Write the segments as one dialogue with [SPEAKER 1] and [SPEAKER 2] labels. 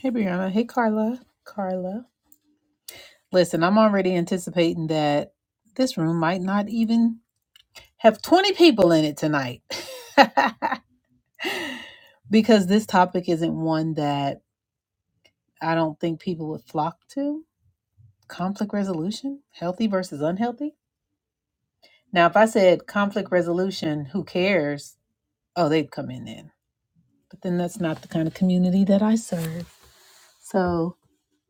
[SPEAKER 1] Hey, Brianna. Hey, Carla. Carla. Listen, I'm already anticipating that this room might not even have 20 people in it tonight because this topic isn't one that I don't think people would flock to. Conflict resolution, healthy versus unhealthy. Now, if I said conflict resolution, who cares? Oh, they'd come in then. But then that's not the kind of community that I serve. So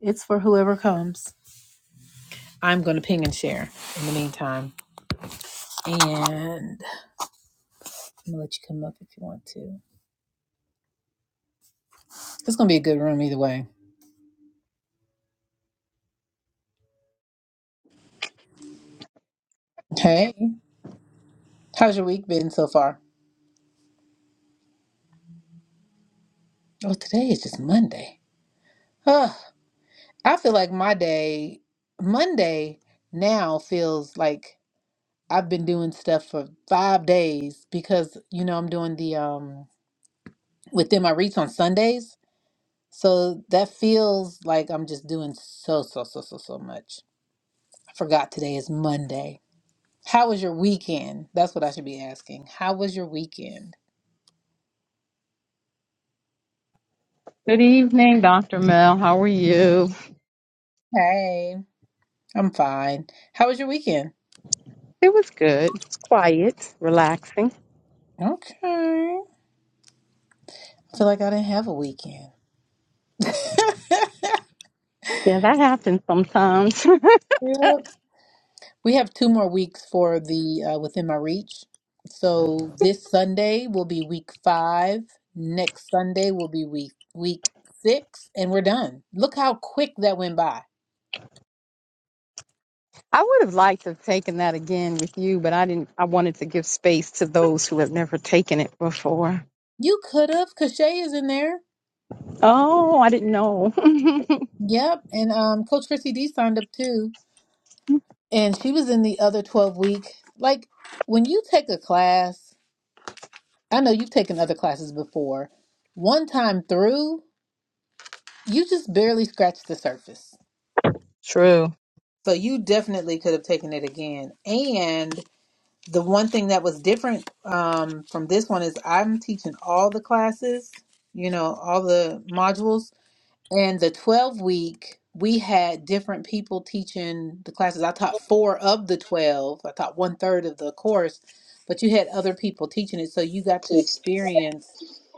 [SPEAKER 1] it's for whoever comes. I'm going to ping and share in the meantime. And I'm gonna let you come up if you want to. It's gonna be a good room either way. Hey, how's your week been so far? Oh, today is just Monday. Ugh, I feel like my day, Monday now feels like I've been doing stuff for five days because you know I'm doing the um within my reach on Sundays. So that feels like I'm just doing so so so so so much. I forgot today is Monday. How was your weekend? That's what I should be asking. How was your weekend?
[SPEAKER 2] Good evening, Dr. Mel. How are you?
[SPEAKER 1] Hey. I'm fine. How was your weekend?
[SPEAKER 2] It was good. It's quiet, relaxing.
[SPEAKER 1] Okay. feel like I didn't have a weekend.
[SPEAKER 2] Yeah, that happens sometimes.
[SPEAKER 1] Yep. We have two more weeks for the uh, Within My Reach. So this Sunday will be week five. Next Sunday will be week week six, and we're done. Look how quick that went by.
[SPEAKER 2] I would have liked to have taken that again with you, but I didn't. I wanted to give space to those who have never taken it before.
[SPEAKER 1] You could have, because Shay is in there.
[SPEAKER 2] Oh, I didn't know.
[SPEAKER 1] Yep, and um, Coach Chrissy D signed up too, and she was in the other twelve week. Like when you take a class. I know you've taken other classes before. One time through, you just barely scratched the surface.
[SPEAKER 2] True.
[SPEAKER 1] So you definitely could have taken it again. And the one thing that was different um, from this one is I'm teaching all the classes, you know, all the modules. And the 12 week, we had different people teaching the classes. I taught four of the 12, I taught one third of the course, but you had other people teaching it. So you got to experience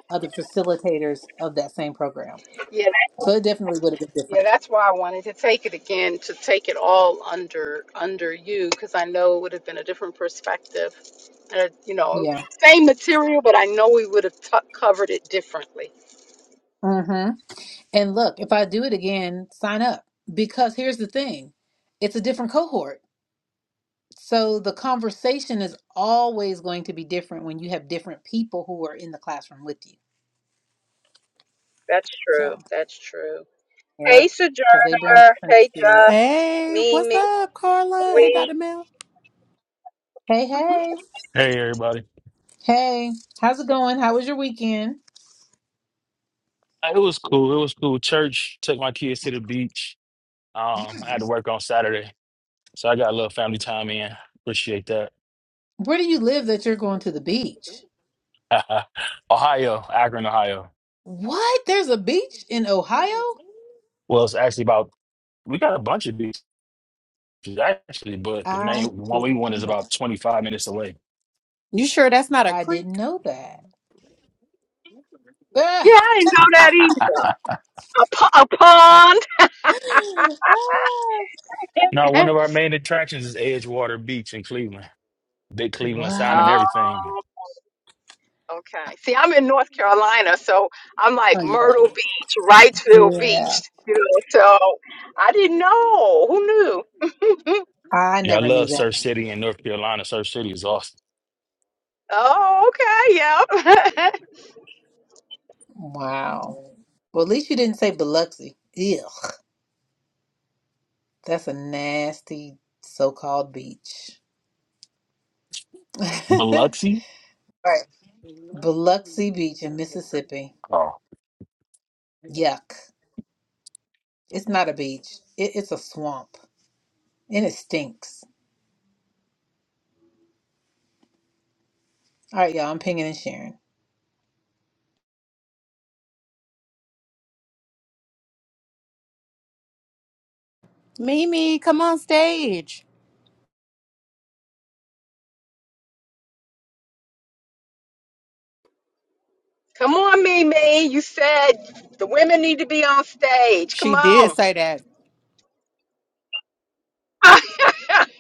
[SPEAKER 1] other facilitators of that same program.
[SPEAKER 2] Yeah,
[SPEAKER 1] So it definitely would have been
[SPEAKER 2] yeah,
[SPEAKER 1] different.
[SPEAKER 2] that's why I wanted to take it again to take it all under under you because I know it would have been a different perspective. Uh, you know,
[SPEAKER 1] Yeah.
[SPEAKER 2] same material, but I know we would have t- covered it differently.
[SPEAKER 1] Mm-hmm. And look, if I do it again, sign up because here's the thing it's a different cohort. So the conversation is always going to be different when you have different people who are in the classroom with you.
[SPEAKER 2] That's
[SPEAKER 1] So.
[SPEAKER 2] true. That's true.
[SPEAKER 1] Yeah,
[SPEAKER 2] Hey,
[SPEAKER 1] because they bring
[SPEAKER 2] Sojourner.
[SPEAKER 1] different
[SPEAKER 2] Hey, Duff.
[SPEAKER 1] experiences.
[SPEAKER 3] Hey, what's
[SPEAKER 2] Mimi,
[SPEAKER 3] up,
[SPEAKER 1] Hey,
[SPEAKER 2] sweet.
[SPEAKER 3] Carla? Hey,
[SPEAKER 1] y'all.
[SPEAKER 3] Dr. Mel.
[SPEAKER 1] hey, hey,
[SPEAKER 4] Hey everybody.
[SPEAKER 1] hey! How's it going? How was your weekend?
[SPEAKER 4] Uh, It was cool. It was cool. Church took my kids to the beach. Um, I had to work on Saturday. So I got a little family time in. Appreciate that.
[SPEAKER 1] Where do you live that you're going to the beach?
[SPEAKER 4] Ohio, Akron, Ohio.
[SPEAKER 1] What? There's a beach in Ohio?
[SPEAKER 4] Well, it's actually about we got a bunch of beaches actually, but the
[SPEAKER 1] I
[SPEAKER 4] main one
[SPEAKER 1] didn't
[SPEAKER 4] we went is
[SPEAKER 1] know
[SPEAKER 4] about
[SPEAKER 1] that.
[SPEAKER 4] 25 minutes away.
[SPEAKER 3] You sure that's not a
[SPEAKER 1] I didn't
[SPEAKER 3] creek?
[SPEAKER 1] know that.
[SPEAKER 2] Yeah,
[SPEAKER 1] Ah!
[SPEAKER 2] I didn't know that either. A, po- a
[SPEAKER 1] Ah!
[SPEAKER 4] Now, one of
[SPEAKER 2] pond.
[SPEAKER 4] our main attractions is Edgewater Beach in Cleveland. Big Cleveland sign and
[SPEAKER 1] Wow.
[SPEAKER 4] everything.
[SPEAKER 2] oh, okay. See, I'm in North Carolina, so I'm
[SPEAKER 1] Oh
[SPEAKER 2] like
[SPEAKER 1] yeah,
[SPEAKER 2] Myrtle Beach, Wrightsville
[SPEAKER 1] yeah.
[SPEAKER 2] Beach. You know, so I didn't know. Who knew?
[SPEAKER 1] I
[SPEAKER 4] Yeah, I
[SPEAKER 1] never knew
[SPEAKER 4] love
[SPEAKER 1] that.
[SPEAKER 4] Surf City in North Carolina. Surf City is awesome.
[SPEAKER 2] Oh, okay. Yep.
[SPEAKER 1] Wow. Well, at least you didn't say Biloxi. Ew, that's a nasty so-called beach. right.
[SPEAKER 4] Biloxi?
[SPEAKER 1] Biloxi Beach in Mississippi.
[SPEAKER 4] Oh,
[SPEAKER 1] Yuck. It's not a beach. It, it's a swamp. And it stinks. All right, y'all. I'm pinging and sharing.
[SPEAKER 3] Mimi, come on stage.
[SPEAKER 2] Come on, Mimi. You said the women need to be on stage. Come
[SPEAKER 3] She did
[SPEAKER 2] on.
[SPEAKER 3] say that.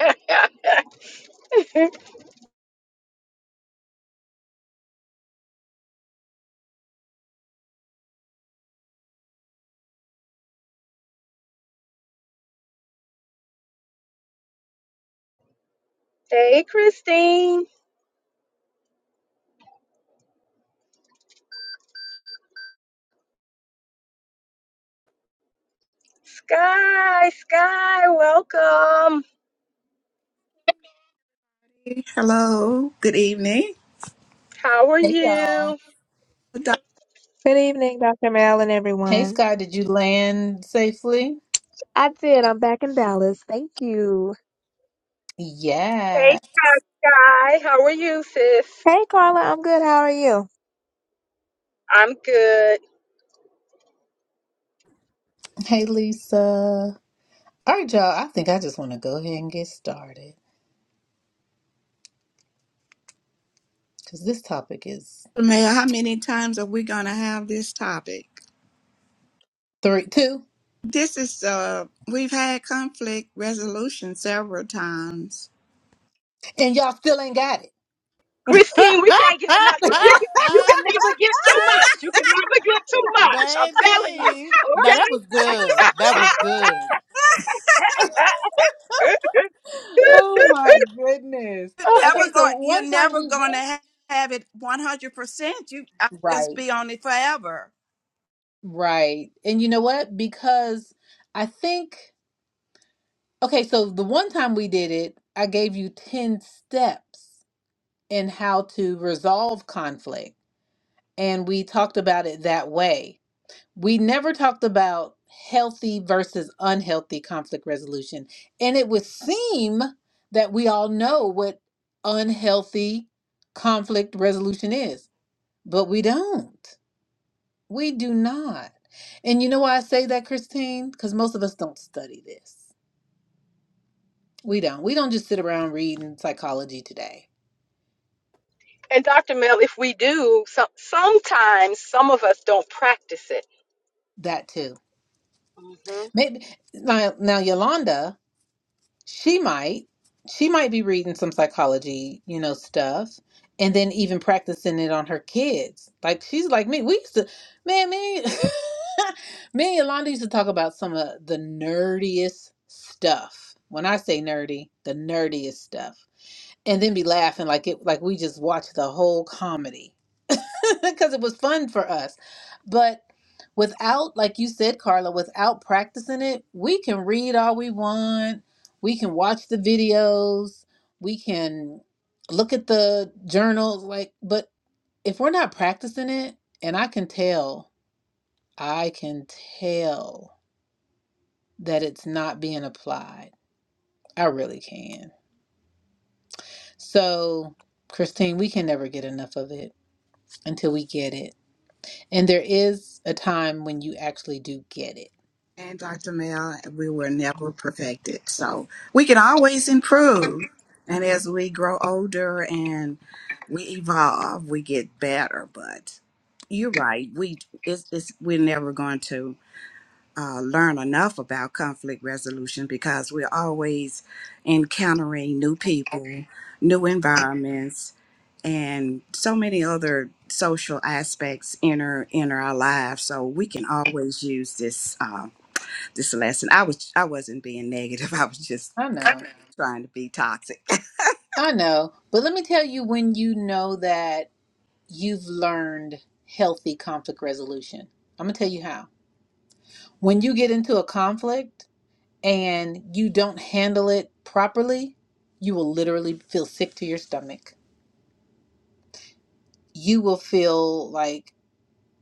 [SPEAKER 2] hey, Christine. Sky, Sky, welcome.
[SPEAKER 5] Hello, good evening.
[SPEAKER 2] How are
[SPEAKER 1] Hey, y'all.
[SPEAKER 2] you?
[SPEAKER 5] Dr.
[SPEAKER 6] Good evening, Dr. Mel and
[SPEAKER 1] Hey,
[SPEAKER 6] everyone.
[SPEAKER 1] Scott. Did you land safely?
[SPEAKER 6] I did. I'm back in Dallas. Thank you.
[SPEAKER 2] Hey,
[SPEAKER 1] Yeah.
[SPEAKER 2] Sky, Sky, how are you, sis?
[SPEAKER 6] Hey, Carla. I'm good. How are you?
[SPEAKER 2] I'm good.
[SPEAKER 1] Hey, Lisa. All right, y'all. I think I just want to go ahead and get started because this topic is
[SPEAKER 5] Mayor, how many times are we going to have this topic?
[SPEAKER 1] three, two,
[SPEAKER 5] This is, uh, we've had conflict resolution several times.
[SPEAKER 1] and y'all still ain't got
[SPEAKER 2] Christine, we can't get enough. You,
[SPEAKER 1] it.
[SPEAKER 2] you, you can never get too much. You can never get too much. I'm telling you,
[SPEAKER 3] Baby. Now that was good.
[SPEAKER 2] okay?
[SPEAKER 3] That was good.
[SPEAKER 1] Oh my goodness.
[SPEAKER 5] You're
[SPEAKER 2] Oh,
[SPEAKER 5] never
[SPEAKER 1] Okay, so
[SPEAKER 5] going, you're
[SPEAKER 1] one time
[SPEAKER 5] never
[SPEAKER 1] we
[SPEAKER 5] going
[SPEAKER 1] had,
[SPEAKER 5] to have it 100%. You, I'll just
[SPEAKER 1] right.
[SPEAKER 5] be on it forever.
[SPEAKER 1] Right. And you know what? Because I think, okay, so the one time we did it, I gave you 10 steps in how to resolve conflict. And we talked about it that way. We never talked about healthy versus unhealthy conflict resolution. And it would seem that we all know what unhealthy conflict resolution is, but we don't. We do not. And you know why I say that, Christine? Because most of us don't study this. We don't. We don't just sit around reading psychology today.
[SPEAKER 2] and Dr. Mel, if we do, some, sometimes some of us don't practice it.
[SPEAKER 1] That too.
[SPEAKER 2] hmm
[SPEAKER 1] Maybe now, now Yolanda, she might. She might be reading some psychology, you know, stuff, and then even practicing it on her kids. Like she's like me. We used to, man, me, me and Yolanda used to talk about some of the nerdiest stuff. When I say nerdy, the nerdiest stuff and then be laughing like it like we just watched the whole comedy because it was fun for us but without like you said carla without practicing it we can read all we want we can watch the videos we can look at the journals like but if we're not practicing it and i can tell i can tell that it's not being applied i really can so christine we can never get enough of it until we get it. And there is a time when you actually do get it.
[SPEAKER 5] And Dr. Mel, we were never perfected. So we can always improve. And as we grow older and we evolve, we get better. But you're right. We it's, it's we're never going to uh, learn enough about conflict resolution because we're always encountering new people, new environments, and so many other social aspects enter enter our lives. So we can always use this. uh, this lesson. I was I wasn't being negative. I was just
[SPEAKER 1] I know.
[SPEAKER 5] kind of trying to be toxic.
[SPEAKER 1] I know. But let me tell you when you know that you've learned healthy conflict resolution. I'm going to tell you how. When you get into a conflict and you don't handle it properly, you will literally feel sick to your stomach. You will feel like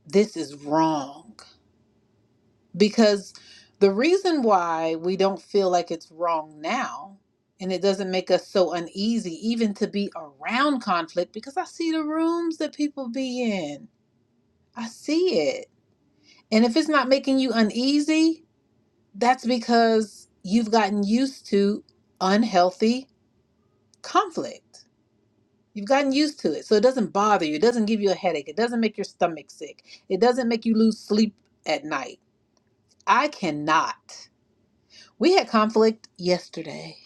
[SPEAKER 1] this is wrong. because the reason why we don't feel like it's wrong now and it doesn't make us so uneasy even to be around conflict because I see the rooms that people be in. I see it. And if it's not making you uneasy, that's because you've gotten used to unhealthy conflict. You've gotten used to it. So it doesn't bother you. It doesn't give you a headache. It doesn't make your stomach sick. It doesn't make you lose sleep at night. I cannot. We had conflict yesterday.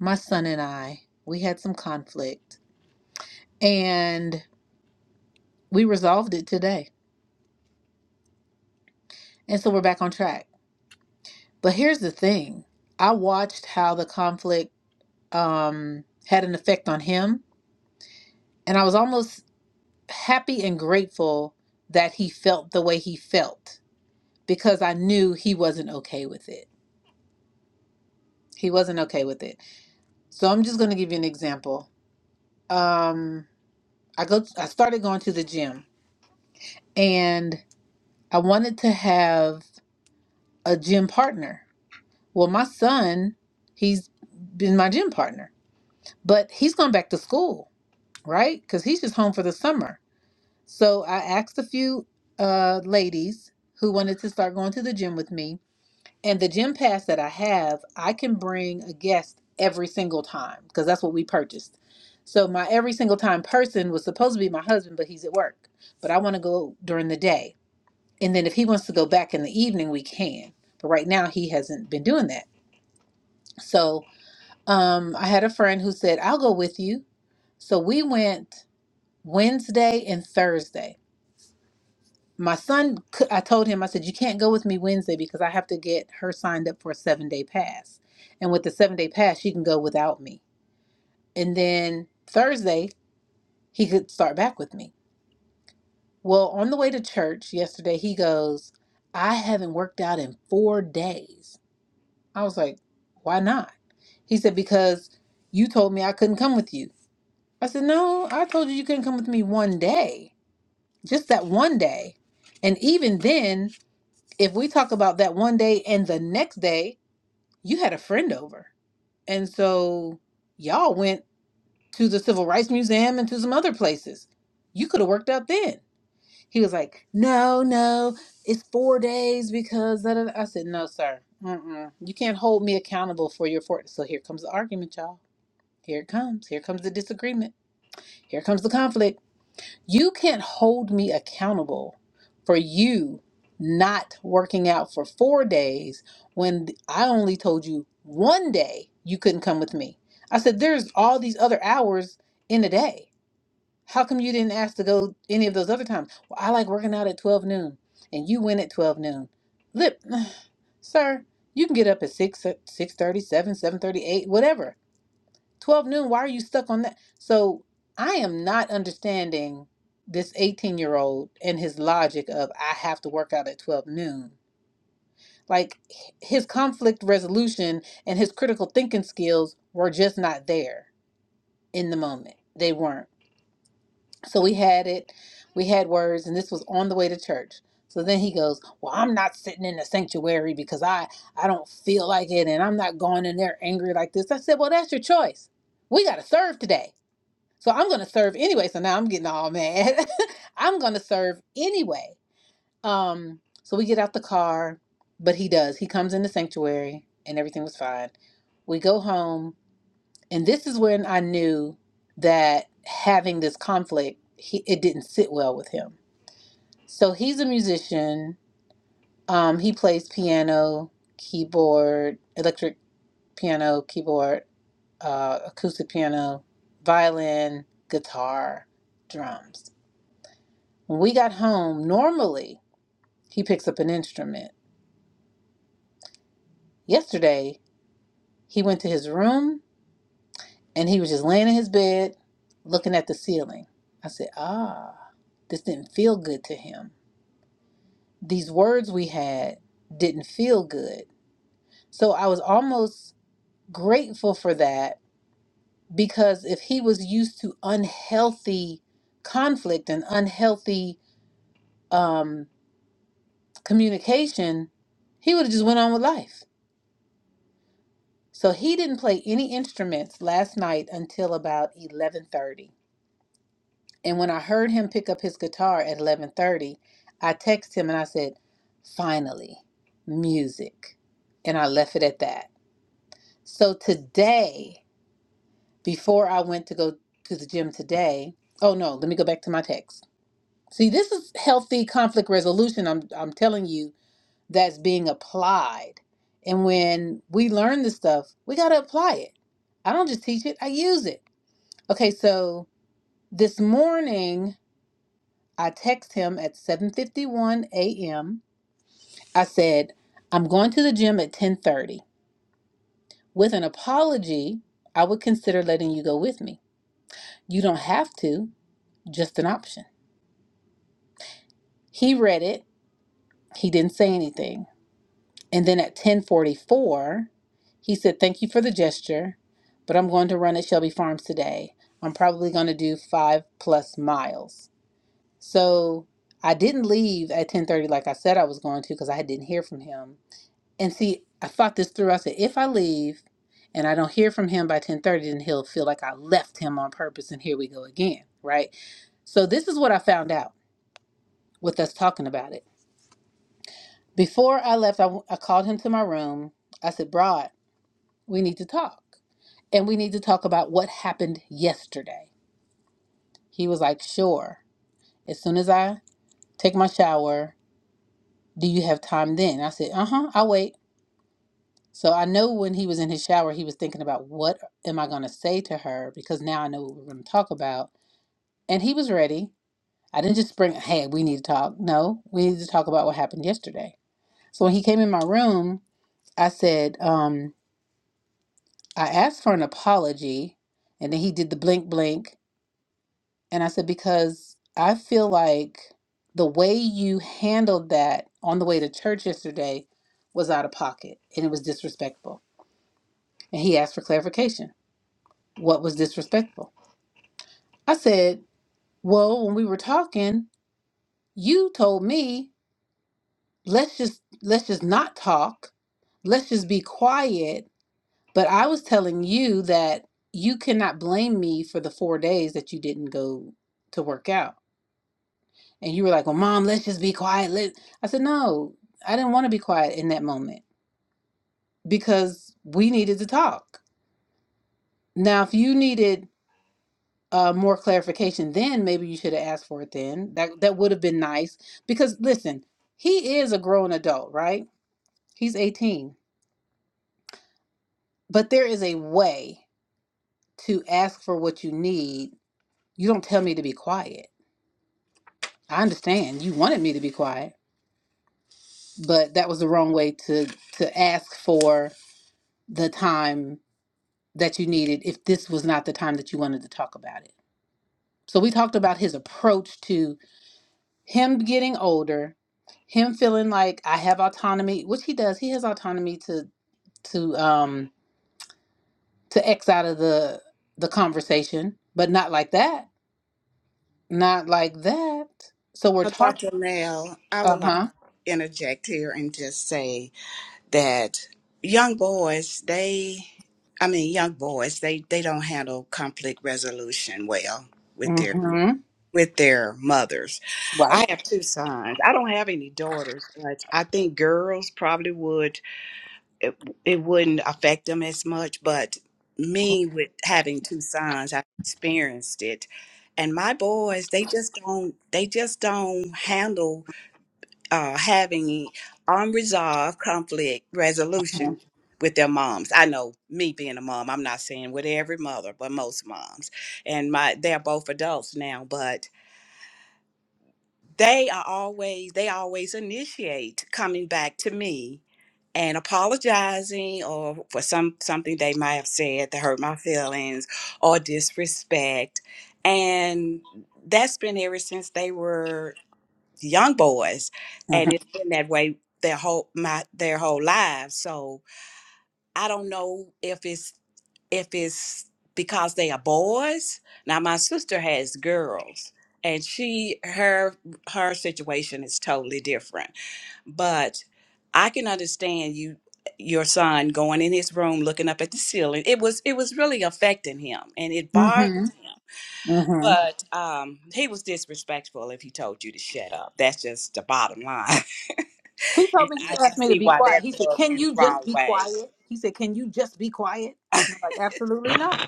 [SPEAKER 1] My son and I, we had some conflict and we resolved it today. And so we're back on track. But here's the thing. I watched how the conflict um had an effect on him and I was almost happy and grateful that he felt the way he felt because I knew he wasn't okay with it. He wasn't okay with it. So I'm just going to give you an example. Um I go I started going to the gym and I wanted to have a gym partner. Well, my son, he's been my gym partner, but he's going back to school, right? Because he's just home for the summer. So I asked a few uh, ladies who wanted to start going to the gym with me. And the gym pass that I have, I can bring a guest every single time because that's what we purchased. So my every single time person was supposed to be my husband, but he's at work. But I want to go during the day. And then if he wants to go back in the evening, we can. But right now, he hasn't been doing that. So um, I had a friend who said, I'll go with you. So we went Wednesday and Thursday. My son, cou- I told him, I said, you can't go with me Wednesday because I have to get her signed up for a seven day pass. And with the seven day pass, she can go without me. And then Thursday, he could start back with me. Well, on the way to church yesterday, he goes, I haven't worked out in four days. I was like, why not? He said, because you told me I couldn't come with you. I said, no, I told you you couldn't come with me one day, just that one day. And even then, if we talk about that one day and the next day, you had a friend over. And so y'all went to the Civil Rights Museum and to some other places. You could have worked out then. He was like, "No, no, it's four days because." Da, da, da." I said, "No, sir. Mm-mm. You can't hold me accountable for your four. So here comes the argument, y'all. Here it comes. Here comes the disagreement. Here comes the conflict. You can't hold me accountable for you not working out for four days when I only told you one day you couldn't come with me. I said, "There's all these other hours in a day." How come you didn't ask to go any of those other times? Well, I like working out at 12 noon, and you went at 12 noon. Lip, sir, you can get up at 6, uh, six thirty, seven, seven thirty, eight, whatever. 12 noon, why are you stuck on that? So I am not understanding this 18-year-old and his logic of I have to work out at 12 noon. Like h- his conflict resolution and his critical thinking skills were just not there in the moment. They weren't. So we had it, we had words, and this was on the way to church. So then he goes, "Well, I'm not sitting in the sanctuary because I I don't feel like it, and I'm not going in there angry like this." I said, "Well, that's your choice. We got to serve today, so I'm going to serve anyway." So now I'm getting all mad. I'm going to serve anyway. Um, so we get out the car, but he does. He comes in the sanctuary, and everything was fine. We go home and this is when I knew that having this conflict, he, it didn't sit well with him. So he's a musician. Um, he plays piano, keyboard, electric piano, keyboard, uh, acoustic piano, violin, guitar, drums. When we got home, normally he picks up an instrument. Yesterday, he went to his room and he was just laying in his bed looking at the ceiling. I said, Ah, this didn't feel good to him. These words we had didn't feel good. So I was almost grateful for that because if he was used to unhealthy conflict and unhealthy um, communication, he would have just went on with life. So he didn't play any instruments last night until about 11:30 And when I heard him pick up his guitar at 11:30, I texted him and I said, "Finally, music." And I left it at that. So today, before I went to go to the gym today, oh no, let me go back to my text. See, this is healthy conflict resolution I'm I'm telling you that's being applied. And when we learn this stuff, we got to apply it. I don't just teach it, I use it. Okay, so this morning I text him at 7:51 a.m. I said, "I'm going to the gym at 10:30. With an apology, I would consider letting you go with me. You don't have to, just an option." He read it. He didn't say anything. And then at 10:44, he said, "Thank you for the gesture, but I'm going to run at Shelby Farms today. I'm probably going to do 5 plus miles." So, I didn't leave at 10:30 like I said I was going to because I didn't hear from him. And see, I thought this through. I said, if I leave and I don't hear from him by 1030, then he'll feel like I left him on purpose. And here we go again, right? So this is what I found out with us talking about it. Before I left, I, w- I called him to my room. I said, Broad, we need to talk. And we need to talk about what happened yesterday. He was like, sure. As soon as I take my shower, do you have time then? I said, uh huh, I'll wait. So I know when he was in his shower, he was thinking about what am I going to say to her because now I know what we're going to talk about. And he was ready. I didn't just bring, hey, we need to talk. No, we need to talk about what happened yesterday. So when he came in my room, I said, um, I asked for an apology. And then he did the blink, blink. And I said, because I feel like the way you handled that on the way to church yesterday was out of pocket and it was disrespectful. And he asked for clarification. What was disrespectful? I said, Well, when we were talking, you told me let's just let's just not talk. Let's just be quiet. But I was telling you that you cannot blame me for the four days that you didn't go to work out. And you were like, Well, mom, let's just be quiet. Let I said, No, I didn't want to be quiet in that moment because we needed to talk. Now, if you needed uh, more clarification then maybe you should have asked for it then that that would have been nice because listen he is a grown adult right he's 18 but there is a way to ask for what you need you don't tell me to be quiet i understand you wanted me to be quiet but that was the wrong way to to ask for the time that you needed if this was not the time that you wanted to talk about it so we talked about his approach to. him getting older, him feeling like I have autonomy, which he does. He has autonomy to to um to X out of the the conversation, but not like that. Not like that. So we're
[SPEAKER 5] Uh, Dr.
[SPEAKER 1] talking.
[SPEAKER 5] Nell, I
[SPEAKER 1] Uh
[SPEAKER 5] would like
[SPEAKER 1] huh.
[SPEAKER 5] to interject here and just say that young boys, they I mean young boys, they they don't handle conflict resolution well with their
[SPEAKER 1] Mm-hmm.
[SPEAKER 5] with their mothers.
[SPEAKER 1] Right.
[SPEAKER 5] I have two sons. I don't have any daughters, but I think girls probably would it, it wouldn't affect them as much. But me, with having two sons, I experienced it. And my boys, they just don't, they just don't handle uh, having unresolved conflict resolution with their moms. I know me being a mom, I'm not saying with every mother, but most moms. And my, they're both adults now, but they are always they always initiate coming back to me and apologizing or for some something they might have said that hurt my feelings or disrespect and that's been ever since they were young boys
[SPEAKER 1] Mm-hmm.
[SPEAKER 5] and it's been that way their whole my their whole lives so i don't know if it's if it's because they are boys. Now my sister has girls and she her her situation is totally different. But I can understand you your son going in his room looking up at the ceiling. It was it was really affecting him and it bothered
[SPEAKER 1] Mm-hmm.
[SPEAKER 5] him.
[SPEAKER 1] Mm-hmm.
[SPEAKER 5] But um he was disrespectful if he told you to shut up. That's just the bottom line.
[SPEAKER 1] He
[SPEAKER 5] And
[SPEAKER 1] told me
[SPEAKER 5] I
[SPEAKER 1] he
[SPEAKER 5] can
[SPEAKER 1] asked me to
[SPEAKER 5] see
[SPEAKER 1] be
[SPEAKER 5] why that
[SPEAKER 1] quiet. He said,
[SPEAKER 5] rubbed
[SPEAKER 1] "Can
[SPEAKER 5] you the
[SPEAKER 1] you
[SPEAKER 5] wrong
[SPEAKER 1] just be
[SPEAKER 5] way.
[SPEAKER 1] quiet?" He said, "Can you just be quiet?" And I'm like, "Absolutely not.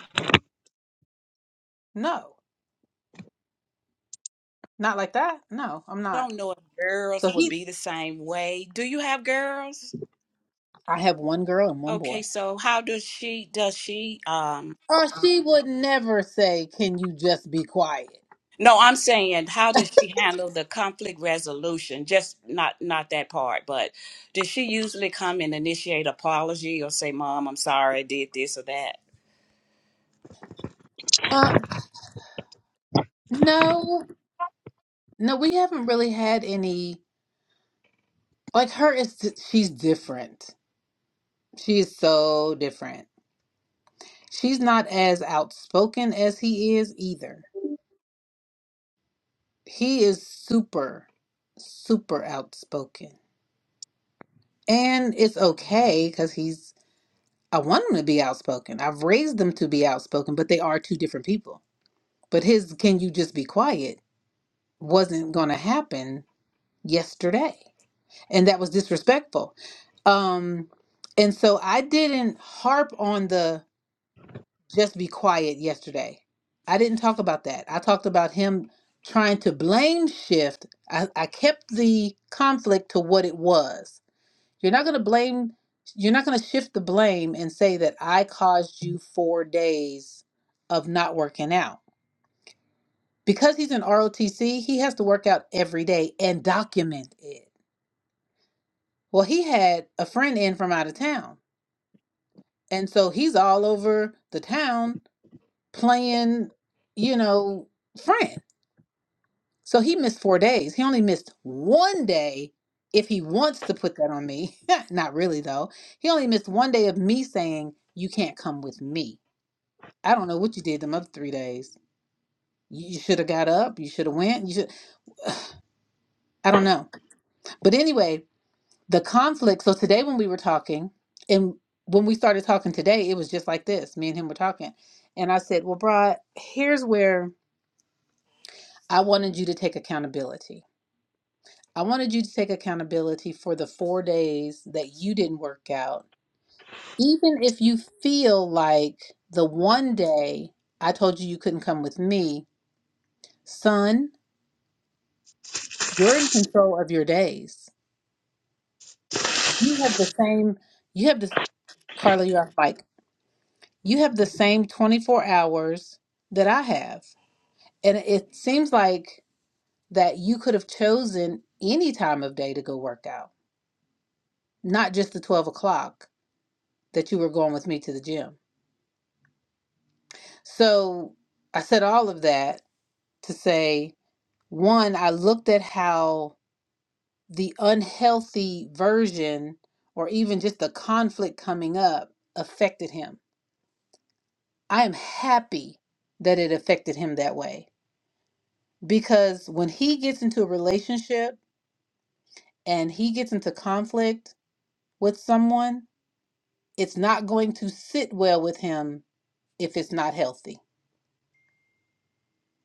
[SPEAKER 1] No, not like that. No, I'm
[SPEAKER 5] I
[SPEAKER 1] not."
[SPEAKER 5] don't know if
[SPEAKER 1] So
[SPEAKER 5] girls would
[SPEAKER 1] he,
[SPEAKER 5] be the same way. Do you have girls?
[SPEAKER 1] I have one girl and one boy.
[SPEAKER 5] Okay, so how does she does she um
[SPEAKER 1] Uh, she would never say, "Can you just be quiet?"
[SPEAKER 5] no, I'm saying how does she handle the conflict resolution? Just not not that part, but does she usually come and initiate apology or say, "Mom, I'm sorry, I did this or that"?
[SPEAKER 1] Uh, no, no, we haven't really had any. Like her is, she's different. She is so different. She's not as outspoken as he is either. He is super, super outspoken, and it's okay because he's. I want him to be outspoken. I've raised them to be outspoken, but they are two different people. But his "Can you just be quiet?" wasn't going to happen yesterday. and that was disrespectful um and so i didn't harp on the just be quiet yesterday i didn't talk about that i talked about him trying to blame shift i, I kept the conflict to what it was you're not going to blame you're not going to shift the blame and say that i caused you four days of not working out because he's in ROTC, he has to work out every day and document it. Well, he had a friend in from out of town And so he's all over the town playing, you know, friend. So he missed four days. He only missed one day if he wants to put that on me. Not really, though. He only missed one day of me saying, You can't come with me. I don't know what you did them other three days. You should have got up. You should have went. You should. I don't know. But anyway, the conflict. So today, when we were talking, and when we started talking today, it was just like this. Me and him were talking, and I said, "Well, Brad, here's where." I wanted you to take accountability. I wanted you to take accountability for the four days that you didn't work out. Even if you feel like the one day I told you you couldn't come with me, son, you're in control of your days. You have the same, you have the, Carla, you're off mic. You have the same 24 hours that I have. And it seems like that you could have chosen any time of day to go work out, not just the 12 o'clock that you were going with me to the gym. So I said all of that to say one, I looked at how the unhealthy version or even just the conflict coming up affected him. I am happy that it affected him that way because when he gets into a relationship and he gets into conflict with someone, it's not going to sit well with him if it's not healthy.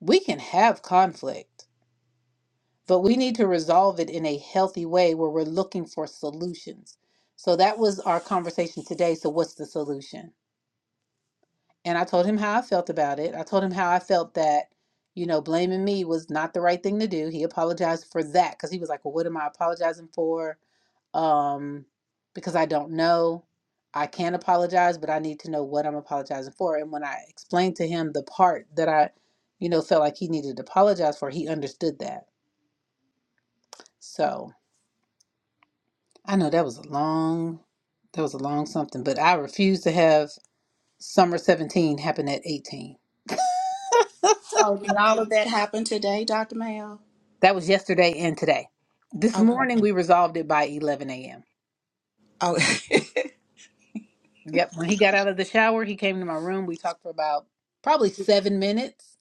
[SPEAKER 1] We can have conflict but we need to resolve it in a healthy way where we're looking for solutions. So that was our conversation today. So, what's the solution? And I told him how I felt about it. I told him how I felt that, you know, blaming me was not the right thing to do. He apologized for that because he was like, well, what am I apologizing for? Um, because I don't know. I can apologize, but I need to know what I'm apologizing for. And when I explained to him the part that I, you know, felt like he needed to apologize for, he understood that. So, I know that was a long, that was a long something, but I refuse to have summer 17 happen at 18.
[SPEAKER 5] So did all of that happen today, Dr. Mayo?
[SPEAKER 1] That was yesterday and today. This
[SPEAKER 5] Okay.
[SPEAKER 1] morning we resolved it by 11 a.m.
[SPEAKER 5] Oh,
[SPEAKER 1] Yep. When he got out of the shower, he came to my room. We talked for about probably seven minutes.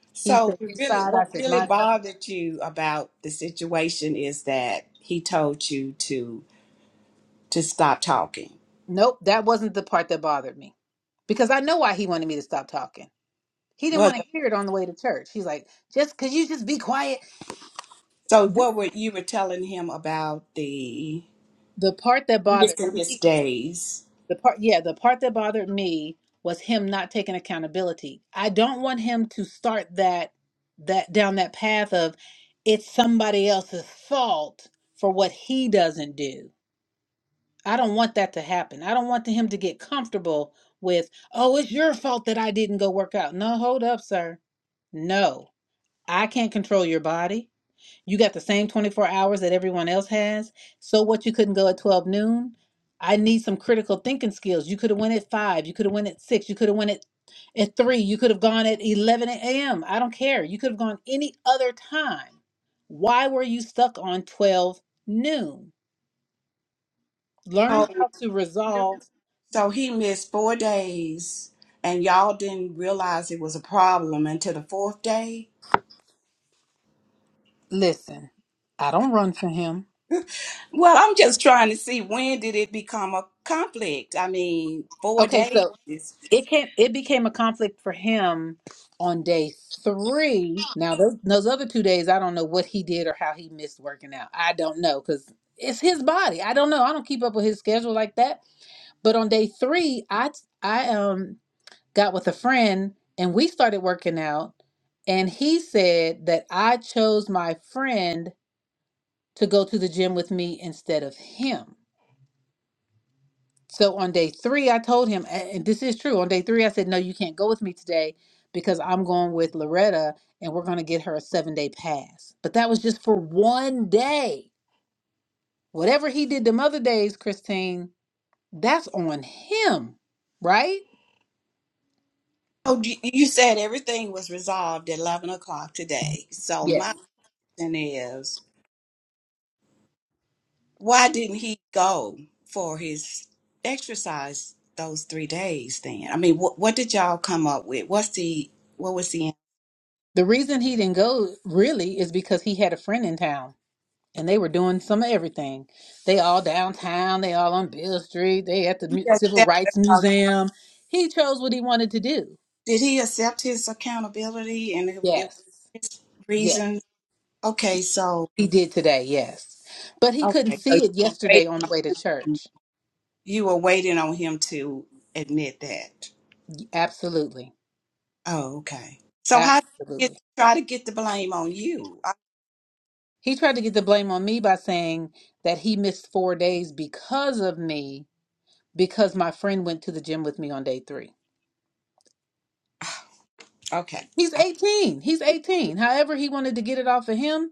[SPEAKER 1] He
[SPEAKER 5] so
[SPEAKER 1] said
[SPEAKER 5] it
[SPEAKER 1] his
[SPEAKER 5] really,
[SPEAKER 1] side. I
[SPEAKER 5] what
[SPEAKER 1] said
[SPEAKER 5] really
[SPEAKER 1] my side.
[SPEAKER 5] bothered you about the situation is that he told you to to stop talking.
[SPEAKER 1] Nope, that wasn't the part that bothered me because I know why he wanted me to stop talking. He didn't
[SPEAKER 5] Well,
[SPEAKER 1] want to hear it on the way to church. He's like, just because you just be quiet.
[SPEAKER 5] so what were you were telling him about the?
[SPEAKER 1] The part that bothered
[SPEAKER 5] missing his
[SPEAKER 1] me,
[SPEAKER 5] days.
[SPEAKER 1] the part, yeah, the part that bothered me was him not taking accountability. I don't want him to start that that down that path of it's somebody else's fault for what he doesn't do. I don't want that to happen. I don't want him to get comfortable with, "Oh, it's your fault that I didn't go work out." No, hold up, sir. No. I can't control your body. You got the same 24 hours that everyone else has. So what you couldn't go at 12 noon? I need some critical thinking skills. You could have went at 5, you could have went at 6, you could have went at at 3, you could have gone at 11 a.m. I don't care. You could have gone any other time. Why were you stuck on 12 noon? Learn
[SPEAKER 5] Oh,
[SPEAKER 1] how to
[SPEAKER 5] you-
[SPEAKER 1] resolve.
[SPEAKER 5] so he missed four days, and y'all didn't realize it was a problem until the fourth day.
[SPEAKER 1] Listen. I don't run for him.
[SPEAKER 5] Well, I'm just trying to see when did it become a conflict. I mean, four
[SPEAKER 1] Okay,
[SPEAKER 5] days.
[SPEAKER 1] so
[SPEAKER 5] is-
[SPEAKER 1] it came it became a conflict for him on day three now those, those other two days i don't know what he did or how he missed working out i don't know because it's his body i don't know i don't keep up with his schedule like that but on day three i i um got with a friend and we started working out and he said that i chose my friend to go to the gym with me instead of him So on day three, I told him, a- and this is true. On day three, I said, No, you can't go with me today because I'm going with Loretta and we're going to get her a seven day pass. But that was just for one day. Whatever he did them other days, Christine, that's on him, right?
[SPEAKER 5] Oh, you you said everything was resolved at eleven o'clock today. So
[SPEAKER 1] Yes.
[SPEAKER 5] my question is, why didn't he go for his exercise those three days? Then, I mean, what what did y'all come up with? What's the what was the
[SPEAKER 1] The reason he didn't go really is because he had a friend in town and they were doing some of everything. They all downtown, they all on Bill Street, they at the Mu-
[SPEAKER 5] he
[SPEAKER 1] Civil
[SPEAKER 5] accept,
[SPEAKER 1] Rights
[SPEAKER 5] uh,
[SPEAKER 1] Museum. He chose what he wanted to do.
[SPEAKER 5] did he accept his accountability and it, it was
[SPEAKER 1] Yes.
[SPEAKER 5] his
[SPEAKER 1] Yes,
[SPEAKER 5] reasons? Okay, so
[SPEAKER 1] he did today. Yes, but he couldn't
[SPEAKER 5] okay, so
[SPEAKER 1] see it
[SPEAKER 5] you were
[SPEAKER 1] yesterday
[SPEAKER 5] waiting
[SPEAKER 1] on the way to
[SPEAKER 5] on him.
[SPEAKER 1] church.
[SPEAKER 5] You were waiting on him to admit that.
[SPEAKER 1] Absolutely,
[SPEAKER 5] Oh, okay. So how did he get,
[SPEAKER 1] absolutely.
[SPEAKER 5] try to get the blame on you?
[SPEAKER 1] He tried to get the blame on me by saying that he missed four days because of me, because my friend went to the gym with me on day three.
[SPEAKER 5] I- okay.
[SPEAKER 1] He's
[SPEAKER 5] I-
[SPEAKER 1] 18. He's 18. However, he wanted to get it off of him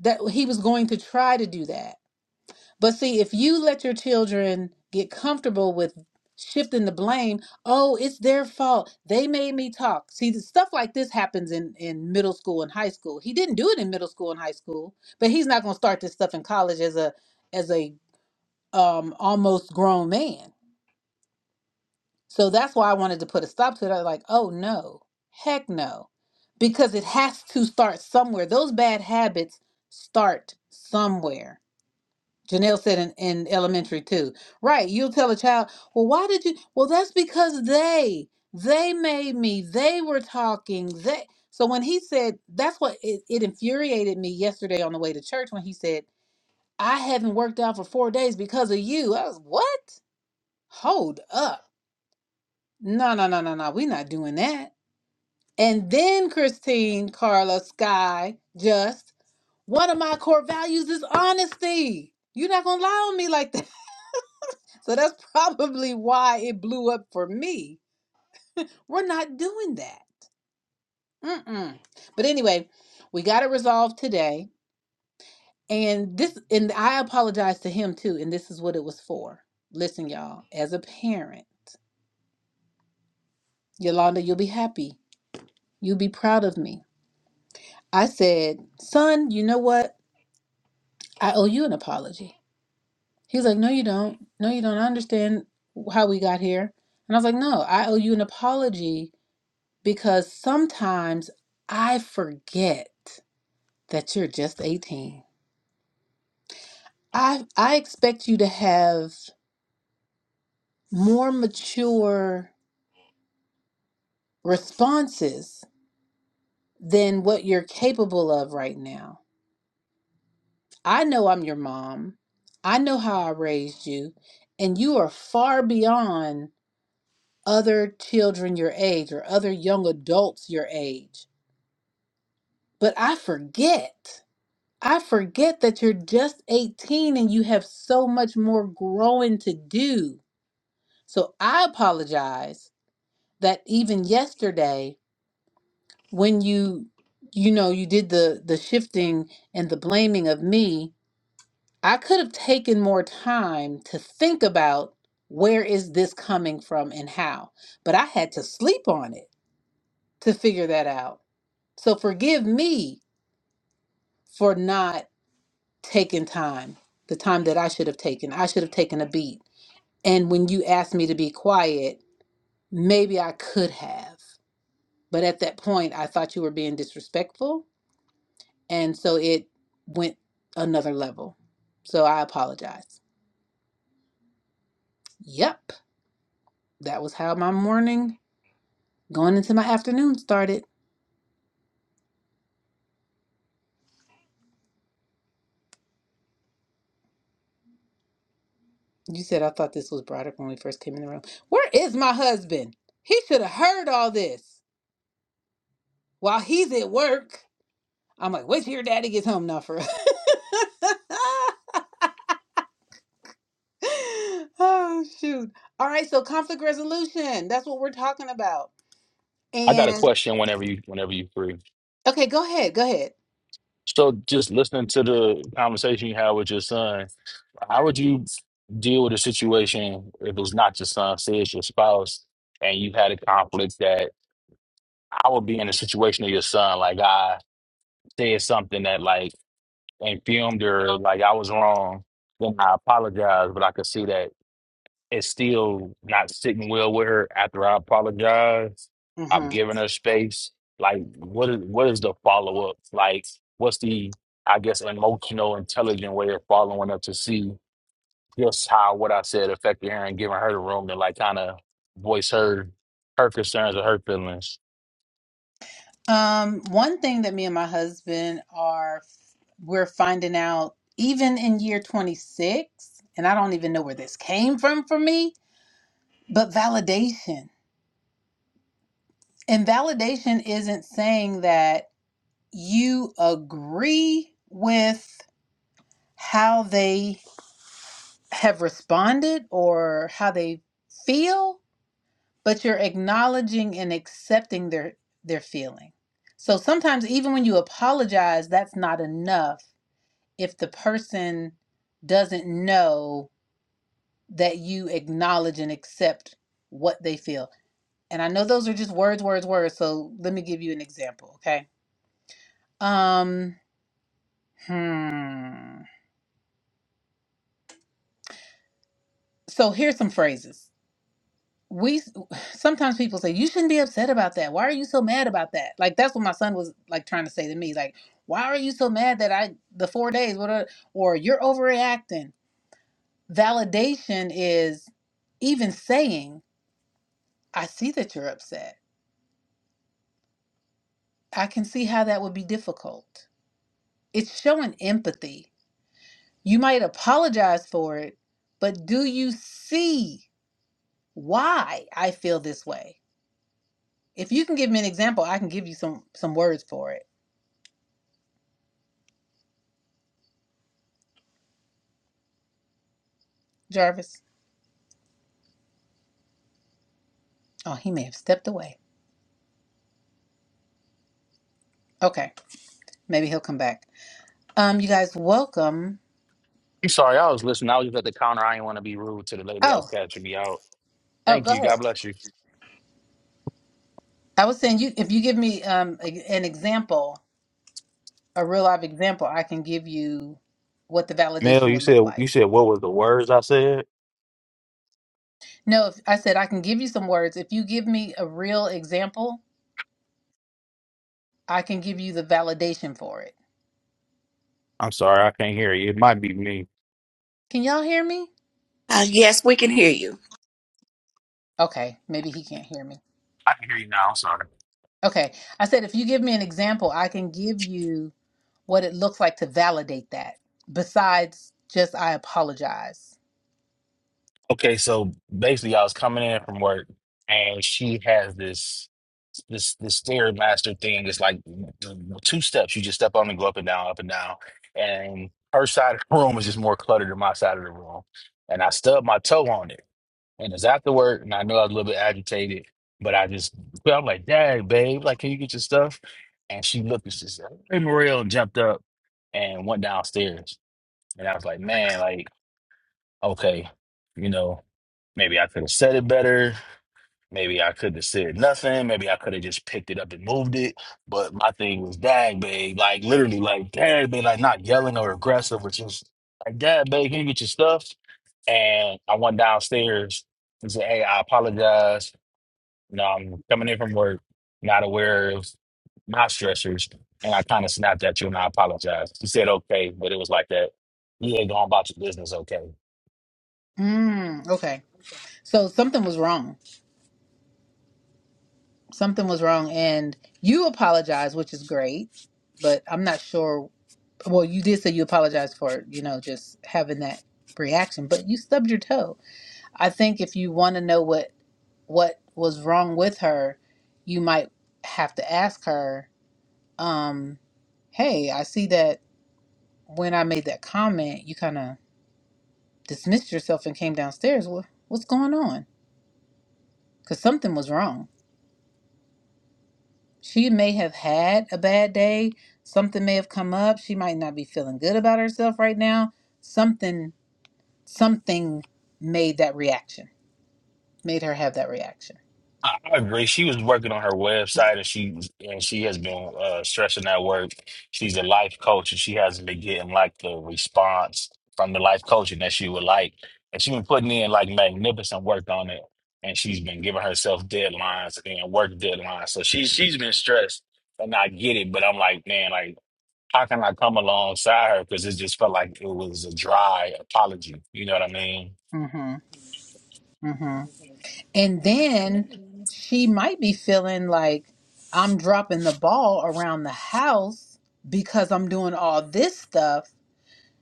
[SPEAKER 1] that he was going to try to do that. But see, if you let your children get comfortable with shifting the blame, oh, it's their fault. They made me talk. See, the stuff like this happens in in middle school and high school. He didn't do it in middle school and high school, but he's not going to start this stuff in college as a as a um almost grown man. So that's why I wanted to put a stop to it. I was like, oh no, heck no, because it has to start somewhere. Those bad habits start somewhere Janelle said in, in elementary too. Right. You'll tell a child, well, why did you? Well, that's because they, they made me, they were talking, they. So when he said, that's what it, it infuriated me yesterday on the way to church when he said, I haven't worked out for four days because of you. I was, what? Hold up. No, no, no, no, no. We're not doing that. And then Christine, Carla, Sky, just one of my core values is honesty. You're not going to lie on me like that. So that's probably why it blew up for me. We're not doing that. Mm-mm. But anyway, we got it resolved today. And this, and I apologize to him too. And this is what it was for. Listen, y'all, as a parent, Yolanda, you'll be happy. You'll be proud of me. I said, son, you know what? I owe you an apology. He's like, no, you don't. No, you don't. I understand how we got here. And I was like, no, I owe you an apology because sometimes I forget that you're just 18. I I expect you to have more mature responses than what you're capable of right now. I know I'm your mom. I know how I raised you, and you are far beyond other children your age or other young adults your age. But I forget. I forget that you're just 18 and you have so much more growing to do. So I apologize that even yesterday when you you know you did the the shifting and the blaming of me, I could have taken more time to think about where is this coming from and how. But I had to sleep on it to figure that out. So forgive me for not taking time, the time that I should have taken. I should have taken a beat. And when you asked me to be quiet, maybe I could have. But at that point, I thought you were being disrespectful. And so it went another level. So I apologize. Yep. That was how my morning going into my afternoon started. You said I thought this was Broderick when we first came in the room. Where is my husband? He should have heard all this while he's at work. I'm like, wait till your daddy gets home now for oh shoot. All right, so conflict resolution. That's what we're talking about.
[SPEAKER 4] I got a
[SPEAKER 1] And
[SPEAKER 4] question whenever you whenever you free.
[SPEAKER 1] okay, go ahead. Go ahead.
[SPEAKER 4] So, just listening to the conversation you had with your son, how would you deal with a situation if it was not your son, say it's your spouse, and you had a conflict that I would be in a situation of your son, like I said something that like and filmed her, like I was wrong, then I apologize, but I could see that it's still not sitting well with her after I apologize. I'm
[SPEAKER 1] hmm
[SPEAKER 4] giving her space. Like, what is what is the follow up? Like, what's the I guess emotional, intelligent way of following up to see just how what I said affected her and giving her the room to like kind of voice her her concerns or her feelings.
[SPEAKER 1] Um, one thing that me and my husband are we're finding out even in year 26, and I don't even know where this came from for me, but validation. And validation isn't saying that you agree with how they have responded or how they feel but you're acknowledging and accepting their their feeling so sometimes even when you apologize that's not enough if the person doesn't know that you acknowledge and accept what they feel and i know those are just words words words so let me give you an example okay um hmm so here's some phrases we sometimes people say you shouldn't be upset about that why are you so mad about that like that's what my son was like trying to say to me like why are you so mad that i the four days what are, or you're overreacting validation is even saying i see that you're upset i can see how that would be difficult it's showing empathy you might apologize for it but do you see why i feel this way if you can give me an example i can give you some some words for it jarvis Oh, he may have stepped away. Okay, maybe he'll come back. Um, you guys, welcome.
[SPEAKER 4] I'm sorry, I was listening. I was just at the counter. I didn't want to be rude to the lady that was
[SPEAKER 1] Oh,
[SPEAKER 4] catching me out.
[SPEAKER 1] oh,
[SPEAKER 4] Thank
[SPEAKER 1] go
[SPEAKER 4] you. God
[SPEAKER 1] ahead.
[SPEAKER 4] bless you.
[SPEAKER 1] I was saying, you if you give me um a, an example, a real life example, I can give you what the
[SPEAKER 4] Mel,
[SPEAKER 1] validation
[SPEAKER 4] you
[SPEAKER 1] would
[SPEAKER 4] said
[SPEAKER 1] look
[SPEAKER 4] you
[SPEAKER 1] like.
[SPEAKER 4] said what was the words I said?
[SPEAKER 1] No, if, I said I can give you some words. If you give me a real example, I can give you the validation for it.
[SPEAKER 4] I'm sorry, I can't hear you. It might be me.
[SPEAKER 1] Can y'all hear me?
[SPEAKER 5] Uh, yes, we can hear you.
[SPEAKER 1] Okay, maybe he can't hear me.
[SPEAKER 4] I can hear you now. I'm sorry.
[SPEAKER 1] Okay, I said if you give me an example, I can give you what it looks like to validate that besides just I apologize.
[SPEAKER 4] Okay, so basically, I was coming in from work, and she has this this this stairmaster thing. It's like two steps. You just step on and go up and down, up and down. And her side of the room is just more cluttered than my side of the room. And I stubbed my toe on it, and it's after work, and I know I was a little bit agitated, but I just but I'm like, "Dang, babe, like, can you get your stuff?" And she looked and she said, "Hey, Mariel," and jumped up and went downstairs. And I was like, "Man, like." okay, you know, maybe I could have said it better. Maybe I could have said nothing. Maybe I could have just picked it up and moved it. But my thing was, dang, babe, like literally, like, dang, babe, like not yelling or aggressive, but just like, dad, babe, can you get your stuff? And I went downstairs and said, hey, I apologize. You know, I'm coming in from work, not aware of my stressors. And I kind of snapped at you and I apologized. You said, okay, but it was like that. You ain't going about your business, okay?
[SPEAKER 1] Mm, okay. So something was wrong. Something was wrong. And you apologize, which is great, but I'm not sure. Well, you did say you apologized for, you know, just having that reaction, but you stubbed your toe. I think if you want to know what, what was wrong with her, you might have to ask her, um, Hey, I see that when I made that comment, you kind of dismissed herself and came downstairs. What, what's going on? Because something was wrong. She may have had a bad day. Something may have come up. She might not be feeling good about herself right now. Something, something made that reaction, made her have that reaction.
[SPEAKER 4] I I agree. She was working on her website, and she and she has been uh, stressing that work. She's a life coach, and she hasn't been getting like the response from the life coaching that she would like. And she's been putting in like magnificent work on it, and she's been giving herself deadlines and work deadlines. So she's she's been stressed, and I get it. But I'm like, man, like how can I come alongside her? Because it just felt like it was a dry apology. You know what I mean?
[SPEAKER 1] hmm hmm And then she might be feeling like I'm dropping the ball around the house because I'm doing all this stuff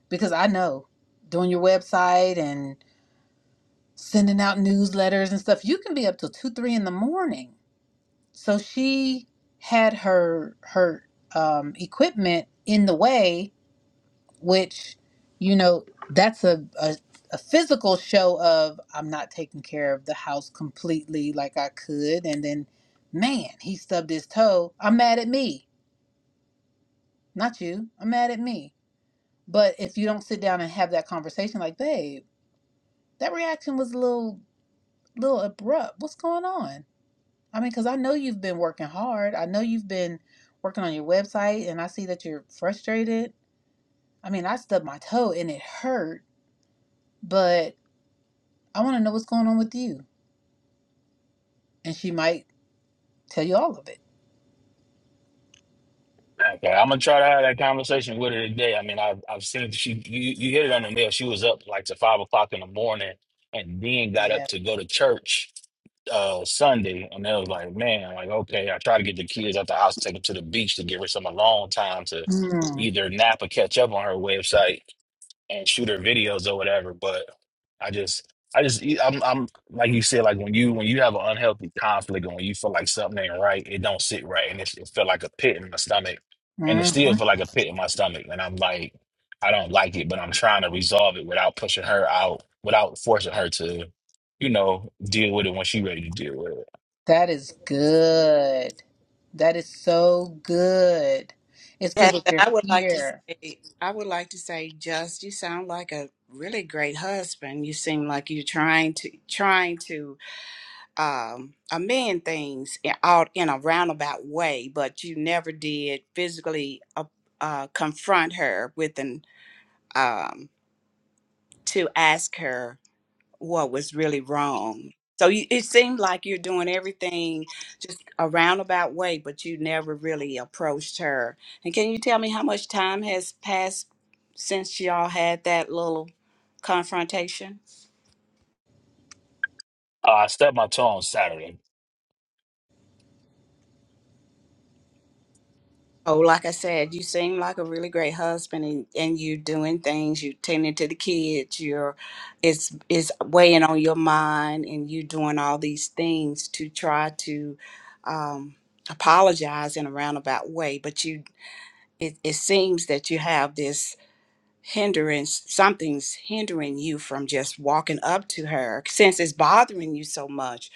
[SPEAKER 1] because I know doing your website and. sending out newsletters and stuff you can be up till two three in the morning so she had her her um, equipment in the way which you know that's a, a a physical show of i'm not taking care of the house completely like i could and then man he stubbed his toe i'm mad at me not you i'm mad at me but if you don't sit down and have that conversation like babe that reaction was a little little abrupt what's going on I mean, because I know you've been working hard. I know you've been working on your website, and I see that you're frustrated. I mean, I stubbed my toe and it hurt, but I want to know what's going on with you. And she might tell you all of it.
[SPEAKER 4] Okay, I'm gonna try to have that conversation with her today. I mean, I've I've seen she you, you hit it on the nail. She was up like to five o'clock in the morning, and then got up
[SPEAKER 1] Yeah.
[SPEAKER 4] to go to church uh Sunday, and I was like, man, like okay, I try to get the kids out the house, take them to the beach to give her some alone time to
[SPEAKER 1] Mm,
[SPEAKER 4] either nap or catch up on her website and shoot her videos or whatever. But I just, I just, e, I'm, I'm like you said, like when you when you have an unhealthy conflict and when you feel like something ain't right, it don't sit right, and it, it felt like a pit in my stomach, and it still
[SPEAKER 1] mhm.
[SPEAKER 4] feel like a pit in my stomach, and I'm like, I don't like it, but I'm trying to resolve it without pushing her out, without forcing her to, you know, deal with it when she ready to deal with it.
[SPEAKER 1] That is good. That is so good. It's good
[SPEAKER 5] Yes,
[SPEAKER 1] that
[SPEAKER 5] and
[SPEAKER 1] you're
[SPEAKER 5] I would like to
[SPEAKER 1] here.
[SPEAKER 5] say, I would like to say, just you sound like a really great husband. You seem like you're trying to, trying to. um, a man things in, out in a roundabout way, but you never did physically uh, uh, confront her with an um, to ask her what was really wrong. So you, it seemed like you're doing everything just a roundabout way, but you never really approached her. And can you tell me how much time has passed since y'all had that little confrontation?
[SPEAKER 4] Uh, I stepped my toe on Saturday.
[SPEAKER 5] Oh, like I said, you seem like a really great husband and, and you doing things, you tending to the kids, you're it's it's weighing on your mind and you doing all these things to try to um apologize in a roundabout way, but you it, it seems that you have this hindrance something's hindering you from just walking up to her since it's bothering you so much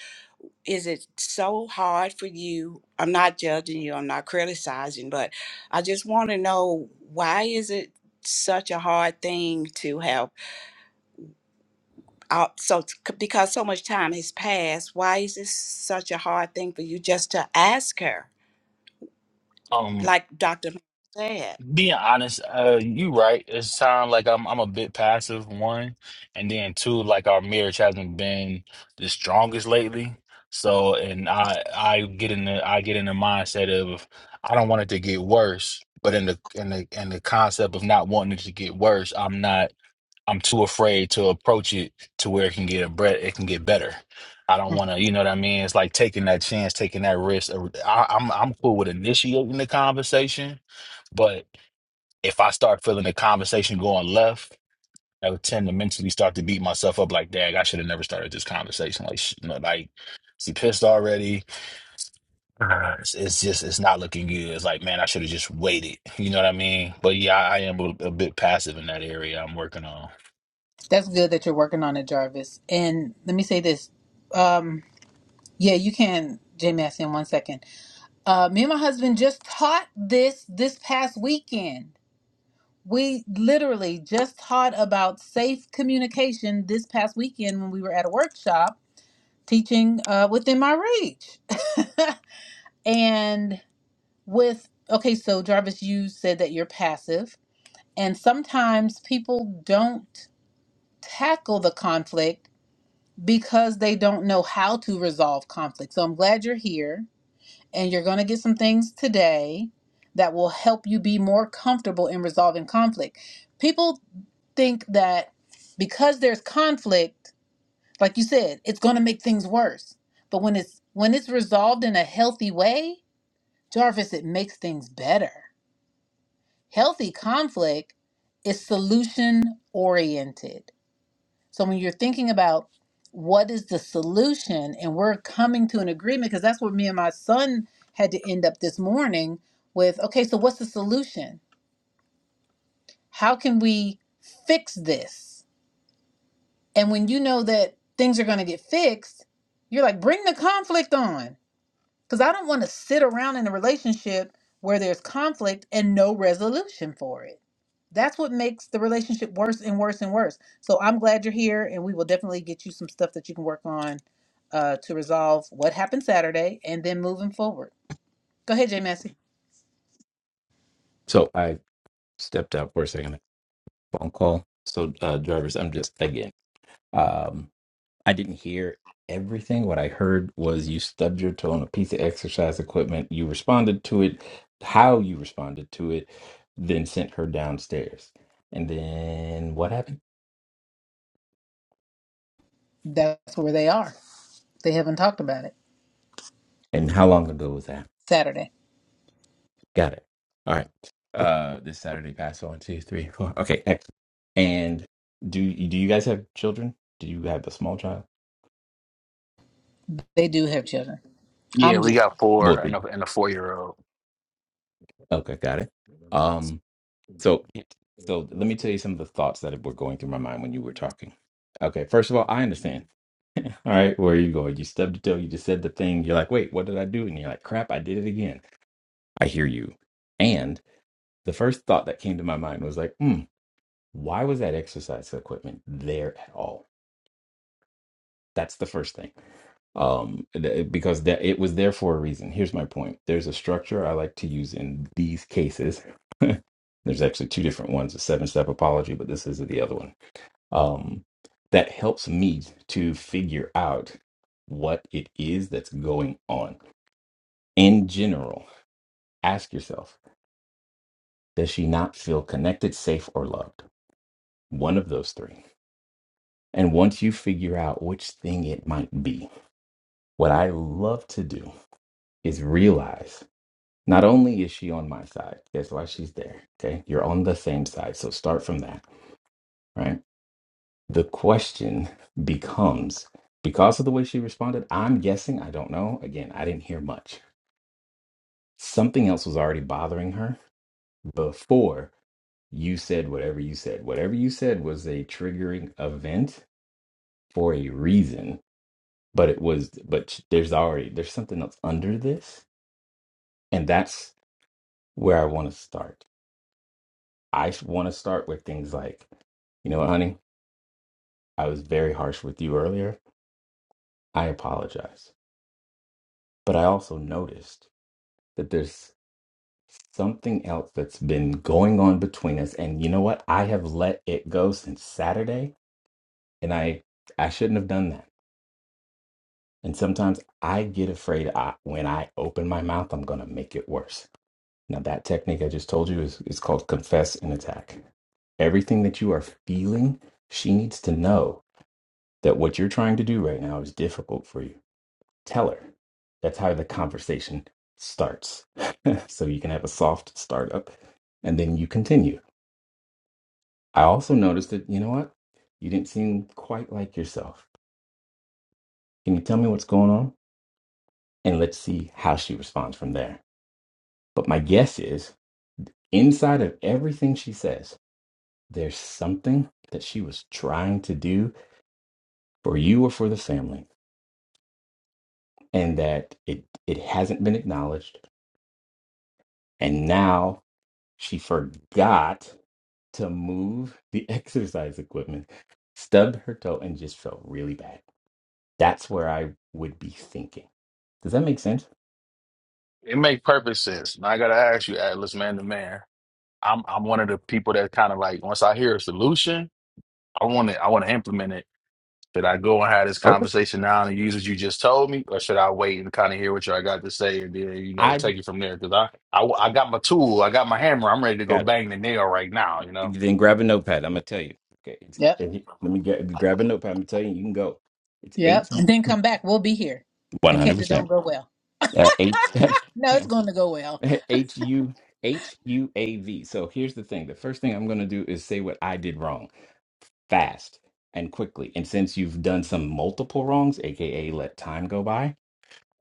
[SPEAKER 5] is it so hard for you? I'm not judging you, I'm not criticizing, but I just want to know why is it such a hard thing to have out so because so much time has passed, why is this such a hard thing for you just to ask her?
[SPEAKER 4] Um,
[SPEAKER 5] Like Dr. said.
[SPEAKER 4] Being honest, uh, you right. It sounds like I'm I'm a bit passive, one, and then two, like our marriage hasn't been the strongest lately. So, and I I get in the I get in the mindset of I don't want it to get worse, but in the in the in the concept of not wanting it to get worse, I'm not I'm too afraid to approach it to where it can get a bre- it can get better. I don't
[SPEAKER 1] Mm,
[SPEAKER 4] want to, you know what I mean? It's like taking that chance, taking that risk. I, I'm I'm cool with initiating the conversation. but if I start feeling the conversation going left, I would tend to mentally start to beat myself up like, dang, I should have never started this conversation. Like, sh- you know, like, she pissed already. Uh, It's, it's just, it's not looking good. It's like, man, I should have just waited. You know what I mean? But yeah, I, I am a, a bit passive in that area. I'm working on.
[SPEAKER 1] That's good that you're working on it, Jarvis. And let me say this. Um, yeah, you can, Jamie, I see in one second. Uh, me and my husband just taught this this past weekend. We literally just taught about safe communication this past weekend when we were at a workshop teaching uh, within my reach. and with, okay, so Jarvis, you said that you're passive, and sometimes people don't tackle the conflict because they don't know how to resolve conflict. So I'm glad you're here and you're going to get some things today that will help you be more comfortable in resolving conflict. People think that because there's conflict, like you said, it's going to make things worse. But when it's when it's resolved in a healthy way, Jarvis, it makes things better. Healthy conflict is solution oriented. So when you're thinking about what is the solution and we're coming to an agreement, because that's what me and my son had to end up this morning with okay, so what's the solution? How can we fix this? And when you know that things are going to get fixed, you're like, bring the conflict on. Because I don't want to sit around in a relationship where there's conflict and no resolution for it. that's what makes the relationship worse and worse and worse. So I'm glad you're here, and we will definitely get you some stuff that you can work on uh, to resolve what happened Saturday and then moving forward. Go ahead, Jay Massey.
[SPEAKER 7] So I stepped out for a second. Phone call. So uh, drivers, I'm just again. Um, I didn't hear everything. What I heard was you stubbed your toe on a piece of exercise equipment. You responded to it. How you responded to it, then sent her downstairs. And then what happened?
[SPEAKER 1] That's where they are. They haven't talked about it
[SPEAKER 7] And how long ago was that?
[SPEAKER 1] Saturday.
[SPEAKER 7] Got it. All right. Uh, this Saturday passed. so One, two, three, four. Okay, excellent. And do do you guys have children? Do you have a small child?
[SPEAKER 1] They do have children.
[SPEAKER 4] Yeah,
[SPEAKER 1] I'm
[SPEAKER 4] we
[SPEAKER 1] just
[SPEAKER 4] got four
[SPEAKER 7] Both.
[SPEAKER 4] and a, and a four year old.
[SPEAKER 7] Okay, got it. Um, So, so let me tell you some of the thoughts that were going through my mind when you were talking. Okay, first of all, I understand. all right, where are you going? You stubbed your toe. You just said the thing. You're like, wait, what did I do? And you're like, crap, I did it again. I hear you. And the first thought that came to my mind was like, hmm, why was that exercise equipment there at all? That's the first thing. Um, th- because that it was there for a reason. Here's my point. There's a structure I like to use in these cases. There's actually two different ones: a seven-step apology, but this is the other one um, that helps me to figure out what it is that's going on. In general, ask yourself Does she not feel connected, safe, or loved? One of those three. And once you figure out which thing it might be, what I love to do is realize not only is she on my side, that's why she's there. Okay. You're on the same side. So start from that. Right the question becomes because of the way she responded i'm guessing i don't know again i didn't hear much something else was already bothering her before you said whatever you said whatever you said was a triggering event for a reason but it was but there's already there's something else under this and that's where i want to start i want to start with things like you know what honey i was very harsh with you earlier i apologize but i also noticed that there's something else that's been going on between us and you know what i have let it go since saturday and i i shouldn't have done that and sometimes i get afraid I, when i open my mouth i'm going to make it worse now that technique i just told you is, is called confess and attack everything that you are feeling she needs to know that what you're trying to do right now is difficult for you tell her that's how the conversation starts so you can have a soft startup and then you continue I also noticed that, you know what? You didn't seem quite like yourself. Can you tell me what's going on? And let's see how she responds from there. But my guess is inside of everything she says, there's something that she was trying to do for you or for the family, and that it, it hasn't been acknowledged. And now she forgot to move the exercise equipment, stubbed her toe, and just felt really bad. That's where I would be thinking. Does that make sense?
[SPEAKER 4] It make perfect sense. Now I gotta ask you, Atlas, man to man. I'm I'm one of the people that kind of like once I hear a solution, I want to I want to implement it. Should I go and have this
[SPEAKER 7] Okay.
[SPEAKER 4] conversation now and use what you just told me, or should I wait and kind of hear what y'all got to say and then you know
[SPEAKER 7] I
[SPEAKER 4] take it from there? Because I, I I got my tool, I got my hammer, I'm ready to go
[SPEAKER 7] got it.
[SPEAKER 4] bang the nail right now. You know,
[SPEAKER 7] Then grab a notepad. I'm gonna tell you. Okay. It's,
[SPEAKER 1] yep,
[SPEAKER 7] and you- let me get grab a notepad. I'm gonna tell you. You can go. It's
[SPEAKER 1] yep,
[SPEAKER 7] eight.
[SPEAKER 1] and then come back. We'll be here
[SPEAKER 7] One
[SPEAKER 1] in
[SPEAKER 7] hundred
[SPEAKER 1] case it don't
[SPEAKER 7] percent.
[SPEAKER 1] go well.
[SPEAKER 7] Uh, H
[SPEAKER 1] No, it's going to go well.
[SPEAKER 7] H U H U A V. So here's the thing. The first thing I'm gonna do is say what I did wrong, fast and quickly. And since you've done some multiple wrongs, aka let time go by,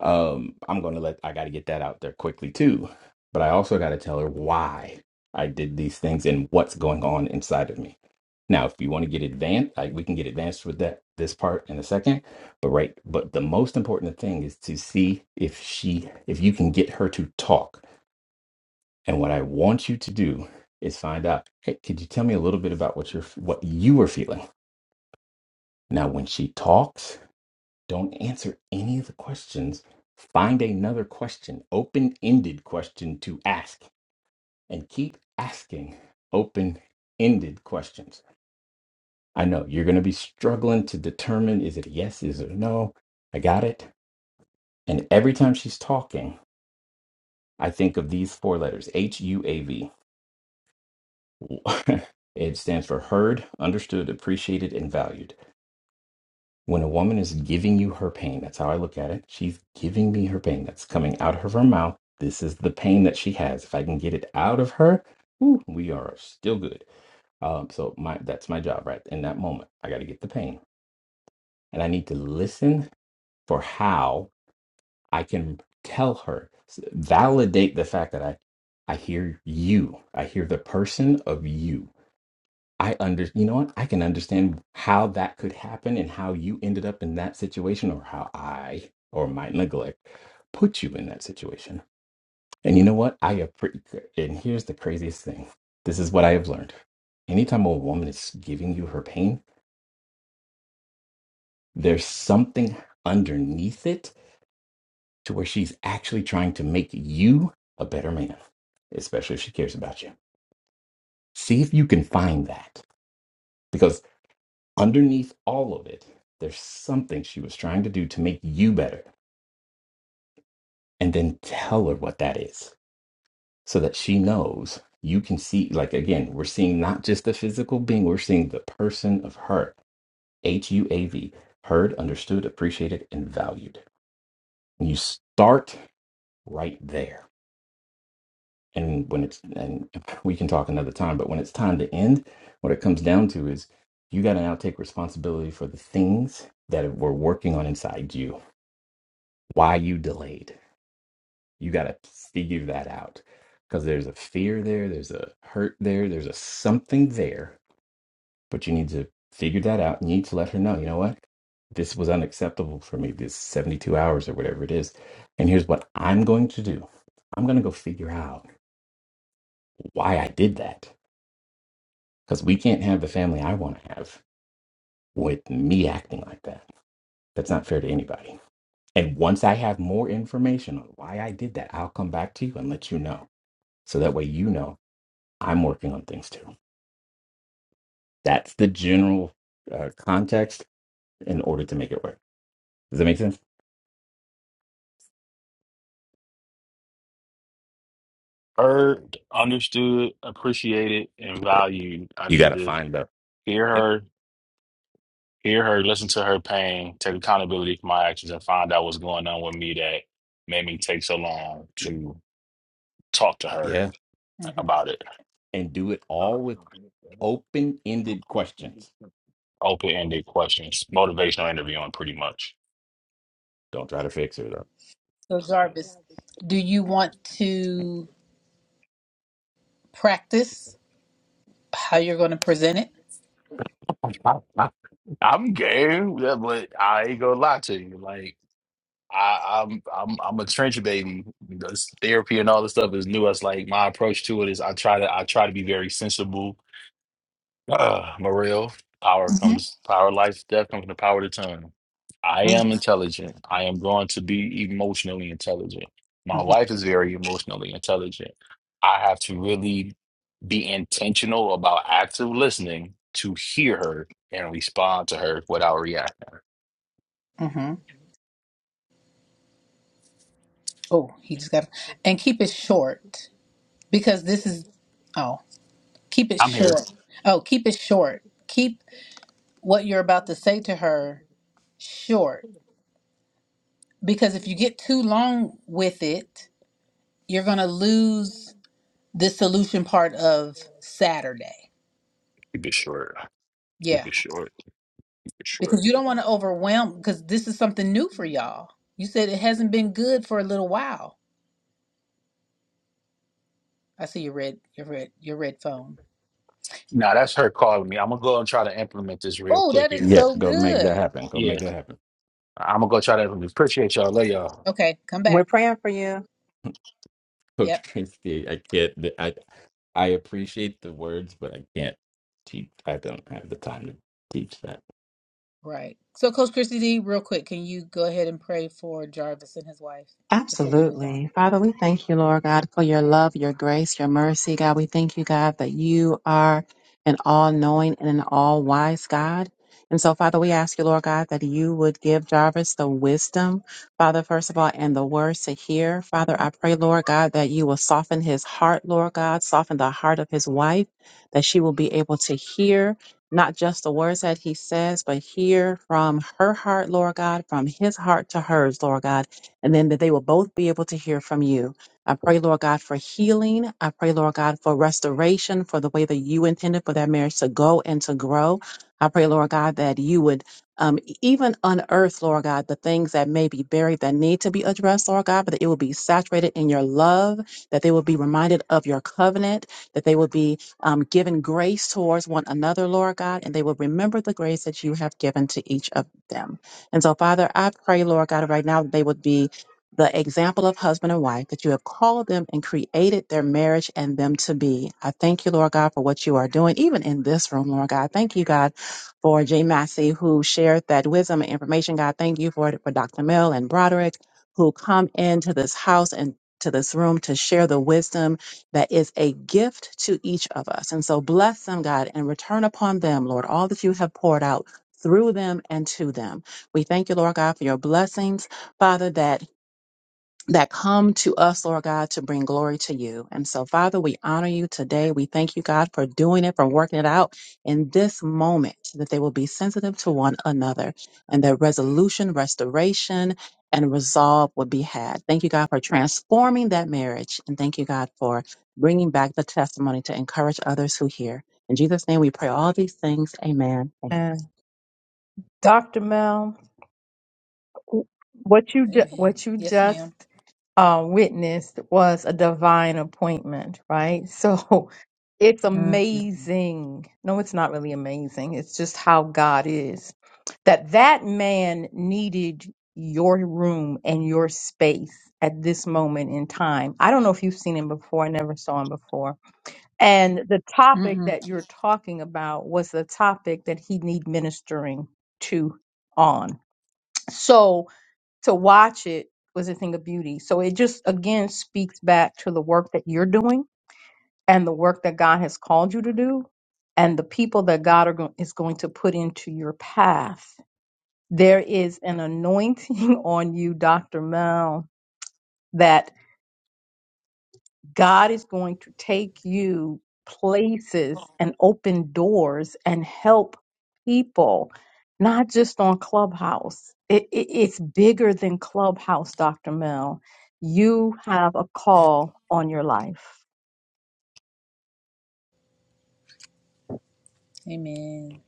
[SPEAKER 7] um, I'm gonna let. I gotta get that out there quickly too. But I also gotta tell her why I did these things and what's going on inside of me. Now, if you want to get advanced, like we can get advanced with that this part in a second. But right, but the most important thing is to see if she if you can get her to talk. And what I want you to do is find out, hey, could you tell me a little bit about what you're what you were feeling? Now, when she talks, don't answer any of the questions. Find another question, open-ended question to ask, and keep asking open-ended questions I know you're going to be struggling to determine is it a yes, is it a no? I got it. And every time she's talking, I think of these four letters H U A V. It stands for heard, understood, appreciated, and valued. When a woman is giving you her pain, that's how I look at it. She's giving me her pain. That's coming out of her mouth. This is the pain that she has. If I can get it out of her, whew, we are still good. Um, so my that's my job, right? In that moment, I got to get the pain, and I need to listen for how I can tell her, s- validate the fact that I, I hear you. I hear the person of you. I under, you know what? I can understand how that could happen and how you ended up in that situation or how I or my neglect put you in that situation. And you know what? I appreciate, and here's the craziest thing. This is what I have learned. Anytime a woman is giving you her pain, there's something underneath it to where she's actually trying to make you a better man, especially if she cares about you. See if you can find that because underneath all of it, there's something she was trying to do to make you better. And then tell her what that is so that she knows you can see. Like, again, we're seeing not just the physical being, we're seeing the person of her H U A V, heard, understood, appreciated, and valued. And you start right there and when it's and we can talk another time but when it's time to end what it comes down to is you got to now take responsibility for the things that were working on inside you why you delayed you got to figure that out because there's a fear there there's a hurt there there's a something there but you need to figure that out And you need to let her know you know what this was unacceptable for me this 72 hours or whatever it is and here's what i'm going to do i'm going to go figure out why i did that because we can't have the family I want to have with me acting like that. That's not fair to anybody. And once I have more information on why I did that, I'll come back to you and let you know. So that way you know I'm working on things too. That's the general uh, context in order to make it work. Does that make sense?
[SPEAKER 4] heard, understood, appreciated, and valued. I
[SPEAKER 7] You got
[SPEAKER 4] need
[SPEAKER 7] to
[SPEAKER 4] to
[SPEAKER 7] find the
[SPEAKER 4] hear
[SPEAKER 7] yep,
[SPEAKER 4] her hear her, listen to her pain, take accountability for my actions, and find out what's going on with me that made me take so long
[SPEAKER 7] yep,
[SPEAKER 4] to talk to her
[SPEAKER 7] yeah,
[SPEAKER 1] hmm
[SPEAKER 4] about it.
[SPEAKER 7] and do it all with open ended questions.
[SPEAKER 4] Open ended questions, motivational interviewing, pretty much.
[SPEAKER 7] Don't try to fix it up.
[SPEAKER 1] So Jarvis, do you want to practice how you're going to present it?
[SPEAKER 4] I'm game, yeah, but I ain't gonna lie to you. Like I, I'm, I'm, I'm a trench baby. This therapy and all this stuff is new. It's like my approach to it is I try to, I try to be very sensible Uh, Morel, power
[SPEAKER 1] hmm
[SPEAKER 4] comes, power life, death comes from the power of the tongue. I am intelligent. I am going to be emotionally intelligent.
[SPEAKER 1] hmm
[SPEAKER 4] My wife is very emotionally intelligent. I have to really be intentional about active listening to hear her and respond to her without reacting.
[SPEAKER 1] hmm Oh, he just got and keep it short because this is oh, keep it
[SPEAKER 4] I'm here.
[SPEAKER 1] short. Oh, keep it short. Keep what you're about to say to her short because if you get too long with it, you're going to lose the solution part of Saturday.
[SPEAKER 4] Keep it short. Keep
[SPEAKER 1] Yeah,
[SPEAKER 4] it short. Keep it short.
[SPEAKER 1] because you don't want to overwhelm because this is something new for y'all. You said it hasn't been good for a little while. I see your red your red your red phone.
[SPEAKER 4] Now that's her calling me. I'm gonna go and try to implement this real
[SPEAKER 1] Oh,
[SPEAKER 4] quick.
[SPEAKER 1] that is
[SPEAKER 4] And
[SPEAKER 7] Yeah,
[SPEAKER 1] so
[SPEAKER 7] go make that
[SPEAKER 1] good.
[SPEAKER 7] happen. Go
[SPEAKER 4] yeah,
[SPEAKER 7] make that happen.
[SPEAKER 4] I'm gonna go try to implement. Appreciate y'all. Love y'all.
[SPEAKER 1] Okay, come
[SPEAKER 8] We're
[SPEAKER 1] back.
[SPEAKER 8] praying for you.
[SPEAKER 1] Yep.
[SPEAKER 7] Coach Christie, I can't. I I appreciate the words, but I can't teach. I don't have the time to teach that.
[SPEAKER 1] Right. So, Coach Christy D, real quick, can you go ahead and pray for Jarvis and his wife before we move on?
[SPEAKER 8] Absolutely. Father, we thank you, Lord God, for your love, your grace, your mercy. God, we thank you, God, that you are an all knowing and an all wise God. And so, Father, we ask you, Lord God, that you would give Jarvis the wisdom, Father, first of all, and the words to hear. Father, I pray, Lord God, that you will soften his heart, Lord God, soften the heart of his wife, that she will be able to hear not just the words that he says, but hear from her heart, Lord God, from his heart to hers, Lord God and then that they will both be able to hear from you. I pray, Lord God, for healing. I pray, Lord God, for restoration, for the way that you intended for that marriage to go and to grow. I pray, Lord God, that you would um, e-, even unearth, Lord God, the things that may be buried that need to be addressed, Lord God, but that it will be saturated in your love, that they will be reminded of your covenant, that they will be um, given grace towards one another, Lord God, and they will remember the grace that you have given to each of them. And so, Father, I pray, Lord God, right now that they would be the example of husband and wife that you have called them and created their marriage and them to be. I thank you, Lord God, for what you are doing, even in this room, Lord God. Thank you, God, for Jay Massey, who shared that wisdom and information. God, thank you for it for Dr. Mill and Broderick, who come into this house and to this room to share the wisdom that is a gift to each of us. And so bless them, God, and return upon them, Lord, all that you have poured out through them and to them. We thank you, Lord God, for your blessings. Father, that that come to us, Lord God, to bring glory to you. And so, Father, we honor you today. We thank you, God, for doing it, for working it out in this moment, that they will be sensitive to one another and that resolution, restoration, and resolve would be had. Thank you, God, for transforming that marriage. And thank you, God, for bringing back the testimony to encourage others who hear. In Jesus' name, we pray all these things. Amen. Amen.
[SPEAKER 1] Amen. Yes, madam
[SPEAKER 2] uh, witnessed was a divine appointment, right? So It's
[SPEAKER 1] Mm-mm.
[SPEAKER 2] amazing. No, it's not really amazing. It's just how God is. That that man needed your room and your space at this moment in time. I don't know if you've seen him before. I never saw him before. And the topic
[SPEAKER 1] Mm-mm.
[SPEAKER 2] that you're talking about was the topic that he need ministering to on. So to watch it was a thing of beauty. So it just again speaks back to the work that you're doing and the work that God has called you to do and the people that God are go- is going to put into your path. There is an anointing on you, Dr. Mel, that God is going to take you places and open doors and help people, not just on Clubhouse. It, it, it's bigger than Clubhouse, Dr. Mel. You have a call on your life.
[SPEAKER 1] Amen.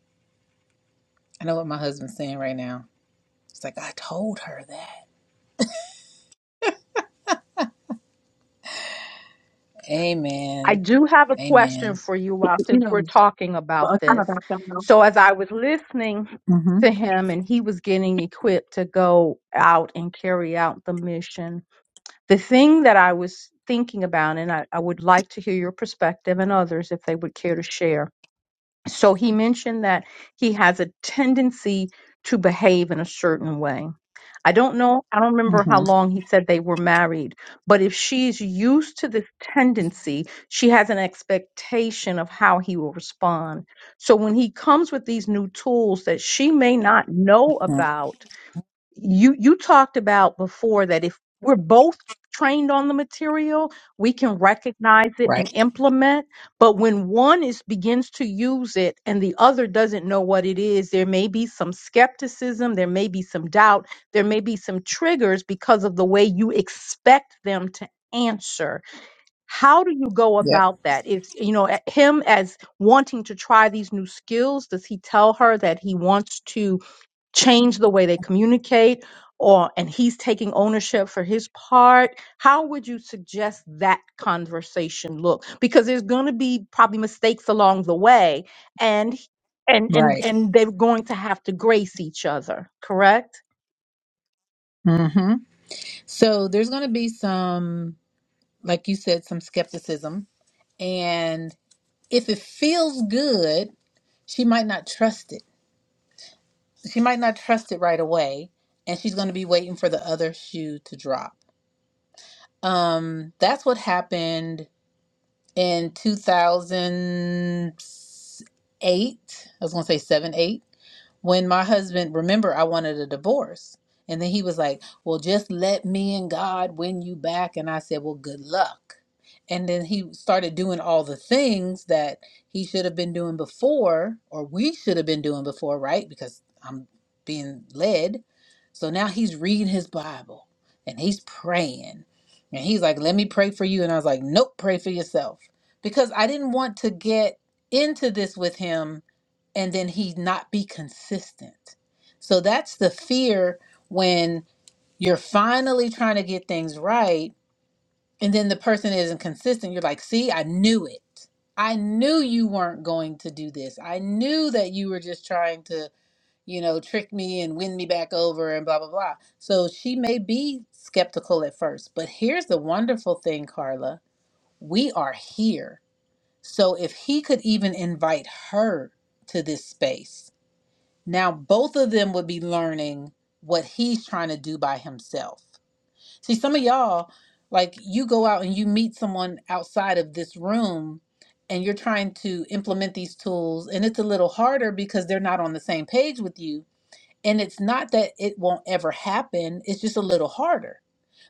[SPEAKER 1] I know what my husband's saying right now. It's like, I told her that.
[SPEAKER 2] I
[SPEAKER 1] Amen.
[SPEAKER 2] do have a question
[SPEAKER 1] Amen.
[SPEAKER 2] for you all
[SPEAKER 8] You
[SPEAKER 2] since we're
[SPEAKER 8] know,
[SPEAKER 2] talking about
[SPEAKER 8] well, I think
[SPEAKER 2] this.
[SPEAKER 8] about that,
[SPEAKER 2] So, as I was listening
[SPEAKER 1] Mm-hmm.
[SPEAKER 2] to him and he was getting equipped to go out and carry out the mission, the thing that I was thinking about, and I, I would like to hear your perspective and others if they would care to share. So, he mentioned that he has a tendency to behave in a certain way. I don't know, I don't remember how
[SPEAKER 1] Mm-hmm.
[SPEAKER 2] long he said they were married, but if she's used to this tendency, she has an expectation of how he will respond. So when he comes with these new tools that she may not know
[SPEAKER 1] mm
[SPEAKER 2] about, you you talked about before that if we're both trained on the material we can recognize it and
[SPEAKER 1] Right.
[SPEAKER 2] implement but when one is begins to use it and the other doesn't know what it is there may be some skepticism there may be some doubt there may be some triggers because of the way you expect them to answer how do you go
[SPEAKER 1] Yep.
[SPEAKER 2] about that is you know a- him as wanting to try these new skills does he tell her that he wants to change the way they communicate or and he's taking ownership for his part how would you suggest that conversation look because there's going to be probably mistakes along the way and and and
[SPEAKER 1] Right.
[SPEAKER 2] and they're going to have to grace each other correct
[SPEAKER 1] Mm-hmm. So there's going to be some, like you said, some skepticism. And if it feels good, she might not trust it. she might not trust it right away and she's going to be waiting for the other shoe to drop um that's what happened in 2008 i was going to say 7 8 when my husband remember I wanted a divorce and then he was like, "Well, just let me and God win you back." And I said, "Well, good luck." And then he started doing all the things that he should have been doing before or we should have been doing before, right? Because I'm being led. So now he's reading his Bible and he's praying. And he's like, "Let me pray for you." And I was like, "Nope, pray for yourself." Because I didn't want to get into this with him and then he not be consistent. So that's the fear when you're finally trying to get things right and then the person isn't consistent. You're like, see, I knew it. I knew you weren't going to do this. I knew that you were just trying to, you know, trick me and win me back over and blah, blah, blah. So she may be skeptical at first. But here's the wonderful thing, Carla we are here. So if he could even invite her to this space, now, both of them would be learning what he's trying to do by himself. See, some of y'all, like you go out and you meet someone outside of this room and you're trying to implement these tools, and it's a little harder because they're not on the same page with you. And it's not that it won't ever happen, it's just a little harder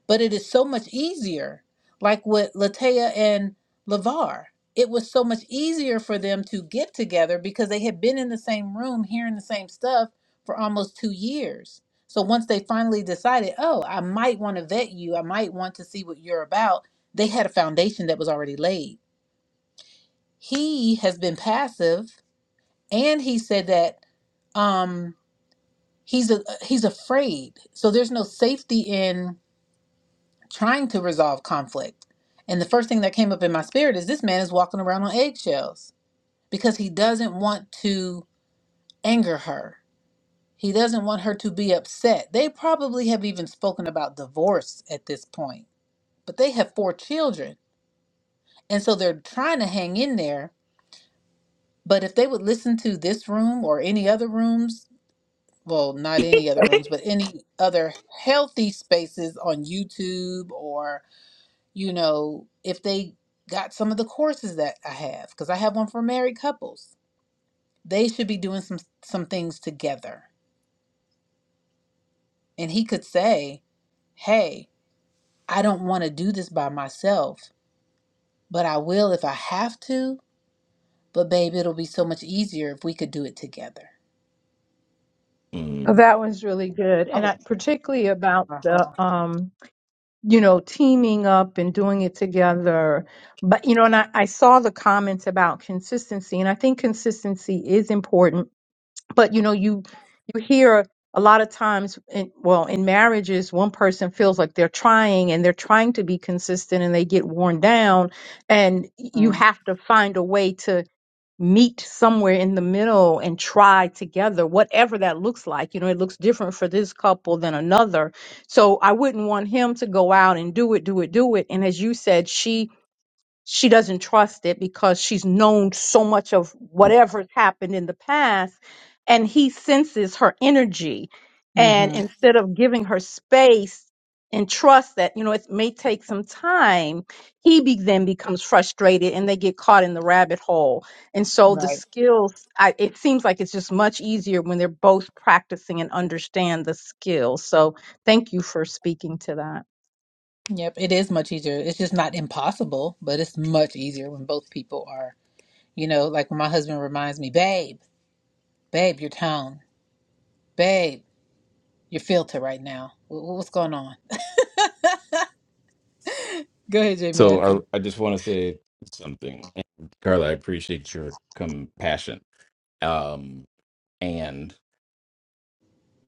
[SPEAKER 1] but it is so much easier. Like with Latea and Lavar, it was so much easier for them to get together because they had been in the same room hearing the same stuff for almost two years. So once they finally decided, oh, I might want to vet you, I might want to see what you're about, they had a foundation that was already laid. He has been passive, and he said that um, he's a, he's afraid. So there's no safety in trying to resolve conflict. And the first thing that came up in my spirit is this man is walking around on eggshells because he doesn't want to anger her. He doesn't want her to be upset. They probably have even spoken about divorce at this point, but they have four children. And so they're trying to hang in there. But if they would listen to this room or any other rooms, well, not any other rooms, but any other healthy spaces on YouTube you know, if they got some of the courses that I have, because I have one for married couples, they should be doing some some things together. And he could say, "Hey, I don't want to do this by myself, but I will if I have to. But babe, it'll be so much easier if we could do it together."
[SPEAKER 2] Well,
[SPEAKER 7] Mm.
[SPEAKER 2] that one's really good,
[SPEAKER 1] I
[SPEAKER 2] and
[SPEAKER 1] would,
[SPEAKER 2] I, particularly about the,
[SPEAKER 1] uh-huh.
[SPEAKER 2] um, you know, teaming up and doing it together. But you know, and I, I saw the comments about consistency, and I think consistency is important but you know you you hear a lot of times in, well in marriages one person feels like they're trying and they're trying to be consistent and they get worn down and you
[SPEAKER 1] Mm-hmm.
[SPEAKER 2] have to find a way to meet somewhere in the middle and try together whatever that looks like you know it looks different for this couple than another so i wouldn't want him to go out and do it do it do it and as you said she she doesn't trust it because she's known so much of whatever's happened in the past and he senses her energy and
[SPEAKER 1] mm-hmm,
[SPEAKER 2] instead of giving her space and trust that you know it may take some time he be- then becomes frustrated and they get caught in the rabbit hole and so the
[SPEAKER 1] Right.
[SPEAKER 2] skills I, it seems like it's just much easier when they're both practicing and understand the skills so thank you for speaking to that
[SPEAKER 1] Yep. It is much easier. It's just not impossible, but it's much easier when both people are, you know, like when my husband reminds me, "Babe, babe, your tone." babe your filter right now. Wh- wh- What's going on? Go ahead, Jay
[SPEAKER 7] So
[SPEAKER 1] Massey.
[SPEAKER 7] I I just want to say something, and Carla. I appreciate your compassion. Um, and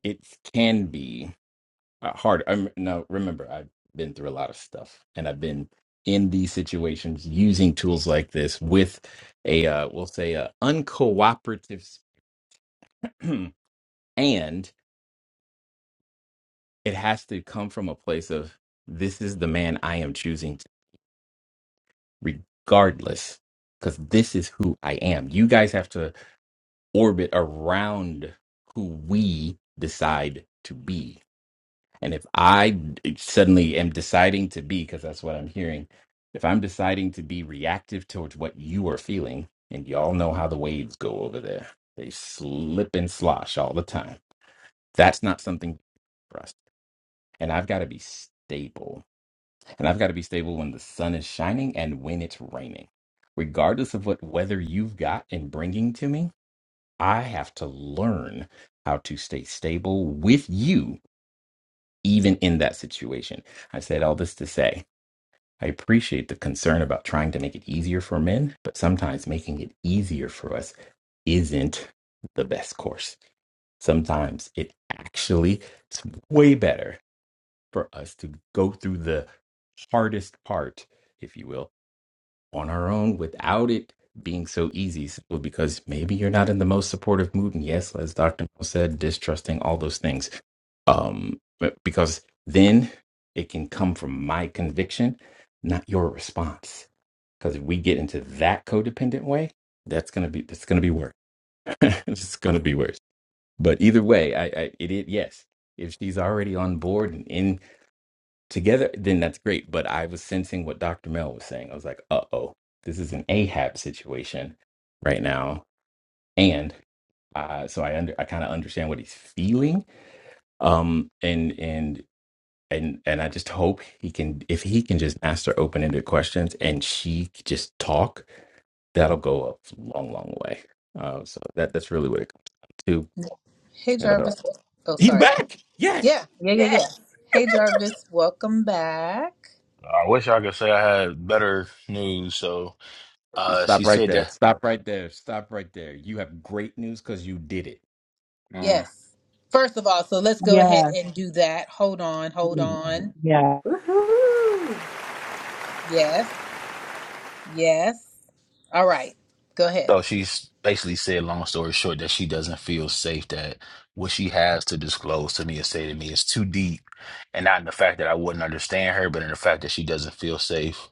[SPEAKER 7] it can be uh, hard. I'm now remember I've been through a lot of stuff, and I've been in these situations using tools like this with a uh, we'll say a uncooperative and it has to come from a place of this is the man I am choosing, regardless, because this is who I am. You guys have to orbit around who we decide to be. And if I suddenly am deciding to be, because that's what I'm hearing, if I'm deciding to be reactive towards what you are feeling, and y'all know how the waves go over there, they slip and slosh all the time. That's not something for us. And I've got to be stable And I've got to be stable when the sun is shining and when it's raining. Regardless of what weather you've got and bringing to me, I have to learn how to stay stable with you, even in that situation. I said all this to say I appreciate the concern about trying to make it easier for men, but sometimes making it easier for us isn't the best course. Sometimes it actually is way better for us to go through the hardest part, if you will, on our own without it being so easy simply because maybe you're not in the most supportive mood and yes as dr Mo said distrusting all those things um because then it can come from my conviction not your response because if we get into that codependent way that's gonna be that's gonna be worse it's gonna be worse but either way i i it, it yes if she's already on board and in together, then that's great. But I was sensing what Dr. Mel was saying. I was like, uh oh, this is an Ahab situation right now. And uh, so I under I kind of understand what he's feeling. Um and and and and I just hope he can if he can just ask her open ended questions and she could just talk, that'll go a long, long way. Uh, so that that's really what it comes to.
[SPEAKER 1] Hey,
[SPEAKER 7] And, uh,
[SPEAKER 1] Jarvis. Oh,
[SPEAKER 7] He's
[SPEAKER 1] sorry.
[SPEAKER 7] back.
[SPEAKER 1] Yeah,
[SPEAKER 7] Yes.
[SPEAKER 1] yeah, yeah, yeah.
[SPEAKER 9] Yes.
[SPEAKER 1] Hey, Jarvis. Welcome back.
[SPEAKER 4] I wish I could say I had better news. So uh, she
[SPEAKER 7] Stop right
[SPEAKER 4] said
[SPEAKER 7] there.
[SPEAKER 4] that.
[SPEAKER 7] Stop right there. Stop right there. You have great news because you did it
[SPEAKER 4] Mm.
[SPEAKER 1] Yes. First of all, so let's go
[SPEAKER 8] though.
[SPEAKER 1] ahead and do that. Hold on, hold
[SPEAKER 8] Mm.
[SPEAKER 7] Mhm.
[SPEAKER 1] on.
[SPEAKER 8] Yeah.
[SPEAKER 9] Woohoo.
[SPEAKER 1] Yes, yes. All right. Go ahead.
[SPEAKER 4] So she's basically said, long story short, that she doesn't feel safe. That what she has to disclose to me and say to me is too deep, and not in the fact that I wouldn't understand her, but in the fact that she doesn't feel safe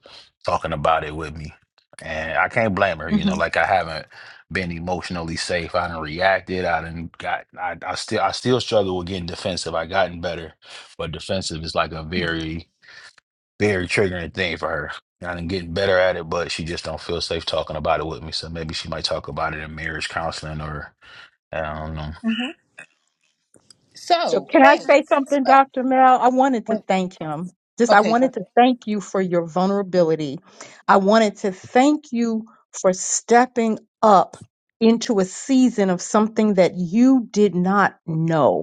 [SPEAKER 4] talking about it with me. And I can't blame her. You know,
[SPEAKER 1] hmm
[SPEAKER 4] like I haven't been emotionally safe. I didn't reacted. I didn't got. I, I still. I still struggle with getting defensive. I gotten better, but defensive is like a
[SPEAKER 1] hmm
[SPEAKER 4] very very triggering thing for her. And I'm getting better at it, but she just don't feel safe talking about it with me. So maybe she might talk about it in marriage counseling or I don't know.
[SPEAKER 2] so
[SPEAKER 1] So,
[SPEAKER 2] can I
[SPEAKER 1] hey,
[SPEAKER 2] say
[SPEAKER 1] guess
[SPEAKER 2] something,
[SPEAKER 1] what?
[SPEAKER 2] Dr. Mel? I wanted to
[SPEAKER 1] Wait.
[SPEAKER 2] thank him. Just I
[SPEAKER 1] Okay, go
[SPEAKER 2] wanted to
[SPEAKER 1] ahead.
[SPEAKER 2] thank you for your vulnerability. I wanted to thank you for stepping up into a season of something that you did not know.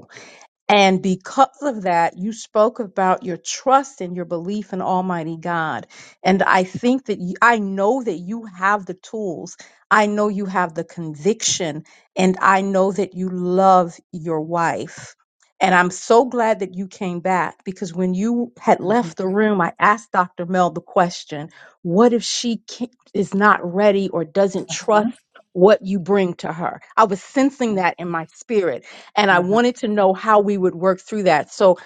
[SPEAKER 2] And because of that, you spoke about your trust and your belief in Almighty God. And I think that you, I know that you have the tools. I know you have the conviction. And I know that you love your wife. And I'm so glad that you came back because when you had
[SPEAKER 1] hmm
[SPEAKER 2] left the room, I asked Dr. Mel the question what if she can't, is not ready or doesn't trust what you bring to her? I was sensing
[SPEAKER 1] hmm
[SPEAKER 2] that in my spirit and I
[SPEAKER 1] hmm
[SPEAKER 2] wanted to know how we would work through that. So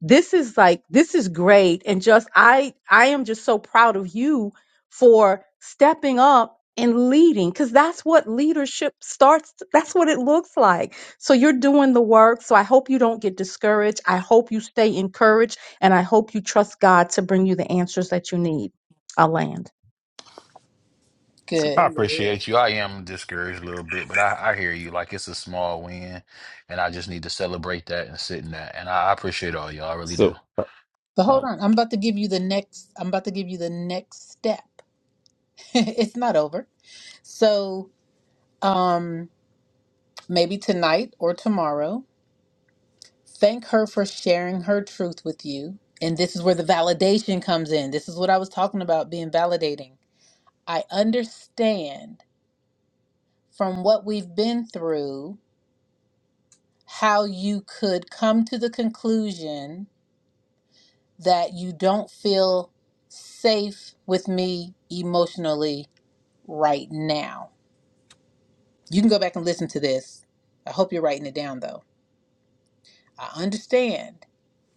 [SPEAKER 2] this is like this is great and just I I am just so proud of you for stepping up and leading cuz that's what leadership starts that's what it looks like. So you're doing the work. So I hope you don't get discouraged. I hope you stay encouraged and I hope you trust God to bring you the answers that you need. I'll land.
[SPEAKER 1] Good.
[SPEAKER 4] I
[SPEAKER 9] Amen.
[SPEAKER 4] appreciate you. I am discouraged a little bit, but I, I hear you. Like it's a small win, and I just need to celebrate that and sit in that. And I, I appreciate all y'all. I really do.
[SPEAKER 7] So,
[SPEAKER 1] But hold
[SPEAKER 7] um,
[SPEAKER 1] on, I'm about to give you the next. I'm about to give you the next step. it's not over So um, maybe tonight or tomorrow, thank her for sharing her truth with you. And this is where the validation comes in. This is what I was talking about being validating. I understand from what we've been through how you could come to the conclusion that you don't feel safe with me emotionally right now. You can go back and listen to this. I hope you're writing it down though. I understand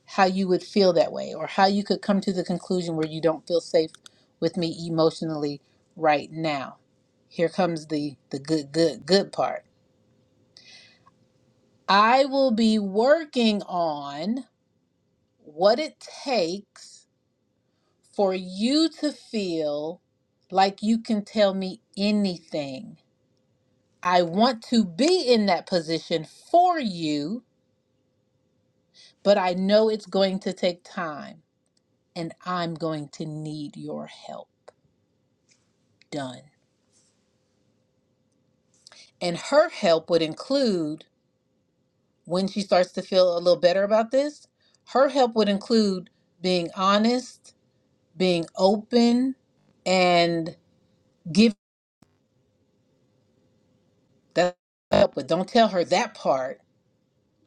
[SPEAKER 1] how you would feel that way or how you could come to the conclusion where you don't feel safe with me emotionally right now. Here comes the the good good good part. I will be working on what it takes for you to feel like you can tell me anything. I want to be in that position for you, but I know it's going to take time and I'm going to need your help. Done. And her help would include, when she starts to feel a little better about this, her help would include being honest, being open, and give that help. But don't tell her that part.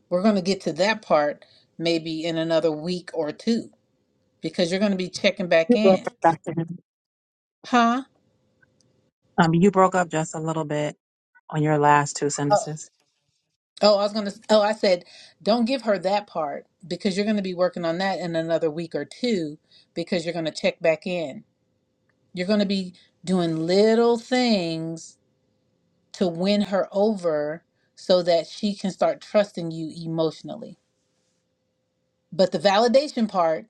[SPEAKER 1] We're going to get to that part maybe in another week or two because you're going to be checking back
[SPEAKER 8] You broke
[SPEAKER 1] in.
[SPEAKER 8] up, Dr. Henry.
[SPEAKER 1] Huh?
[SPEAKER 8] Um, you broke up just a little bit on your last two
[SPEAKER 1] Oh,
[SPEAKER 8] sentences.
[SPEAKER 1] oh, I was going to, oh, I said, don't give her that part because you're going to be working on that in another week or two because you're going to check back in. You're going to be doing little things to win her over so that she can start trusting you emotionally. But the validation part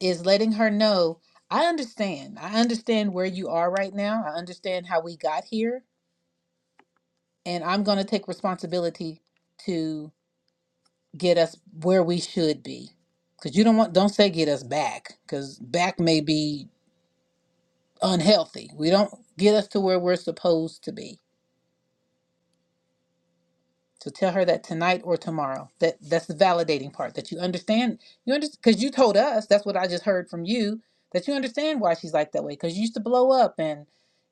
[SPEAKER 1] is letting her know I understand. I understand where you are right now. I understand how we got here. And I'm going to take responsibility to get us where we should be. Because you don't want, don't say get us back, because back may be unhealthy. We don't get us to where we're supposed to be. So tell her that tonight or tomorrow. That that's the validating part. That you understand. You understand because you told us. That's what I just heard from you. That you understand why she's like that way. Because you used to blow up, and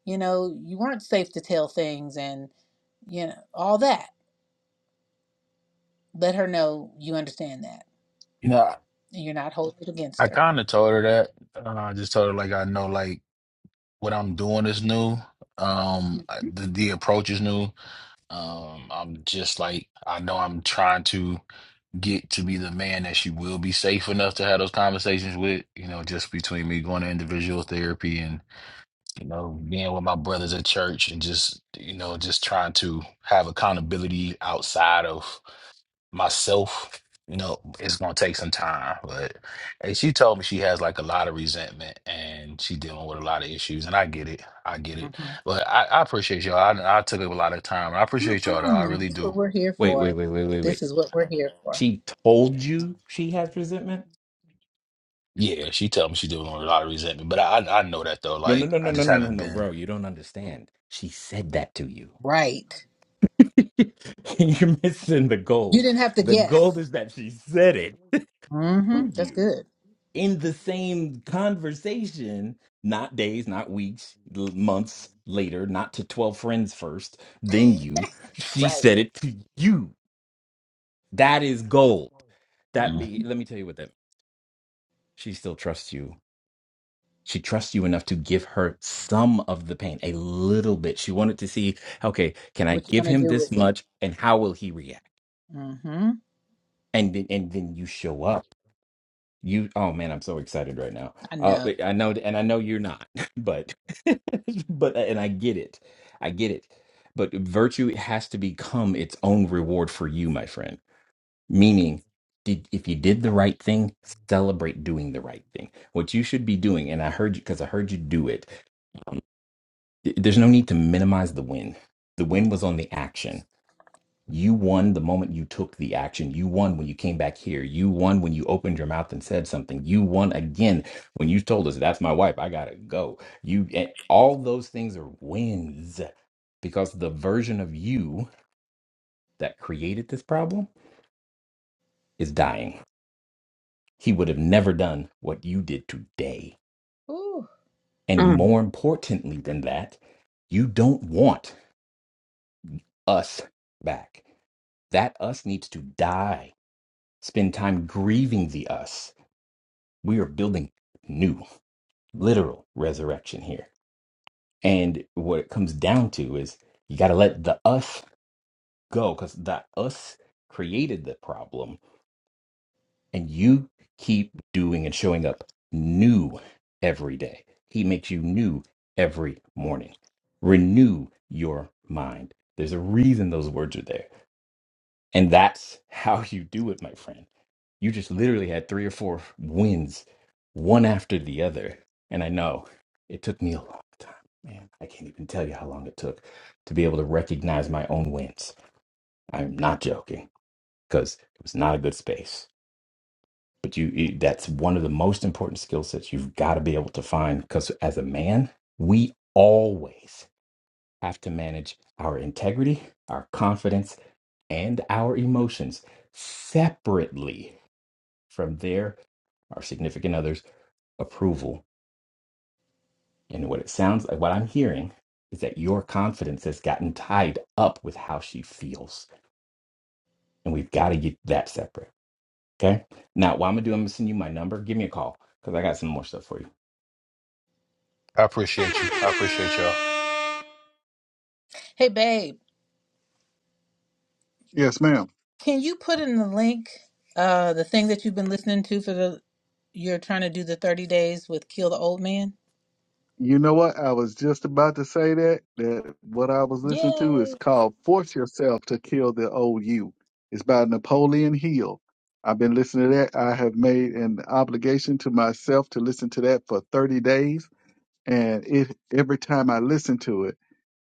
[SPEAKER 1] you know you weren't safe to tell things, and you know all that. Let her know you understand that,
[SPEAKER 4] You know, I,
[SPEAKER 1] and you're not holding it against her.
[SPEAKER 4] kind of told her that. Uh, I just told her like I know like what I'm doing is new. Um,
[SPEAKER 1] Mhm.
[SPEAKER 4] the the approach is new. Um, I'm just like I know I'm trying to get to be the man that she will be safe enough to have those conversations with, you know, just between me going to individual therapy and, you know, being with my brothers at church and just, you know, just trying to have accountability outside of myself. You know, it's gonna take some time, but and she told me she has like a lot of resentment and she dealing with a lot of issues, and I get it, I get it. But I, I appreciate y'all. I, I took up a lot of time. I appreciate y'all, though.
[SPEAKER 1] Mhm.
[SPEAKER 4] I really
[SPEAKER 1] This is
[SPEAKER 4] do.
[SPEAKER 1] what we're here
[SPEAKER 7] wait, wait,
[SPEAKER 1] for.
[SPEAKER 7] wait, wait, wait,
[SPEAKER 1] This
[SPEAKER 7] wait.
[SPEAKER 1] is what we're here for.
[SPEAKER 7] She told you she has resentment?
[SPEAKER 4] Yeah, she tell me she's dealing with a lot of resentment, but I I I know that though.
[SPEAKER 7] No, no,
[SPEAKER 4] Like
[SPEAKER 7] no, no,
[SPEAKER 4] I
[SPEAKER 7] no,
[SPEAKER 4] just
[SPEAKER 7] no, no,
[SPEAKER 4] haven't
[SPEAKER 7] no,
[SPEAKER 4] been.
[SPEAKER 7] bro. You don't understand. She said that to you.
[SPEAKER 1] Right.
[SPEAKER 7] You're missing the
[SPEAKER 1] You
[SPEAKER 7] gold.
[SPEAKER 1] didn't have to
[SPEAKER 7] The gold
[SPEAKER 1] guess.
[SPEAKER 7] is that she said it
[SPEAKER 1] hmm
[SPEAKER 7] to
[SPEAKER 1] That's
[SPEAKER 7] you
[SPEAKER 1] good.
[SPEAKER 7] in the same conversation, not days, not weeks, l- months later, not to 12 friends first, then you. She
[SPEAKER 1] Right.
[SPEAKER 7] said it to you. That is gold. That
[SPEAKER 1] Mhm.
[SPEAKER 4] Mm.
[SPEAKER 7] be let me tell you what that she still trusts you She trusts you enough to give her some of the pain, a little bit. She wanted to see, okay, can I
[SPEAKER 1] What you
[SPEAKER 7] give
[SPEAKER 1] gonna
[SPEAKER 7] him
[SPEAKER 1] do
[SPEAKER 7] this
[SPEAKER 1] with it?
[SPEAKER 7] much and how will he react?
[SPEAKER 1] Mm-hmm.
[SPEAKER 7] And then and then you show up. You oh man, I'm so excited right now.
[SPEAKER 1] I
[SPEAKER 7] Uh
[SPEAKER 1] know.
[SPEAKER 7] but I know and I know you're not, but but and I get it. I get it. But virtue has to become its own reward for you, my friend. Meaning did, if you did the right thing, celebrate doing the right thing. What you should be doing, and I heard you because I heard you do it th- there's no need to minimize the win. The
[SPEAKER 1] Mm.
[SPEAKER 7] win was on the action. You won the moment you took the action. You won when you came back here. You won when you opened your mouth and said something. You won again when you told us, that's my wife. I got to go. You, and all those things are wins because the version of you that created this problem is dying. He would have never done what you did today.
[SPEAKER 1] Ooh.
[SPEAKER 7] And
[SPEAKER 8] Mm.
[SPEAKER 7] more importantly than that, you don't want us back. That us needs to die spend time grieving the us. We are building new, literal resurrection here. And what it comes down to is you got to let the us go because the us created the problem, and you keep doing and showing up new every day. He makes you new every morning. Renew your mind. There's a reason those words are there And that's how you do it, my friend. You just literally had three or four wins, one after the other. And I know it took me a long time, man. I can't even tell you how long it took to be able to recognize my own wins. I'm not joking because it was not a good space. But you, you that's one of the most important skill sets you've got to be able to find because as a man, we always have to manage our integrity, our confidence, and our emotions separately from their our significant others approval and what it sounds like what i'm hearing is that your confidence has gotten tied up with how she feels and we've got to get that separate okay now what i'm gonna do i'm gonna send you my number give me a call because i got some more stuff for you
[SPEAKER 4] I appreciate you. I appreciate y'all.
[SPEAKER 1] Hey, babe,
[SPEAKER 10] Yes, ma'am.
[SPEAKER 1] can you put in the link uh the thing that you've been listening to for the you're trying to do the 30 days with Kill the Old Man?
[SPEAKER 10] You know what? I was just about to say that. That what I was listening to is
[SPEAKER 1] Yay.
[SPEAKER 10] called "Force Yourself to Kill the Old You." It's by Napoleon Hill. I've been listening to that. I have made an obligation to myself to listen to that for 30 days, and it every time I listen to it,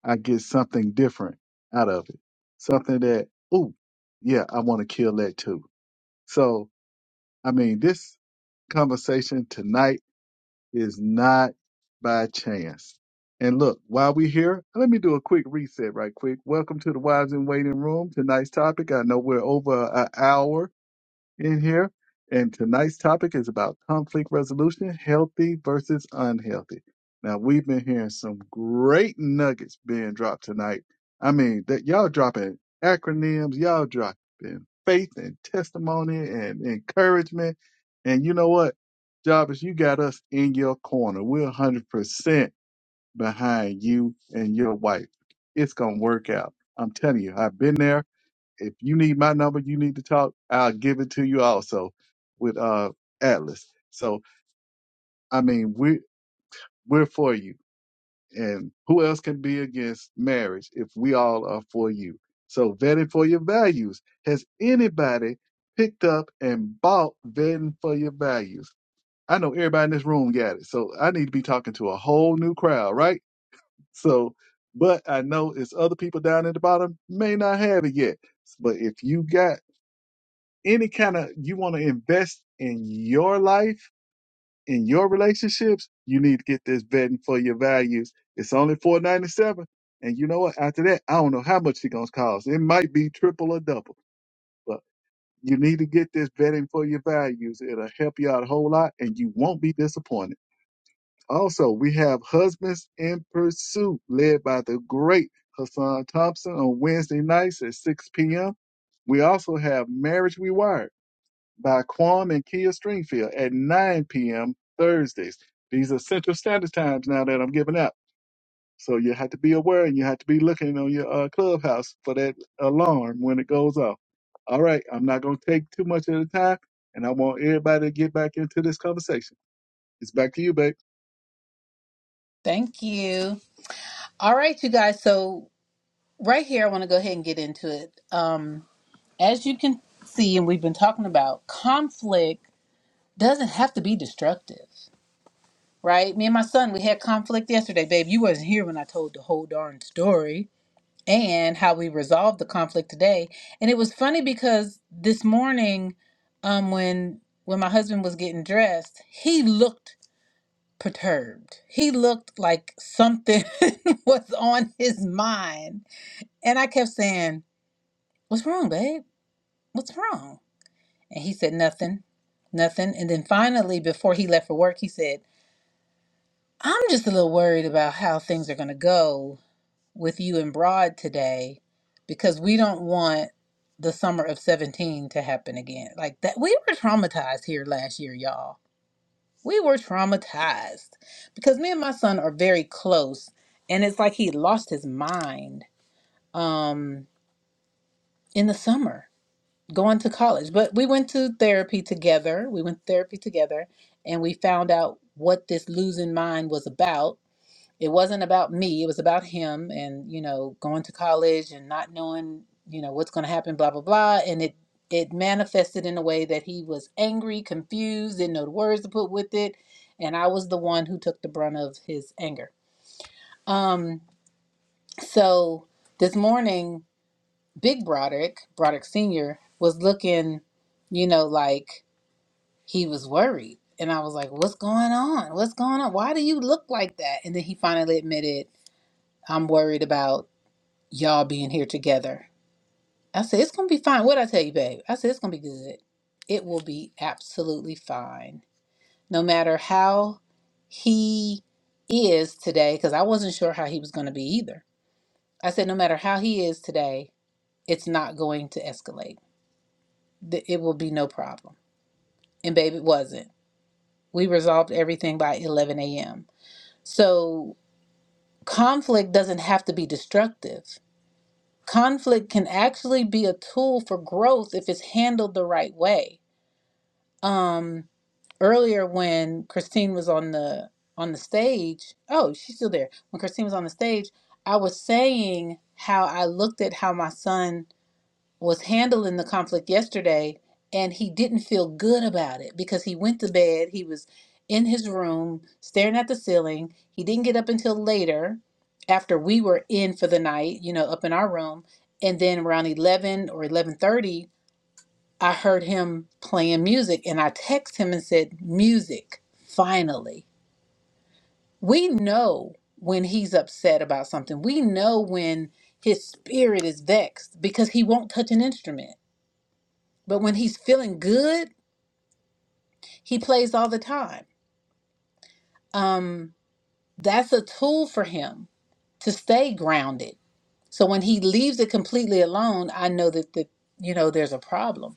[SPEAKER 10] I get something different out of it. Something that, ooh, yeah, I want to kill that too. So, I mean, this conversation tonight is not by chance. And look, while we're here, let me do a quick reset right quick. Welcome to the Wives in Waiting Room. Tonight's topic, I know we're over an hour, in here. And tonight's topic is about conflict resolution, healthy versus unhealthy. Now we've been hearing some great nuggets being dropped tonight. I mean, that y'all dropping acronyms, y'all dropping faith and testimony and encouragement. And you know what, Jarvis, you got us in your corner. We're 100% behind you and your wife. It's going to work out. I'm telling you, I've been there if you need my number, you need to talk, I'll give it to you also with uh Atlas. So I mean we we're for you. And who else can be against marriage if we all are for you? So vetting for your values. Has anybody picked up and bought vetting for your values? I know everybody in this room got it. So I need to be talking to a whole new crowd, right? So but I know it's other people down at the bottom may not have it yet. But if you got any kind of you want to invest in your life, in your relationships, you need to get this vetting for your values. It's only four ninety seven, and you know what? After that, I don't know how much it's gonna cost. It might be triple or double, but you need to get this vetting for your values. It'll help you out a whole lot, and you won't be disappointed. Also, we have Husbands in Pursuit, led by the great Hassan Thompson on Wednesday nights at 6 p.m. We also have Marriage Rewired by Quam and Kia Stringfield at 9 p.m. Thursdays. These are Central Standard Times now that I'm giving out. So you have to be aware and you have to be looking on your uh, clubhouse for that alarm when it goes off. All right, I'm not going to take too much of the time, and I want everybody to get back into this conversation. It's back to you, babe.
[SPEAKER 1] Thank you. All right, you guys. So right here I want to go ahead and get into it. Um as you can see and we've been talking about conflict doesn't have to be destructive. Right? Me and my son, we had conflict yesterday, babe. You wasn't here when I told the whole darn story and how we resolved the conflict today. And it was funny because this morning, um, when when my husband was getting dressed, he looked perturbed. He looked like something was on his mind. And I kept saying, What's wrong, babe? What's wrong? And he said, Nothing, nothing. And then finally, before he left for work, he said, I'm just a little worried about how things are going to go with you and Broad today because we don't want the summer of 17 to happen again. Like that, we were traumatized here last year, y'all. We were traumatized because me and my son are very close, and it's like he lost his mind um, in the summer going to college. But we went to therapy together. We went to therapy together, and we found out what this losing mind was about it wasn't about me it was about him and you know going to college and not knowing you know what's going to happen blah blah blah and it it manifested in a way that he was angry confused didn't know the words to put with it and i was the one who took the brunt of his anger um so this morning big broderick broderick senior was looking you know like he was worried and i was like what's going on what's going on why do you look like that and then he finally admitted i'm worried about y'all being here together. I said, it's going to be fine. What I tell you, babe? I said, it's going to be good. It will be absolutely fine. No matter how he is today, because I wasn't sure how he was going to be either. I said, no matter how he is today, it's not going to escalate. Th- It will be no problem. And babe, it wasn't. We resolved everything by 11 a.m. So conflict doesn't have to be destructive conflict can actually be a tool for growth if it's handled the right way. Um, earlier when Christine was on the on the stage, oh, she's still there. When Christine was on the stage, I was saying how I looked at how my son was handling the conflict yesterday and he didn't feel good about it because he went to bed he was in his room staring at the ceiling he didn't get up until later after we were in for the night you know up in our room and then around 11 or 11:30 I heard him playing music and I texted him and said music finally we know when he's upset about something we know when his spirit is vexed because he won't touch an instrument but when he's feeling good, he plays all the time. Um, that's a tool for him to stay grounded. So when he leaves it completely alone, I know that the, you know there's a problem.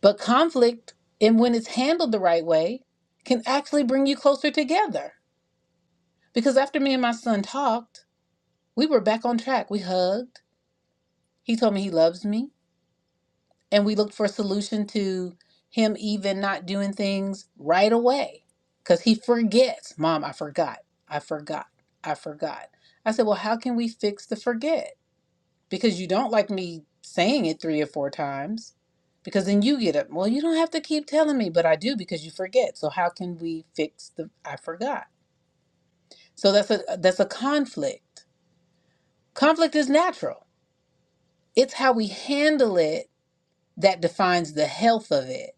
[SPEAKER 1] But conflict, and when it's handled the right way, can actually bring you closer together. Because after me and my son talked, we were back on track. We hugged. He told me he loves me. and we look for a solution to him even not doing things right away because he forgets mom i forgot i forgot i forgot i said well how can we fix the forget because you don't like me saying it three or four times because then you get up well you don't have to keep telling me but i do because you forget so how can we fix the i forgot so that's a that's a conflict conflict is natural it's how we handle it that defines the health of it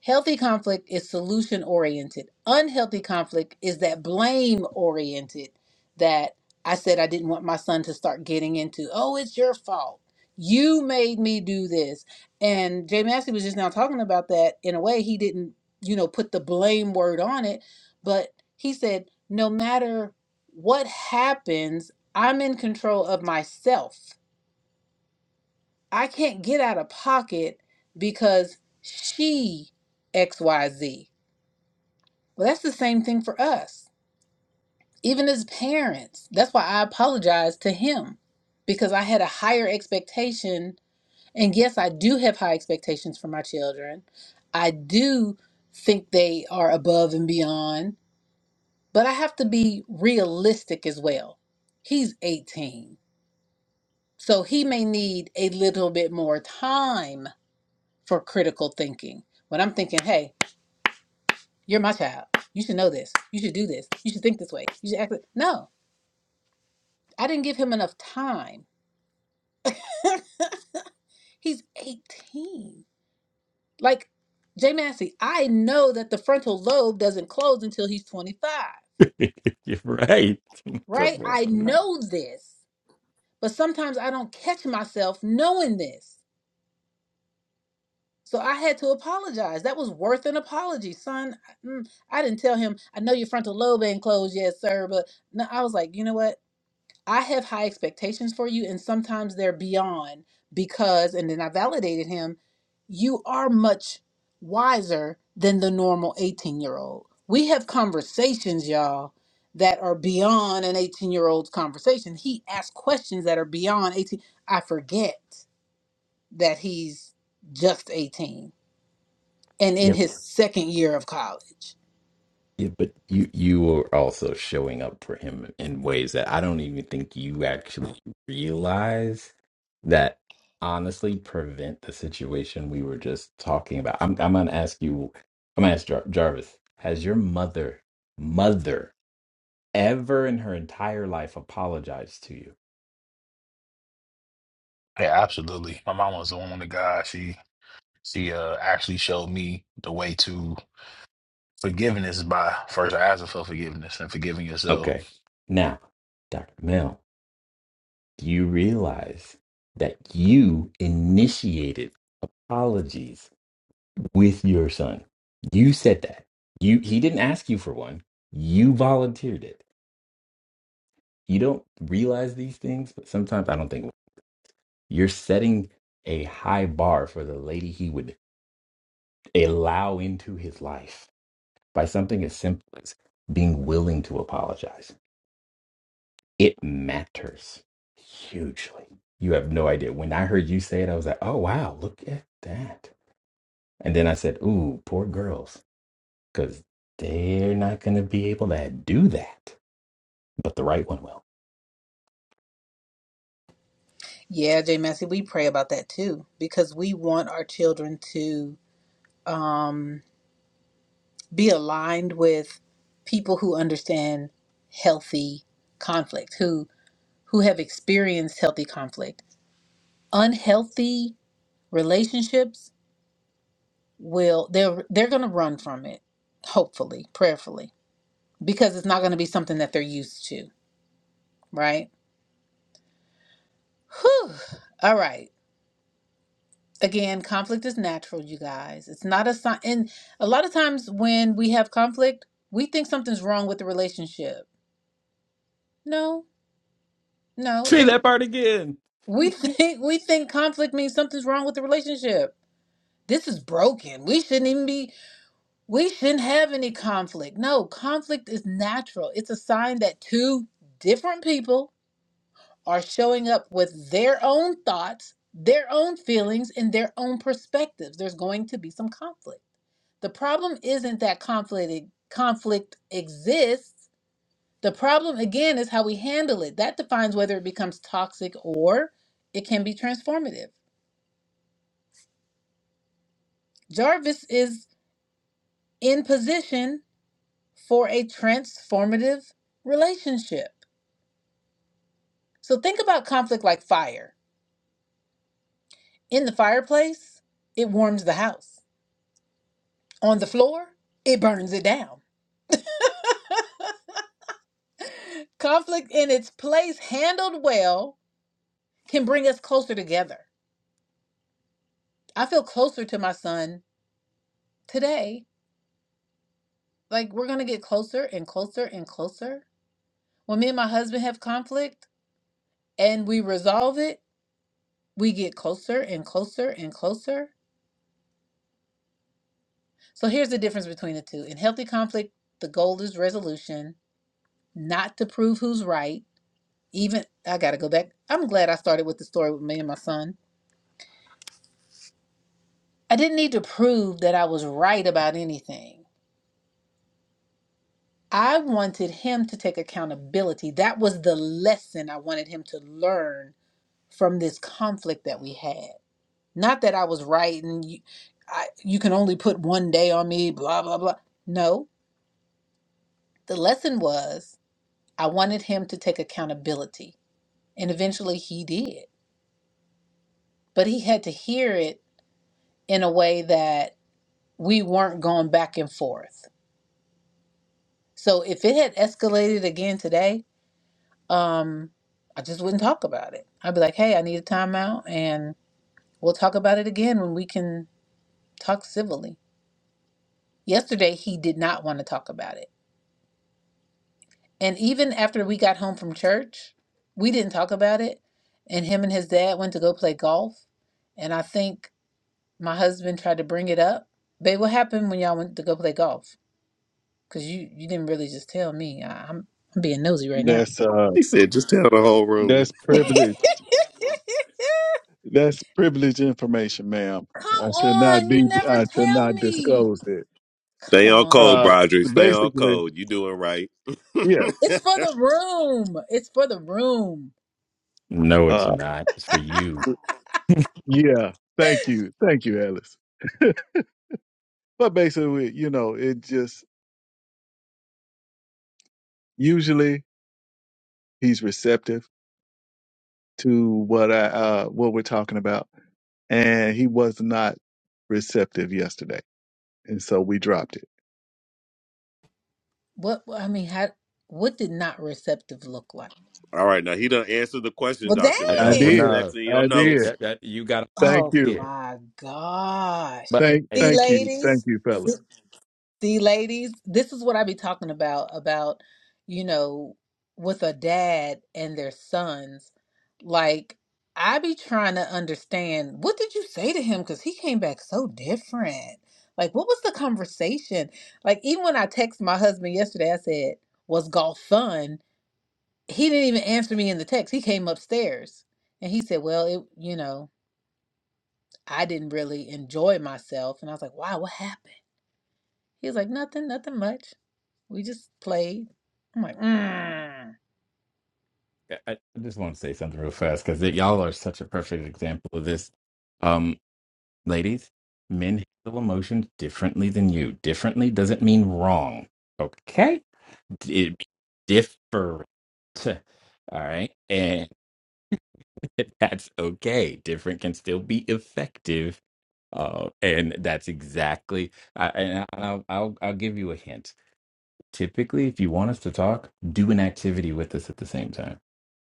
[SPEAKER 1] Healthy conflict is solution oriented. Unhealthy conflict is that blame oriented that I said I didn't want my son to start getting into. Oh, it's your fault. You made me do this. And Jay Massey was just now talking about that in a way he didn't, you know, put the blame word on it, but he said no matter what happens, I'm in control of myself. I can't get out of pocket because she XYZ well, that's the same thing for us, even as parents. That's why I apologize to him because I had a higher expectation. And yes, I do have high expectations for my children. I do think they are above and beyond, but I have to be realistic as well. He's 18, so he may need a little bit more time for critical thinking. When I'm thinking, hey, you're my child, you should know this, you should do this, you should think this way, you should act. This. No, I didn't give him enough time. He's 18. Like, Jay Massey, I know that the frontal lobe doesn't close until he's 25,
[SPEAKER 7] You're right.
[SPEAKER 1] right?
[SPEAKER 7] Come
[SPEAKER 1] I
[SPEAKER 7] on.
[SPEAKER 1] know this, but sometimes I don't catch myself knowing this. So I had to apologize. That was worth an apology, son. I mm, I didn't tell him, I know your frontal lobe ain't closed yet, sir, but no, I was like, you know what? I have high expectations for you, and sometimes they're beyond because, and then I validated him, you are much wiser than the normal 18 year old. We have conversations, y'all, that are beyond an 18 year old's conversation. He asks questions that are beyond 18. I forget that he's just 18 and in his second year of college.
[SPEAKER 7] Yeah, but you you are also showing up for him in ways that I don't even think you actually realize that honestly prevent the situation we were just talking about. I'm I'm gonna ask you, I'm gonna ask Jar Jarvis, has your mother mother ever in her entire life apologized to you?
[SPEAKER 4] Yeah, absolutely. My mom was the woman of God. She she uh actually showed me the way to forgiveness by first asking for forgiveness and forgiving yourself.
[SPEAKER 7] Okay. Now, Dr. Mel, do you realize that you initiated apologies? with your son. You said that. You he didn't ask you for one. You volunteered it. You don't realize these things, but sometimes I don't think you're setting a high bar for the lady he would allow into his life by something as simple as being willing to apologize. It matters hugely. You have no idea. When I heard you say it, I was like, "Oh wow, look at that." And then I said, "Ooh, poor girls." because they're not going to be able to do that. But the right one will.
[SPEAKER 1] Yeah, Jay Massey, we pray about that too because we want our children to. um, be aligned with people who understand healthy conflict, who who have experienced healthy conflict. Unhealthy relationships will they're they're going to run from it, hopefully, prayerfully, because it's not going to be something that they're used to, right? Whew. All right. Again, conflict is natural, you guys. It's not a sign. And a lot of times when we have conflict, we think something's wrong with the relationship. No, no.
[SPEAKER 7] Say that part again.
[SPEAKER 1] We think we think conflict means something's wrong with the relationship. This is broken. We shouldn't even be we shouldn't have any conflict. No, conflict is natural. It's a sign that two different people are showing up with their own thoughts, their own feelings, and their own perspectives. There's going to be some conflict. The problem isn't that conflict conflict exists. The problem again is how we handle it. That defines whether it becomes toxic or it can be transformative. Jarvis is in position for a transformative relationship. So think about conflict like fire. In the fireplace, it warms the house. On the floor, it burns it down. Conflict in its place, handled well, can bring us closer together. I feel closer to my son today. Like we're going to get closer and closer and closer. When me and my husband have conflict and we resolve it, we get closer and closer and closer So here's the difference between the two. In healthy conflict, the goal is resolution, not to prove who's right. Even I got to go back. I'm glad I started with the story with me and my son. I didn't need to prove that I was right about anything. I wanted him to take accountability. That was the lesson I wanted him to learn from this conflict that we had. Not that I was right and you, I, you can only put one day on me, blah, blah, blah. No, the lesson was I wanted him to take accountability And eventually he did. But he had to hear it in a way that we weren't going back and forth. So if it had escalated again today, um, I just wouldn't talk about it. I'd be like, hey, I need a timeout and we'll talk about it again when we can talk civilly. Yesterday, he did not want to talk about it. And even after we got home from church, we didn't talk about it. And him and his dad went to go play golf. And I think My husband tried to bring it up. Babe, what happened when y'all went to go play golf? Because you, you didn't really just tell me. I, I'm, I'm being nosy right now.
[SPEAKER 10] That's uh,
[SPEAKER 11] He said, just tell the whole room.
[SPEAKER 10] that's
[SPEAKER 1] Come
[SPEAKER 10] privilege. That's privileged information, ma'am. I should not
[SPEAKER 1] on,
[SPEAKER 10] be.
[SPEAKER 1] you never
[SPEAKER 10] I should
[SPEAKER 1] tell
[SPEAKER 10] not
[SPEAKER 1] me.
[SPEAKER 10] disclose it.
[SPEAKER 1] Come
[SPEAKER 11] Stay on code,
[SPEAKER 1] on.
[SPEAKER 10] Uh,
[SPEAKER 11] Broderick. Stay on
[SPEAKER 10] basically,
[SPEAKER 11] code. You doing right.
[SPEAKER 10] yeah.
[SPEAKER 1] It's for the room. It's for the room.
[SPEAKER 7] No, it's
[SPEAKER 10] Uh.
[SPEAKER 7] not. It's for you.
[SPEAKER 10] Yeah. Thank you. Thank you, Alice. but basically, you know, it just usually he's receptive to what I uh what we're talking about. And he was not receptive yesterday. And so we dropped it.
[SPEAKER 1] What I mean, how what did not receptive look like?
[SPEAKER 11] All right, now he done answered the question,
[SPEAKER 1] Well
[SPEAKER 11] Dr.
[SPEAKER 7] Uh,
[SPEAKER 10] I
[SPEAKER 11] Mel.
[SPEAKER 7] That's
[SPEAKER 11] What's
[SPEAKER 10] did.
[SPEAKER 11] the
[SPEAKER 1] dang.
[SPEAKER 7] enough.
[SPEAKER 11] next in your
[SPEAKER 10] I
[SPEAKER 7] Hey,
[SPEAKER 10] did.
[SPEAKER 11] notes?
[SPEAKER 7] that that you got to
[SPEAKER 10] Thank
[SPEAKER 1] Oh
[SPEAKER 10] you.
[SPEAKER 7] begin.
[SPEAKER 1] my gosh.
[SPEAKER 7] But
[SPEAKER 10] Thank
[SPEAKER 1] See
[SPEAKER 7] and
[SPEAKER 10] thank you.
[SPEAKER 1] ladies?
[SPEAKER 10] Thank you, fellas.
[SPEAKER 1] See, ladies, this is what I be talking about about, you know, with a dad and their sons. Like, I be trying to understand what did you say to him? Because he came back so different. Like, what was the conversation? Like, even when I texted my husband yesterday, I said, Was golf fun? He didn't even answer me in the text. He came upstairs and he said, Well, it, you know, I didn't really enjoy myself. And I was like, Wow, what happened? He was like, nothing, nothing much. We just played. I'm like, mm.
[SPEAKER 7] I I just want to say something real fast because y'all are such a perfect example of this. Um, ladies, men handle emotions differently than you. Differently doesn't mean wrong. Okay, it different. All right, and. that's okay. Different can still be effective. Uh, and that's exactly, I, and I'll, I'll, I'll give you a hint. Typically, if you want us to talk, do an activity with us at the same time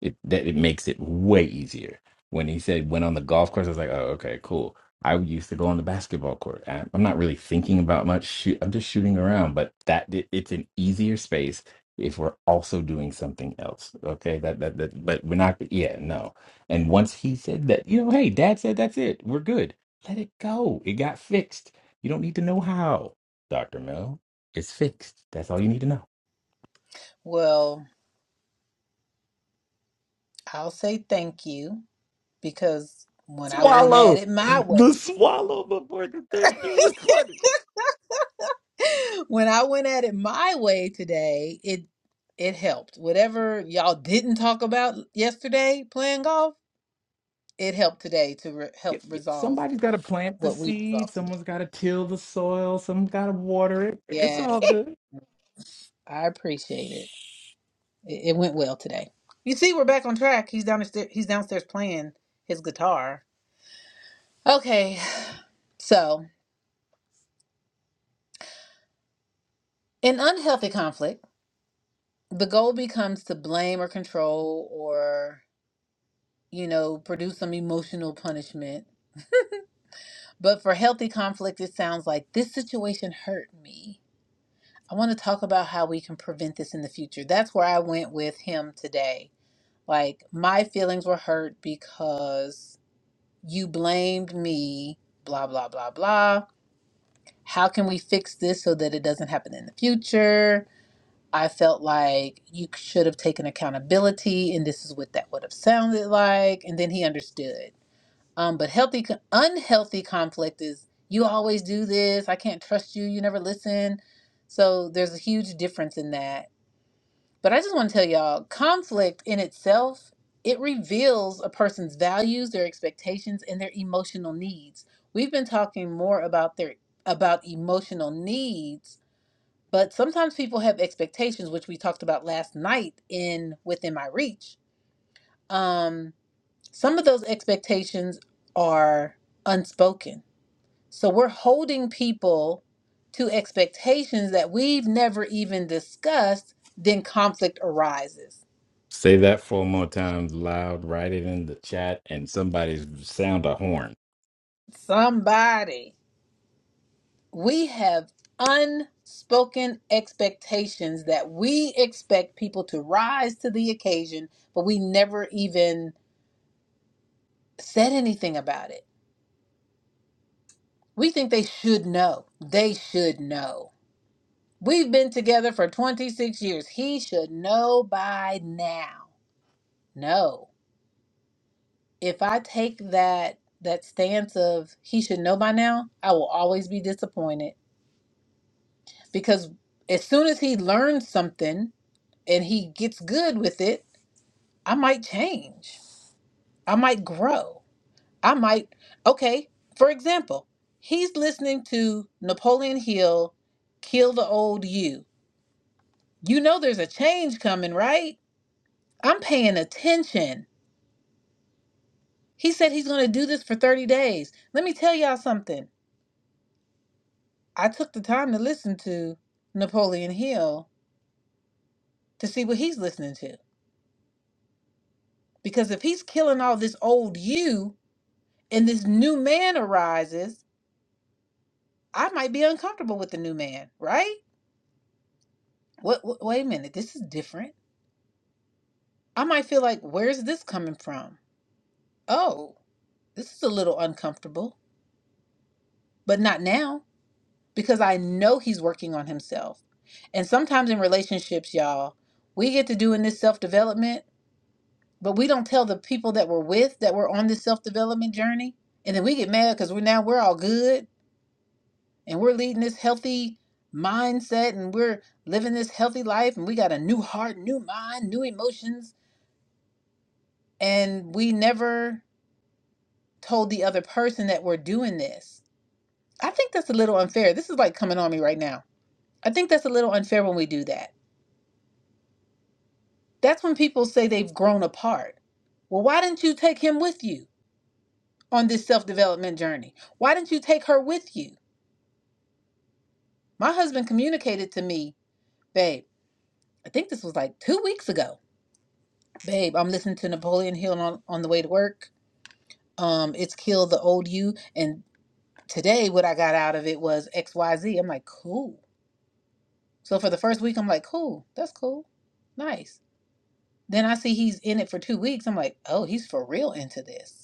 [SPEAKER 7] it that it makes it way easier. When he said went on the golf course, I was like, oh, okay, cool. I used to go on the basketball court. I- I'm not really thinking about much. Shoot, I'm just shooting around, but that it- it's an easier space if we're also doing something else. Okay, that that that. But we're not. Yeah, no. And once he said that, you know, hey, Dad said that's it. We're good. Let it go. It got fixed. You don't need to know how, Doctor Mill. It's fixed. That's all you need to know.
[SPEAKER 1] well, I'll say thank you because when I went at
[SPEAKER 7] swallow.
[SPEAKER 1] it my way,
[SPEAKER 7] The swallow before the thing. He was funny.
[SPEAKER 1] when I went at it my way today, it it helped. Whatever y'all didn't talk about yesterday playing golf, it helped today to re-
[SPEAKER 7] Yeah,
[SPEAKER 1] help
[SPEAKER 7] yeah.
[SPEAKER 1] resolve
[SPEAKER 7] Somebody's got to plant the
[SPEAKER 1] what we
[SPEAKER 7] seed.
[SPEAKER 1] resolved today.
[SPEAKER 7] Someone's got to till the soil. Someone's got to water it. It's
[SPEAKER 1] Yes,
[SPEAKER 7] all good.
[SPEAKER 1] I appreciate it. it. It went well today. You see, we're back on track. He's downstairs. He's downstairs playing his guitar. Okay, So, in unhealthy conflict, the goal becomes to blame or control or, you know, produce some emotional punishment. But for healthy conflict, it sounds like this situation hurt me. I want to talk about how we can prevent this in the future. That's where I went with him today. Like, my feelings were hurt because you blamed me, blah, blah, blah, blah. How can we fix this so that it doesn't happen in the future? I felt like you should have taken accountability, and this is what that would have sounded like. And then he understood. Um, but healthy, unhealthy conflict is you always do this. I can't trust you. You never listen. So there's a huge difference in that. But I just want to tell y'all, conflict in itself it reveals a person's values, their expectations, and their emotional needs. We've been talking more about their about emotional needs but sometimes people have expectations which we talked about last night in within my reach um some of those expectations are unspoken so we're holding people to expectations that we've never even discussed then conflict arises
[SPEAKER 7] Say that four more times loud. Write it in the chat, and somebody's sound a horn.
[SPEAKER 1] somebody we have unspoken expectations that we expect people to rise to the occasion but we never even said anything about it We think they should know. They should know. We've been together for 26 years. He should know by now. No. If I take that that stance of he should know by now, I will always be disappointed because as soon as he learns something and he gets good with it, I might change. I might grow. I might okay, for example, he's listening to Napoleon Hill Kill the Old You You know there's a change coming, right? I'm paying attention. He said he's going to do this for 30 days. Let me tell y'all something. I took the time to listen to Napoleon Hill to see what he's listening to. Because if he's killing all this old you and this new man arises, I might be uncomfortable with the new man, right? What, what wait a minute, this is different. I might feel like where's this coming from? Oh, this is a little uncomfortable, but not now. because I know he's working on himself. And sometimes in relationships, y'all, we get to doing this self development, but we don't tell the people that we're with that we're on this self development journey. And then we get mad because we're now we're all good and we're leading this healthy mindset and we're living this healthy life and we got a new heart, new mind, new emotions. And we never told the other person that we're doing this. I think that's a little unfair. This is like coming on me right now. I think that's a little unfair when we do that That's when people say they've grown apart. Well, why didn't you take him with you on this self development journey? Why didn't you take her with you? My husband communicated to me, babe, I think this was like two weeks ago. Babe, I'm listening to Napoleon Hill on, on the way to work. Um, it's Kill the Old You. And today, what I got out of it was X, Y, am like, cool. So for the first week, I'm like, cool. That's cool. Nice. Then I see he's in it for two weeks. I'm like, oh, he's for real into this.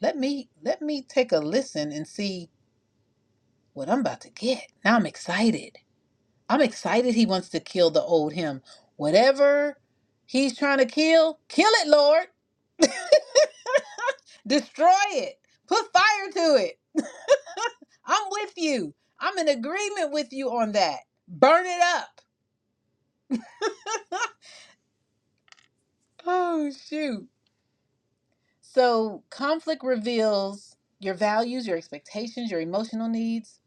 [SPEAKER 1] Let me let me take a listen and see what I'm about to get. Now I'm excited. I'm excited he wants to kill the old him. Whatever he's trying to kill, kill it, Lord. Destroy it. Put fire to it. I'm with you. I'm in agreement with you on that. Burn it up. oh shoot. So conflict reveals your values, your expectations, your emotional needs,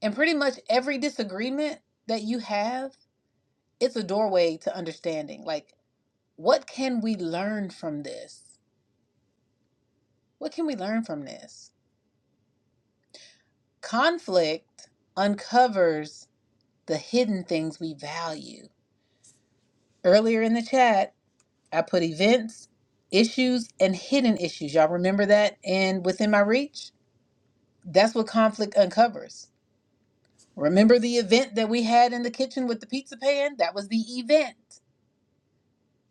[SPEAKER 1] and pretty much every disagreement that you have it's a doorway to understanding. Like, what can we learn from this? What can we learn from this? Conflict uncovers the hidden things we value. Earlier in the chat, I put events, issues, and hidden issues. Y'all remember that? And within my reach, that's what conflict uncovers. Remember the event that we had in the kitchen with the pizza pan? That was the event.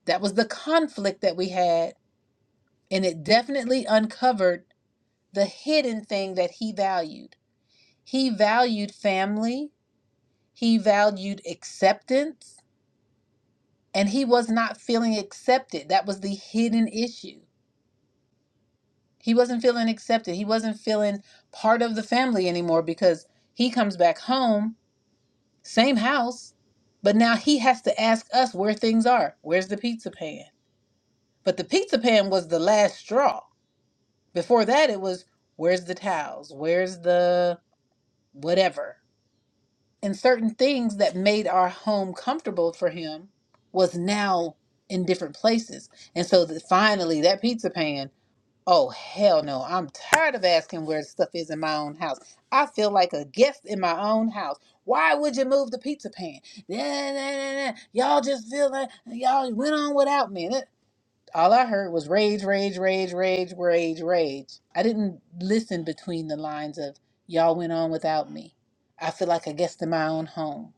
[SPEAKER 1] That was the conflict that we had. And it definitely uncovered the hidden thing that he valued. He valued family, he valued acceptance, and he was not feeling accepted. That was the hidden issue. He wasn't feeling accepted. He wasn't feeling part of the family anymore because he comes back home, same house, but now he has to ask us where things are. Where's the pizza pan? But the pizza pan was the last straw. Before that, it was where's the towels? Where's the whatever? and certain things that made our home comfortable for him was now in different places. And so that finally that pizza pan, oh hell no, I'm tired of asking where stuff is in my own house. I feel like a guest in my own house. Why would you move the pizza pan? Nah, nah, nah, nah. nah. Y'all just feel like y'all went on without me. All I heard was rage, rage, rage, rage, rage, rage. I didn't listen between the lines of y'all went on without me. I feel like a guest in my own home.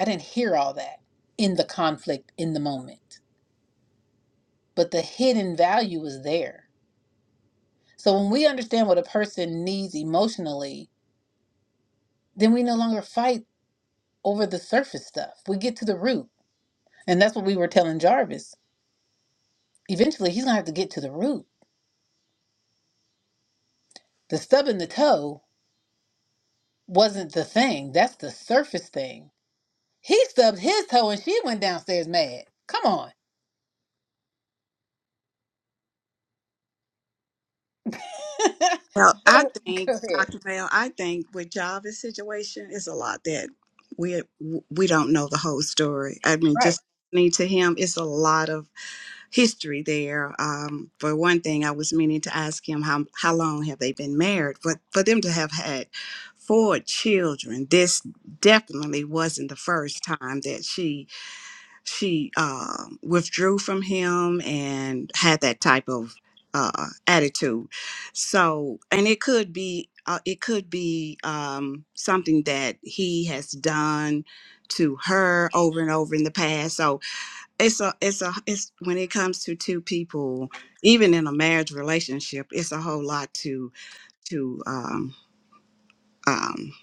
[SPEAKER 1] I didn't hear all that in the conflict in the moment, but the hidden value was there. So when we understand what a person needs emotionally, then we no longer fight over the surface stuff. We get to the root. And that's what we were telling Jarvis. Eventually, he's going to have to get to the root. The stub in the toe wasn't the thing, that's the surface thing He stubbed his toe and she went downstairs mad. Come on.
[SPEAKER 5] Well,
[SPEAKER 1] Go
[SPEAKER 5] I think,
[SPEAKER 1] ahead.
[SPEAKER 5] Dr. Mel, I think with Jarvis' situation, it's a lot that we we don't know the whole story. I mean,
[SPEAKER 1] Right.
[SPEAKER 5] just listening to him, it's a lot of history there. Um, for one thing, I was meaning to ask him how how long have they been married, but for them to have had four children, this definitely wasn't the first time that she she uh, withdrew from him and had that type of uh, attitude. So, and it could be. Uh, it could be um, something that he has done to her over and over in the past. So, it's a it's a it's when it comes to two people even in a marriage relationship it's a whole lot to to um um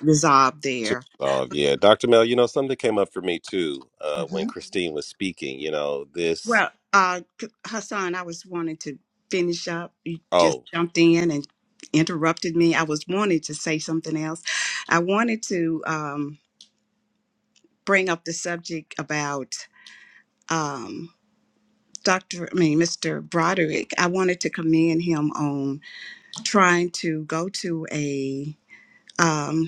[SPEAKER 5] resolve
[SPEAKER 11] to
[SPEAKER 5] there
[SPEAKER 11] resolve. Yeah, Dr. Mel, you know, something came up for me too uh, when
[SPEAKER 1] hmm
[SPEAKER 11] Christine was speaking. You know, this.
[SPEAKER 5] well uh K- hassan i was wanting to finish up you just
[SPEAKER 11] Oh,
[SPEAKER 5] jumped in and interrupted me i was wanting to say something else i wanted to um bring up the subject about um Dr. I mean, Mr. Broderick, I wanted to commend him on trying to go to a um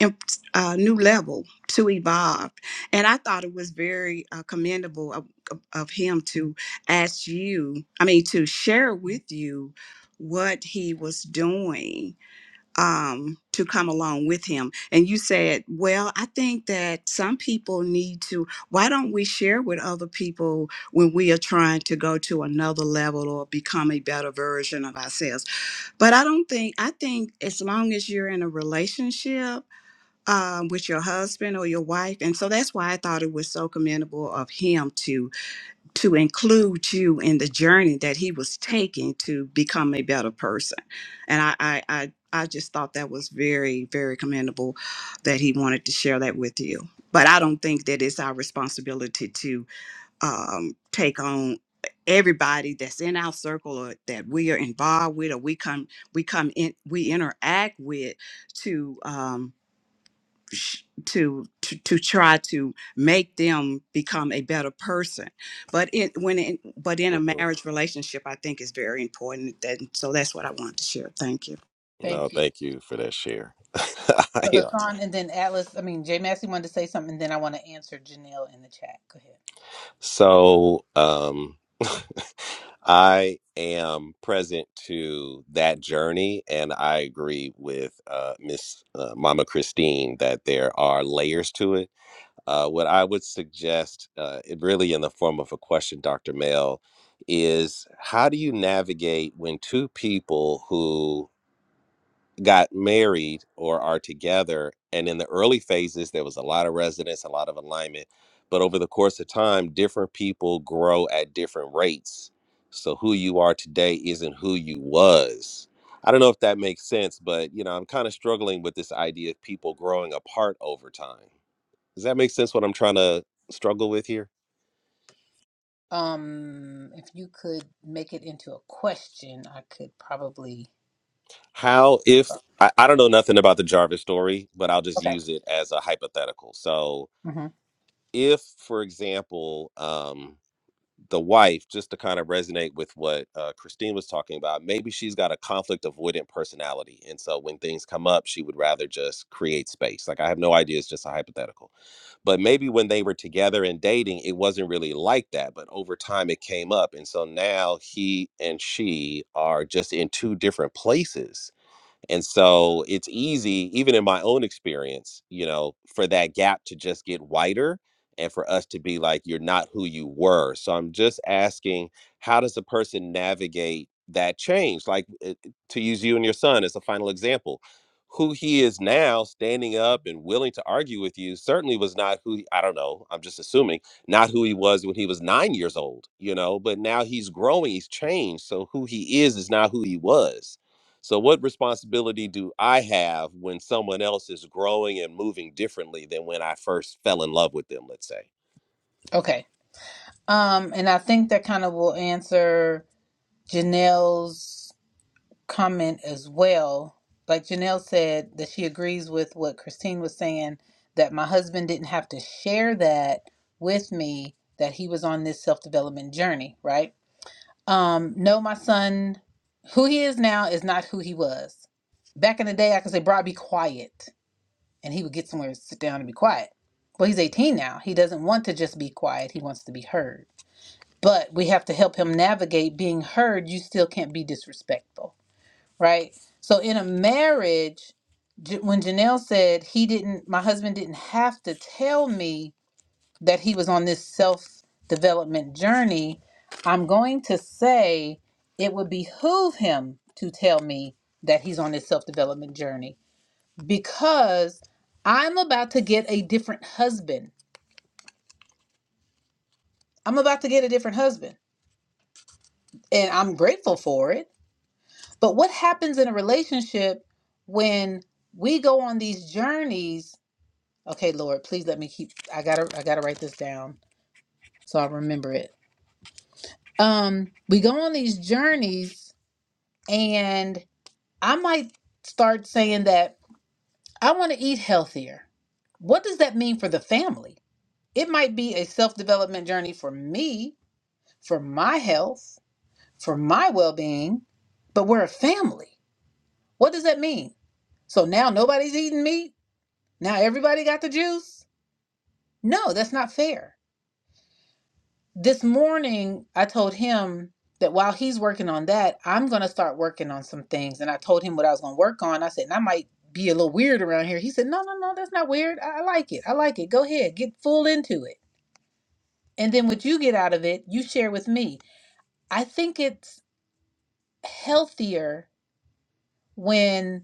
[SPEAKER 5] imp- uh, new level to evolve and i thought it was very uh, commendable of, of, of him to ask you i mean to share with you what he was doing um, to come along with him and you said well i think that some people need to why don't we share with other people when we are trying to go to another level or become a better version of ourselves but i don't think i think as long as you're in a relationship um, with your husband or your wife and so that's why i thought it was so commendable of him to to include you in the journey that he was taking to become a better person and i i i, I just thought that was very very commendable that he wanted to share that with you but i don't think that it's our responsibility to um, take on everybody that's in our circle or that we are involved with or we come we come in we interact with to um, sh- to, to to try to make them become a better person but it when in but in a
[SPEAKER 11] mhm.
[SPEAKER 5] marriage relationship i think is very important that so that's what i wanted to share thank you
[SPEAKER 11] no,
[SPEAKER 1] Thank you.
[SPEAKER 11] thank you for that share.
[SPEAKER 1] So Hassan and then Atlas, I mean, Jay Massey wanted to say something, and then I want to answer Janelle in the chat. Go ahead.
[SPEAKER 11] So um, I am present to that journey, and I agree with uh, Miss uh, Mama Christine that there are layers to it. Uh, what I would suggest, uh, it really in the form of a question, Dr. Mel, is how do you navigate when two people who got married or are together. And in the early phases, there was a lot of resonance, a lot of alignment. But over the course of time, different people grow at different rates. So who you are today isn't who you was. I don't know if that makes sense, but you know, I'm kind of struggling with this idea of people growing apart over time. Does that make sense what I'm trying to struggle with here?
[SPEAKER 1] Um, if you could make it into a question, I could probably.
[SPEAKER 11] How if
[SPEAKER 1] Oh,
[SPEAKER 11] I, I don't know nothing about the Jarvis story, but I'll just
[SPEAKER 1] Okay.
[SPEAKER 11] use it as a hypothetical. So
[SPEAKER 1] hmm
[SPEAKER 11] if for example um the wife just to kind of resonate with what uh, christine was talking about maybe she's got a conflict avoidant personality and so when things come up she would rather just create space like i have no idea it's just a hypothetical but maybe when they were together and dating it wasn't really like that but over time it came up and so now he and she are just in two different places and so it's easy, even in my own experience, you know, for that gap to just get wider and for us to be like, you're not who you were. So I'm just asking, how does a person navigate that change? Like, uh, to use you and your son as a final example, who he is now standing up and willing to argue with you certainly was not who he- I don't know, I'm just assuming, not who he was when he was nine years old, you know, but now he's growing, he's changed. So who he is is not who he was so, what responsibility do I have when someone else is growing and moving differently than when I first fell in love with them, let's say?
[SPEAKER 1] Okay. Um, and I think that kind of will answer Janelle's comment as well. Like Janelle said, that she agrees with what Christine was saying that my husband didn't have to share that with me, that he was on this self development journey, right? Um, no, my son, who he is now is not who he was. Back in the day, I could say, Bro, be quiet. And he would get somewhere and sit down and be quiet. Well, he's 18 now. He doesn't want to just be quiet, he wants to be heard. But we have to help him navigate being heard. You still can't be disrespectful right? So in a marriage, J- when Janelle said he didn't, my husband didn't have to tell me that he was on this self development journey, I'm going to say it would behoove him to tell me that he's on this self development journey because I'm about to get a different husband. I'm about to get a different husband and I'm grateful for it. But what happens in a relationship when we go on these journeys Okay, Lord, please let me keep I gotta I gotta write this down so I remember it. Um, we go on these journeys and I might start saying that I want to eat healthier. What does that mean for the family? It might be a self-development journey for me, for my health, for my well-being, but we're a family. What does that mean? So now nobody's eating meat? Now everybody got the juice? No, that's not fair. This morning, I told him that while he's working on that, I'm going to start working on some things. And I told him what I was going to work on. I said, and I might be a little weird around here. He said, no, no, no, that's not weird. I, I like it. I like it. Go ahead, get full into it. And then what you get out of it, you share with me. I think it's healthier when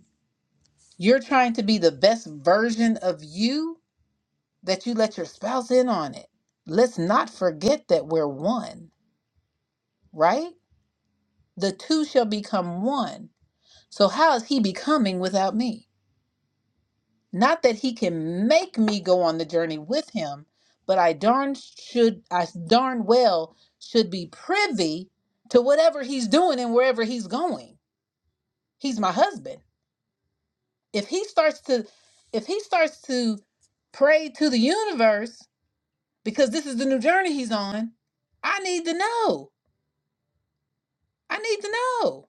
[SPEAKER 1] you're trying to be the best version of you that you let your spouse in on it. Let's not forget that we're one, right? The two shall become one So, how is he becoming without me? Not that he can make me go on the journey with him, but I darn should, I darn well should be privy to whatever he's doing and wherever he's going. He's my husband. If he starts to, if he starts to pray to the universe because this is the new journey he's on, I need to know. I need to know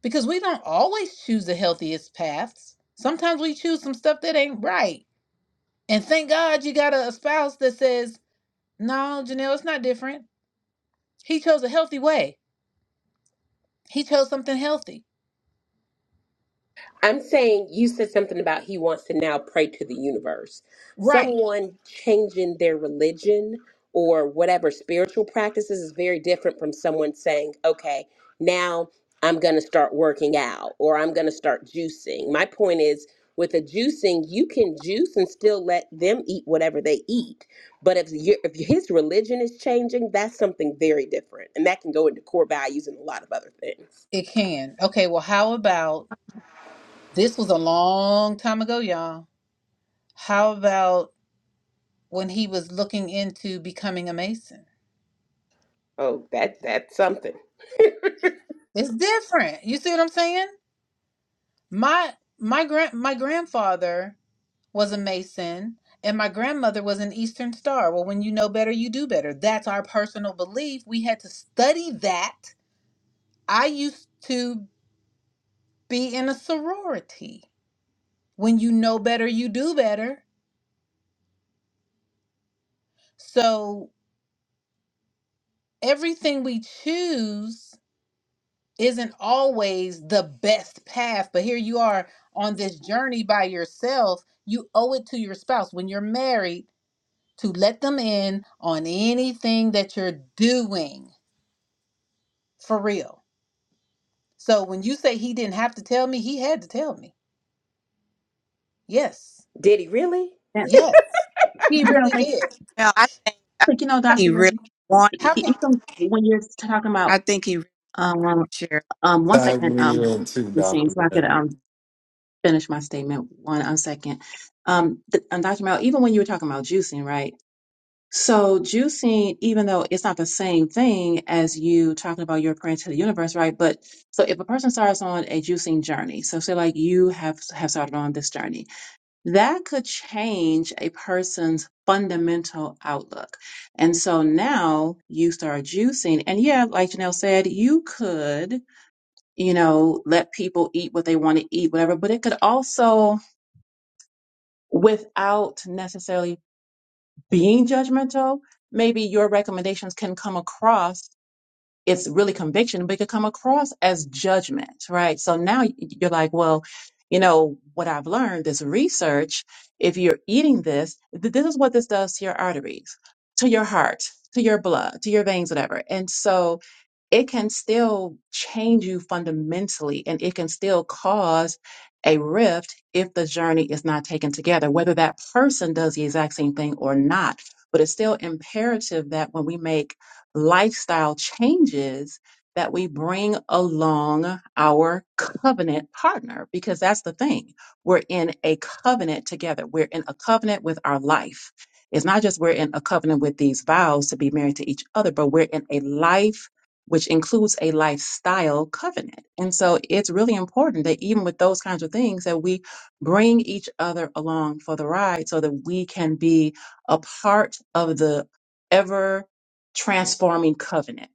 [SPEAKER 1] because we don't always choose the healthiest paths. Sometimes we choose some stuff that ain't right And thank God you got a, spouse that says, no, Janelle, it's not different. He chose a healthy way. He chose something healthy.
[SPEAKER 9] I'm saying you said something about he wants to now pray to the universe.
[SPEAKER 1] Right.
[SPEAKER 9] Someone changing their religion or whatever spiritual practices is very different from someone saying, okay, now I'm going to start working out or I'm going to start juicing. My point is, with a juicing, you can juice and still let them eat whatever they eat. But if your if his religion is changing, that's something very different, and that can go into core values and a lot of other things.
[SPEAKER 1] It can. Okay, well, how about this was a long time ago, y'all. How about when he was looking into becoming a Mason?
[SPEAKER 9] Oh, that that's something.
[SPEAKER 1] It's different. You see what I'm saying? My my grand my grandfather was a Mason and my grandmother was an Eastern Star. Well, when you know better, you do better. That's our personal belief. We had to study that I used to be in a sorority. When you know better, you do better. So everything we choose isn't always the best path, but here you are on this journey by yourself. You owe it to your spouse when you're married to let them in on anything that you're doing for real. So when you say he didn't have to tell me, he had to tell me. Yes.
[SPEAKER 9] Did he really?
[SPEAKER 8] Yes.
[SPEAKER 1] Yes. He
[SPEAKER 8] Yeah,
[SPEAKER 1] really
[SPEAKER 8] like,
[SPEAKER 1] did.
[SPEAKER 5] Well, I think I think
[SPEAKER 8] like you know,
[SPEAKER 5] he
[SPEAKER 8] Dr. Henry,
[SPEAKER 5] really wanted.
[SPEAKER 8] e-
[SPEAKER 1] How
[SPEAKER 8] e-
[SPEAKER 1] can
[SPEAKER 8] even when you're talking
[SPEAKER 5] I
[SPEAKER 8] about,
[SPEAKER 5] think he really
[SPEAKER 8] um, um,
[SPEAKER 5] shared.
[SPEAKER 8] um, one
[SPEAKER 12] Tag
[SPEAKER 8] second,
[SPEAKER 12] me
[SPEAKER 8] um,
[SPEAKER 12] in too,
[SPEAKER 8] it seems
[SPEAKER 12] Dr.
[SPEAKER 8] so I could
[SPEAKER 12] Mill.
[SPEAKER 8] um, finish my statement one um, second. Um, th- um, Dr. Mel, even when you were talking about juicing, right? So juicing, even though it's not the same thing as you talking about your prayer to the universe, right? But so if a person starts on a juicing journey, so say like you have have started on this journey, that could change a person's fundamental outlook. And so now you start juicing, and yeah, like Janelle said, you could, you know, let people eat what they want to eat, whatever, but it could also without necessarily being judgmental, maybe your recommendations can come across. It's really conviction, but it could come across as judgment, right? So now you're like, well, you know, what I've learned, this research, if you're eating this, th- this is what this does to your arteries, to your heart, to your blood, to your veins, whatever. And so, it can still change you fundamentally and it can still cause a rift if the journey is not taken together, whether that person does the exact same thing or not. But it's still imperative that when we make lifestyle changes, that we bring along our covenant partner, because that's the thing. We're in a covenant together. We're in a covenant with our life. It's not just we're in a covenant with these vows to be married to each other, but we're in a life which includes a lifestyle covenant. And so it's really important that even with those kinds of things that we bring each other along for the ride so that we can be a part of the ever transforming covenant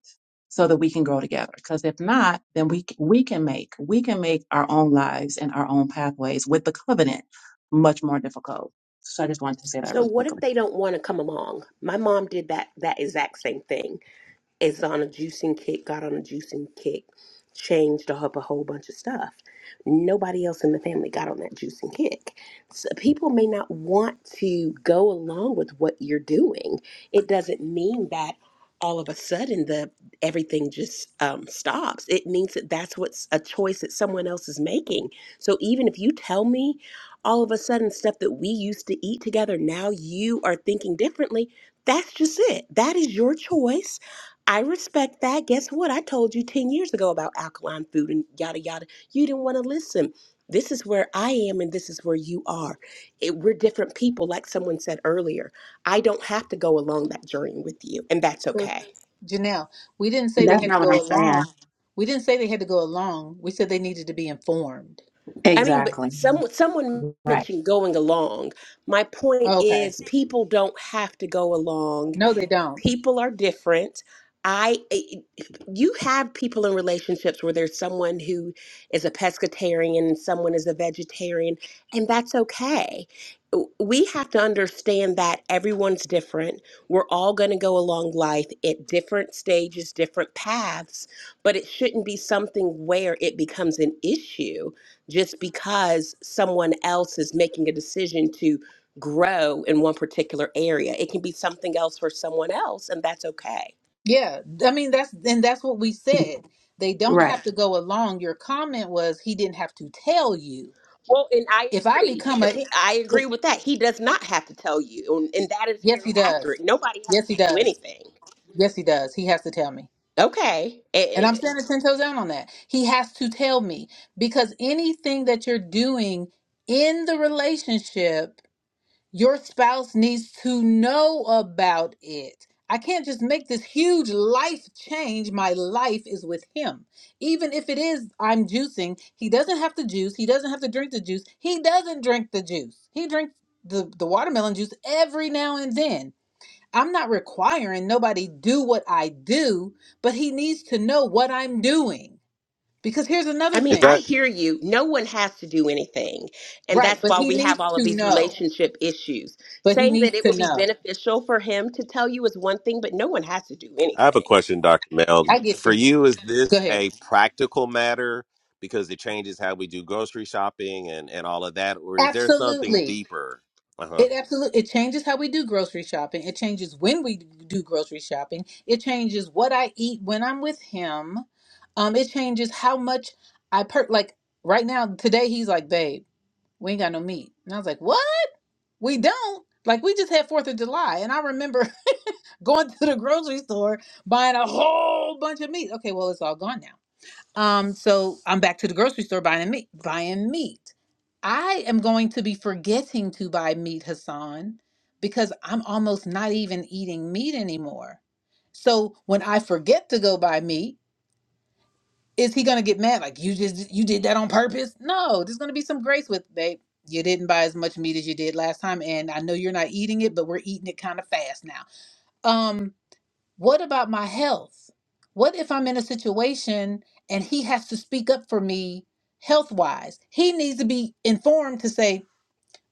[SPEAKER 8] so that we can grow together because if not then we we can make we can make our own lives and our own pathways with the covenant much more difficult. So I just wanted to say that
[SPEAKER 9] So
[SPEAKER 8] really
[SPEAKER 9] what if
[SPEAKER 8] quickly.
[SPEAKER 9] they don't want to come along? My mom did that that exact same thing is on a juicing kick, got on a juicing kick, changed up a whole bunch of stuff. Nobody else in the family got on that juicing kick. So people may not want to go along with what you're doing. It doesn't mean that all of a sudden the everything just um, stops. It means that that's what's a choice that someone else is making. So even if you tell me all of a sudden stuff that we used to eat together, now you are thinking differently. That's just it. That is your choice I respect that. Guess what? I told you 10 years ago about alkaline food and yada yada. You didn't want to listen. This is where I am and this is where you are. It, we're different people, like someone said earlier. I don't have to go along that journey with you, and that's okay.
[SPEAKER 1] Janelle, we didn't say they
[SPEAKER 8] That's
[SPEAKER 1] had to
[SPEAKER 8] not what I'm
[SPEAKER 1] go
[SPEAKER 8] saying.
[SPEAKER 1] along. We didn't say they had to go along. We said they needed to be informed.
[SPEAKER 9] I mean, but
[SPEAKER 8] Exactly.
[SPEAKER 9] some, someone
[SPEAKER 8] Right.
[SPEAKER 9] mentioned going along. My point
[SPEAKER 1] Okay.
[SPEAKER 9] is, people don't have to go along
[SPEAKER 1] No, they don't.
[SPEAKER 9] people are different i I- you have people in relationships where there's someone who is a pescatarian and someone is a vegetarian and that's okay W- we have to understand that everyone's different we're all going to go along life at different stages different paths but it shouldn't be something where it becomes an issue just because someone else is making a decision to grow in one particular area. It can be something else for someone else, and that's okay.
[SPEAKER 1] Yeah. I mean, that's, and that's what we said. They don't
[SPEAKER 8] Right.
[SPEAKER 1] have to go along. Your comment was he didn't have to tell you.
[SPEAKER 9] Well, and I
[SPEAKER 1] If I
[SPEAKER 9] agree.
[SPEAKER 1] become a,
[SPEAKER 9] I agree with that. He does not have to tell you, and, and that is
[SPEAKER 1] yes,
[SPEAKER 9] very
[SPEAKER 1] he does.
[SPEAKER 9] accurate. Nobody has
[SPEAKER 1] Yes, he
[SPEAKER 9] to do
[SPEAKER 1] does.
[SPEAKER 9] anything.
[SPEAKER 1] Yes, he does. He has to tell me.
[SPEAKER 9] Okay.
[SPEAKER 1] And
[SPEAKER 9] It-
[SPEAKER 1] I'm
[SPEAKER 9] it-
[SPEAKER 1] standing 10 toes down on that. He has to tell me because anything that you're doing in the relationship Your spouse needs to know about it. I can't just make this huge life change. My life is with him. Even if it is I'm juicing, he doesn't have to juice. He doesn't have to drink the juice. He doesn't drink the juice. He drinks the, the watermelon juice every now and then. I'm not requiring nobody do what I do, but he needs to know what I'm doing. Because here's
[SPEAKER 9] I
[SPEAKER 1] another
[SPEAKER 9] mean,
[SPEAKER 11] Is
[SPEAKER 9] I
[SPEAKER 1] thing.
[SPEAKER 11] that,
[SPEAKER 9] hear you. No one has to do anything. And
[SPEAKER 1] Right,
[SPEAKER 9] that's
[SPEAKER 1] but
[SPEAKER 9] why
[SPEAKER 1] he
[SPEAKER 9] we have
[SPEAKER 1] needs
[SPEAKER 9] all of
[SPEAKER 1] to
[SPEAKER 9] these
[SPEAKER 1] know.
[SPEAKER 9] relationship issues.
[SPEAKER 1] But he
[SPEAKER 9] Saying that
[SPEAKER 1] needs
[SPEAKER 9] it
[SPEAKER 1] to
[SPEAKER 9] would be
[SPEAKER 1] know.
[SPEAKER 9] beneficial for him to tell you is one thing, but no one has to do
[SPEAKER 11] I have a
[SPEAKER 9] anything.
[SPEAKER 11] question, Dr. Mel.
[SPEAKER 1] I get
[SPEAKER 11] For
[SPEAKER 1] you.
[SPEAKER 11] you, is
[SPEAKER 1] Go
[SPEAKER 11] this
[SPEAKER 1] ahead.
[SPEAKER 11] a practical matter because it changes how we do grocery shopping and, and all of that? Or is there something
[SPEAKER 1] Absolutely.
[SPEAKER 11] deeper? Uh huh.
[SPEAKER 1] It absolutely it changes how we do grocery shopping. It changes when we do grocery shopping. It changes what I eat when I'm with him. Um, it changes how much I per like right now today he's like, babe, we ain't got no meat. And I was like, What? We don't? Like we just had Fourth of July and I remember going to the grocery store buying a whole bunch of meat. Okay, well it's all gone now. Um, so I'm back to the grocery store buying meat. Buying meat. I am going to be forgetting to buy meat, Hassan, because I'm almost not even eating meat anymore. So when I forget to go buy meat, is he gonna get mad? Like you just you did that on purpose? No, there's gonna be some grace with babe. You didn't buy as much meat as you did last time, and I know you're not eating it, but we're eating it kind of fast now. Um, what about my health? What if I'm in a situation and he has to speak up for me health wise? He needs to be informed to say,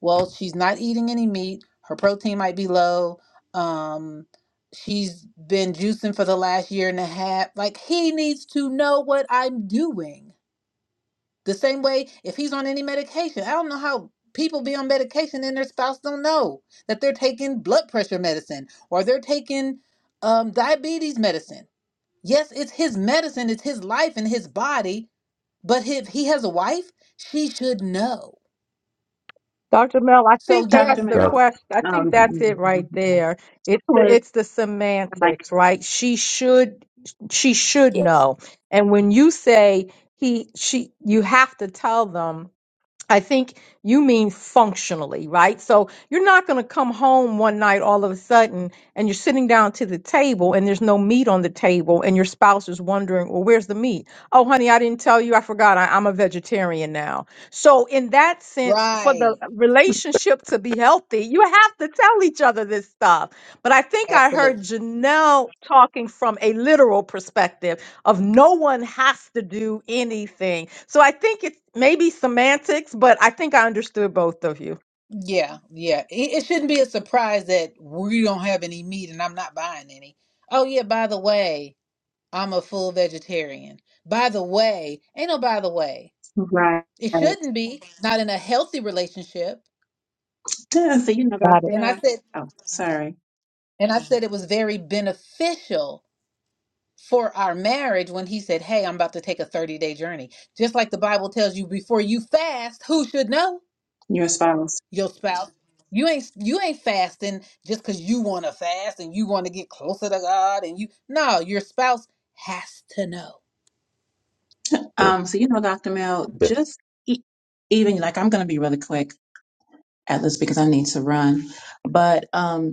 [SPEAKER 1] well, she's not eating any meat, her protein might be low, um, she's been juicing for the last year and a half. Like, he needs to know what I'm doing. The same way if he's on any medication, I don't know how people be on medication and their spouse don't know that they're taking blood pressure medicine or they're taking um, diabetes medicine Yes, it's his medicine, it's his life and his body, but if he has a wife, she should know.
[SPEAKER 2] Dr. Mel, I
[SPEAKER 1] So,
[SPEAKER 2] think that's
[SPEAKER 8] Dr.
[SPEAKER 1] yes,
[SPEAKER 2] the
[SPEAKER 7] Yep.
[SPEAKER 8] Mel,
[SPEAKER 2] question. I think
[SPEAKER 8] um,
[SPEAKER 7] And
[SPEAKER 2] that's it right there. It's the,
[SPEAKER 8] was
[SPEAKER 2] it's the
[SPEAKER 8] like
[SPEAKER 2] semantics, right? She should she should know. And when you say he she you have to tell them I think you mean functionally, right? So you're not going to come home one night all of a sudden and you're sitting down to the table and there's no meat on the table and your spouse is wondering, well, where's the meat? Oh, honey, I didn't tell you. I forgot. I, I'm a vegetarian now. So, in that sense, for the
[SPEAKER 1] right.
[SPEAKER 2] relationship to be healthy, you have to tell each other this stuff. But I think I heard
[SPEAKER 1] Absolutely.
[SPEAKER 2] Janelle talking from a literal perspective of no one has to do anything. So I think it's maybe semantics, but I think I understood both of you.
[SPEAKER 1] Yeah, yeah. It, it shouldn't be a surprise that we don't have any meat and I'm not buying any. Oh, yeah, by the way, I'm a full vegetarian. By the way, ain't no by the way.
[SPEAKER 8] right.
[SPEAKER 1] It shouldn't be, not in a healthy relationship.
[SPEAKER 8] So you know,
[SPEAKER 2] Got it.
[SPEAKER 8] Dr.
[SPEAKER 1] And I
[SPEAKER 8] Mel.
[SPEAKER 1] said,
[SPEAKER 8] Oh, sorry,
[SPEAKER 1] and I said it was very beneficial for our marriage when he said, Hey, I'm about to take a 30 day journey. Just like the Bible tells you before you fast, who should know?
[SPEAKER 8] your spouse.
[SPEAKER 1] Your spouse. You ain't you ain't fasting just because you want to fast and you want to get closer to God and you no, your spouse has to know.
[SPEAKER 7] so,
[SPEAKER 8] Um, so you know, Dr. Mel,
[SPEAKER 7] yes.
[SPEAKER 8] just e- even like I'm going to be really quick at this because I need to run. But um,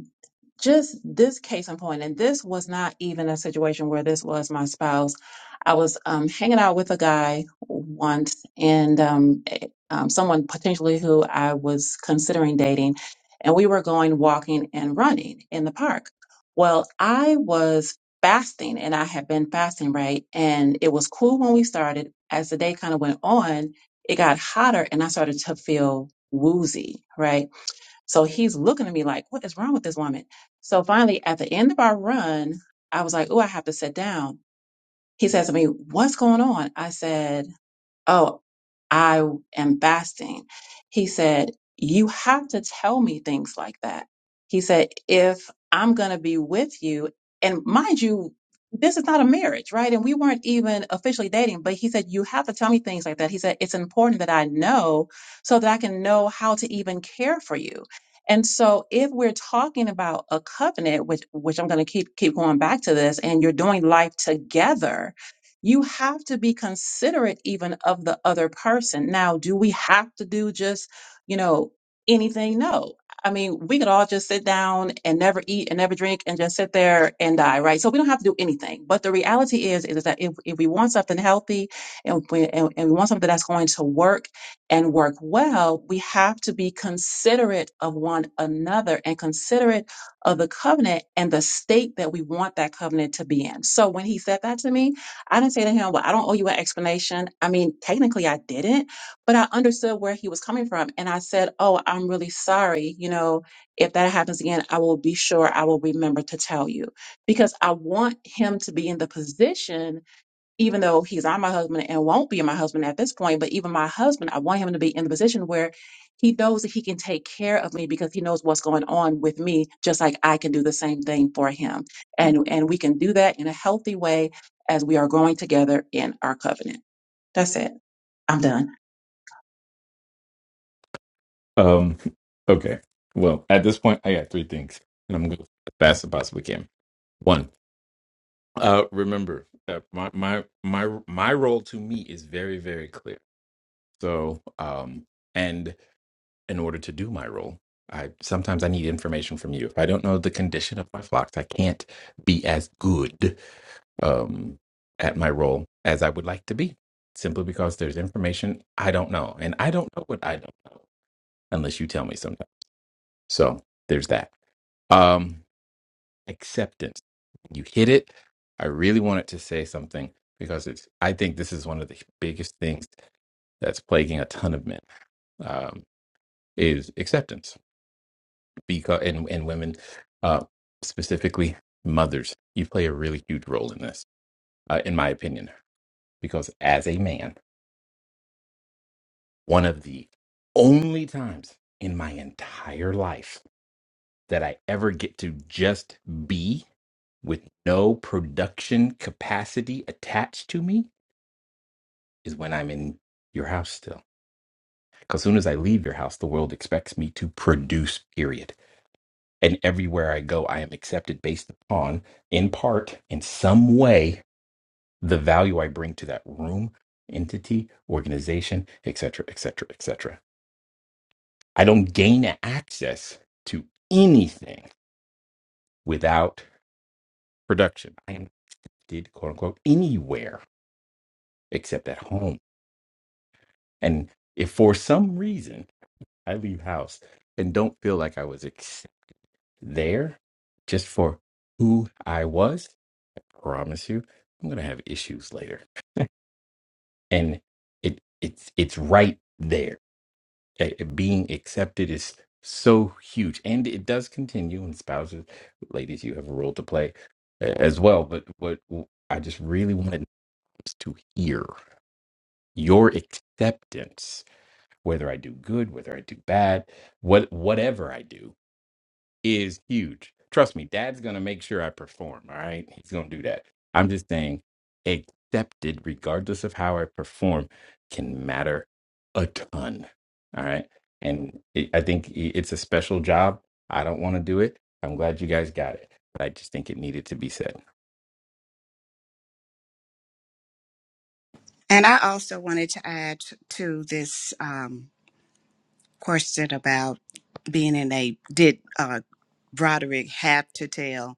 [SPEAKER 8] just this case in point, and this was not even a situation where this was my spouse. I was um, hanging out with a guy once, and um, eh, um, someone potentially who I was considering dating, and we were going walking and running in the park. Well, I was fasting, and I had been fasting, right? And it was cool when we started. As the day kind of went on, it got hotter, and I started to feel woozy, right? So he's looking at me like, what is wrong with this woman? So finally, at the end of our run, I was like, oh, I have to sit down. He says to me, what's going on? I said, Oh, I am fasting. He said, You have to tell me things like that. He said, If I'm going to be with you, and mind you, this is not a marriage, right? And we weren't even officially dating, but he said, You have to tell me things like that. He said, It's important that I know so that I can know how to even care for you. And so if we're talking about a covenant, which which I'm going to keep keep going back to this, and you're doing life together, you have to be considerate even of the other person. Now, do we have to do just, you know, anything? No. I mean, we could all just sit down and never eat and never drink and just sit there and die, right? So we don't have to do anything. But the reality is, is that if, if we want something healthy and we, and, and we want something that's going to work and work well, we have to be considerate of one another and considerate of the covenant and the state that we want that covenant to be in. So when he said that to me, I didn't say to him, Well, I don't owe you an explanation. I mean, technically I didn't, but I understood where he was coming from. And I said, Oh, I'm really sorry. You know, if that happens again, I will be sure I will remember to tell you because I want him to be in the position even though he's not my husband and won't be my husband at this point, but even my husband, I want him to be in the position where he knows that he can take care of me because he knows what's going on with me, just like I can do the same thing for him. And and we can do that in a healthy way as we are growing together in our covenant. That's it. I'm done.
[SPEAKER 7] Um. Okay. Well, at this point, I got three things, and I'm going as fast as I possibly can. One. Uh. Remember, uh, my my my my role to me is very very clear So, um, and in order to do my role, I sometimes I need information from you. If I don't know the condition of my flocks, I can't be as good um, at my role as I would like to be, simply because there's information I don't know, and I don't know what I don't know unless you tell me sometimes. So there's that. Um, acceptance. You hit it. I really wanted to say something because it's. I think this is one of the biggest things that's plaguing a ton of men Um, is acceptance because and, and women uh, specifically mothers you play a really huge role in this uh, in my opinion because as a man one of the only times in my entire life that i ever get to just be with no production capacity attached to me is when i'm in your house still because soon as i leave your house the world expects me to produce period and everywhere I go, I am accepted based upon, in part, in some way, the value I bring to that room, entity, organization, etc., etc., etc. I don't gain access to anything without production. I am did quote unquote anywhere except at home, and if for some reason I leave house and don't feel like I was ex- there, just for who I was, I promise you, I'm gonna have issues later and it it's it's right there. Okay? Being accepted is so huge, and it does continue. And spouses, ladies, you have a role to play a- as well. But what I just really wanted us to hear your acceptance, whether I do good, whether I do bad, what whatever I do, is huge. Trust me, dad's going to make sure I perform. All right. He's going to do that. I'm just saying, accepted, regardless of how I perform, can matter a ton. All right. And it, I think i- it's a special job. I don't want to do it. I'm glad you guys got it, but I just think it needed to be said.
[SPEAKER 5] And I also wanted to add to this um, question about being in a did uh, Broderick have to tell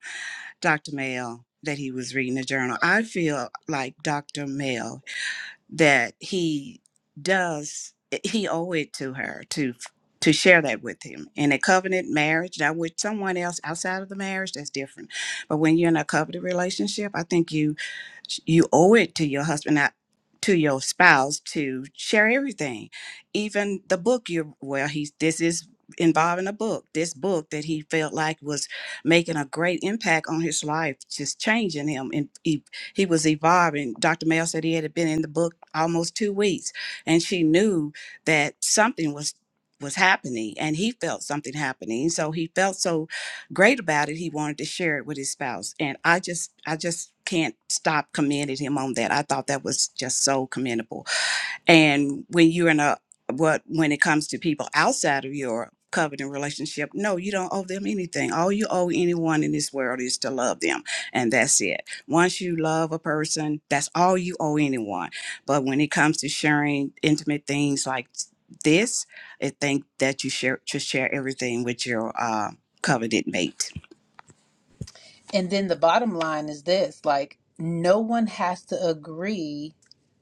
[SPEAKER 5] Dr. Mel that he was reading the journal? I feel like Dr. Mel. that he does eh, he owe it to her to to share that with him in a covenant marriage now with someone else outside of the marriage that's different but when you're in a covenant relationship i think you you owe it to your husband not to your spouse to share everything even the book you well he's this is involving a book this book that he felt like was making a great impact on his life just changing him and he, he was evolving dr mel said he had been in the book almost two weeks and she knew that something was was happening and he felt something happening so he felt so great about it he wanted to share it with his spouse and i just i just can't stop commending him on that i thought that was just so commendable and when you're in a what when it comes to people outside of your covenant relationship no you don't owe them anything all you owe anyone in this world is to love them and that's it once you love a person that's all you owe anyone but when it comes to sharing intimate things like this i think that you share to share everything with your uh, covenant mate
[SPEAKER 1] And then the bottom line is this like no one has to agree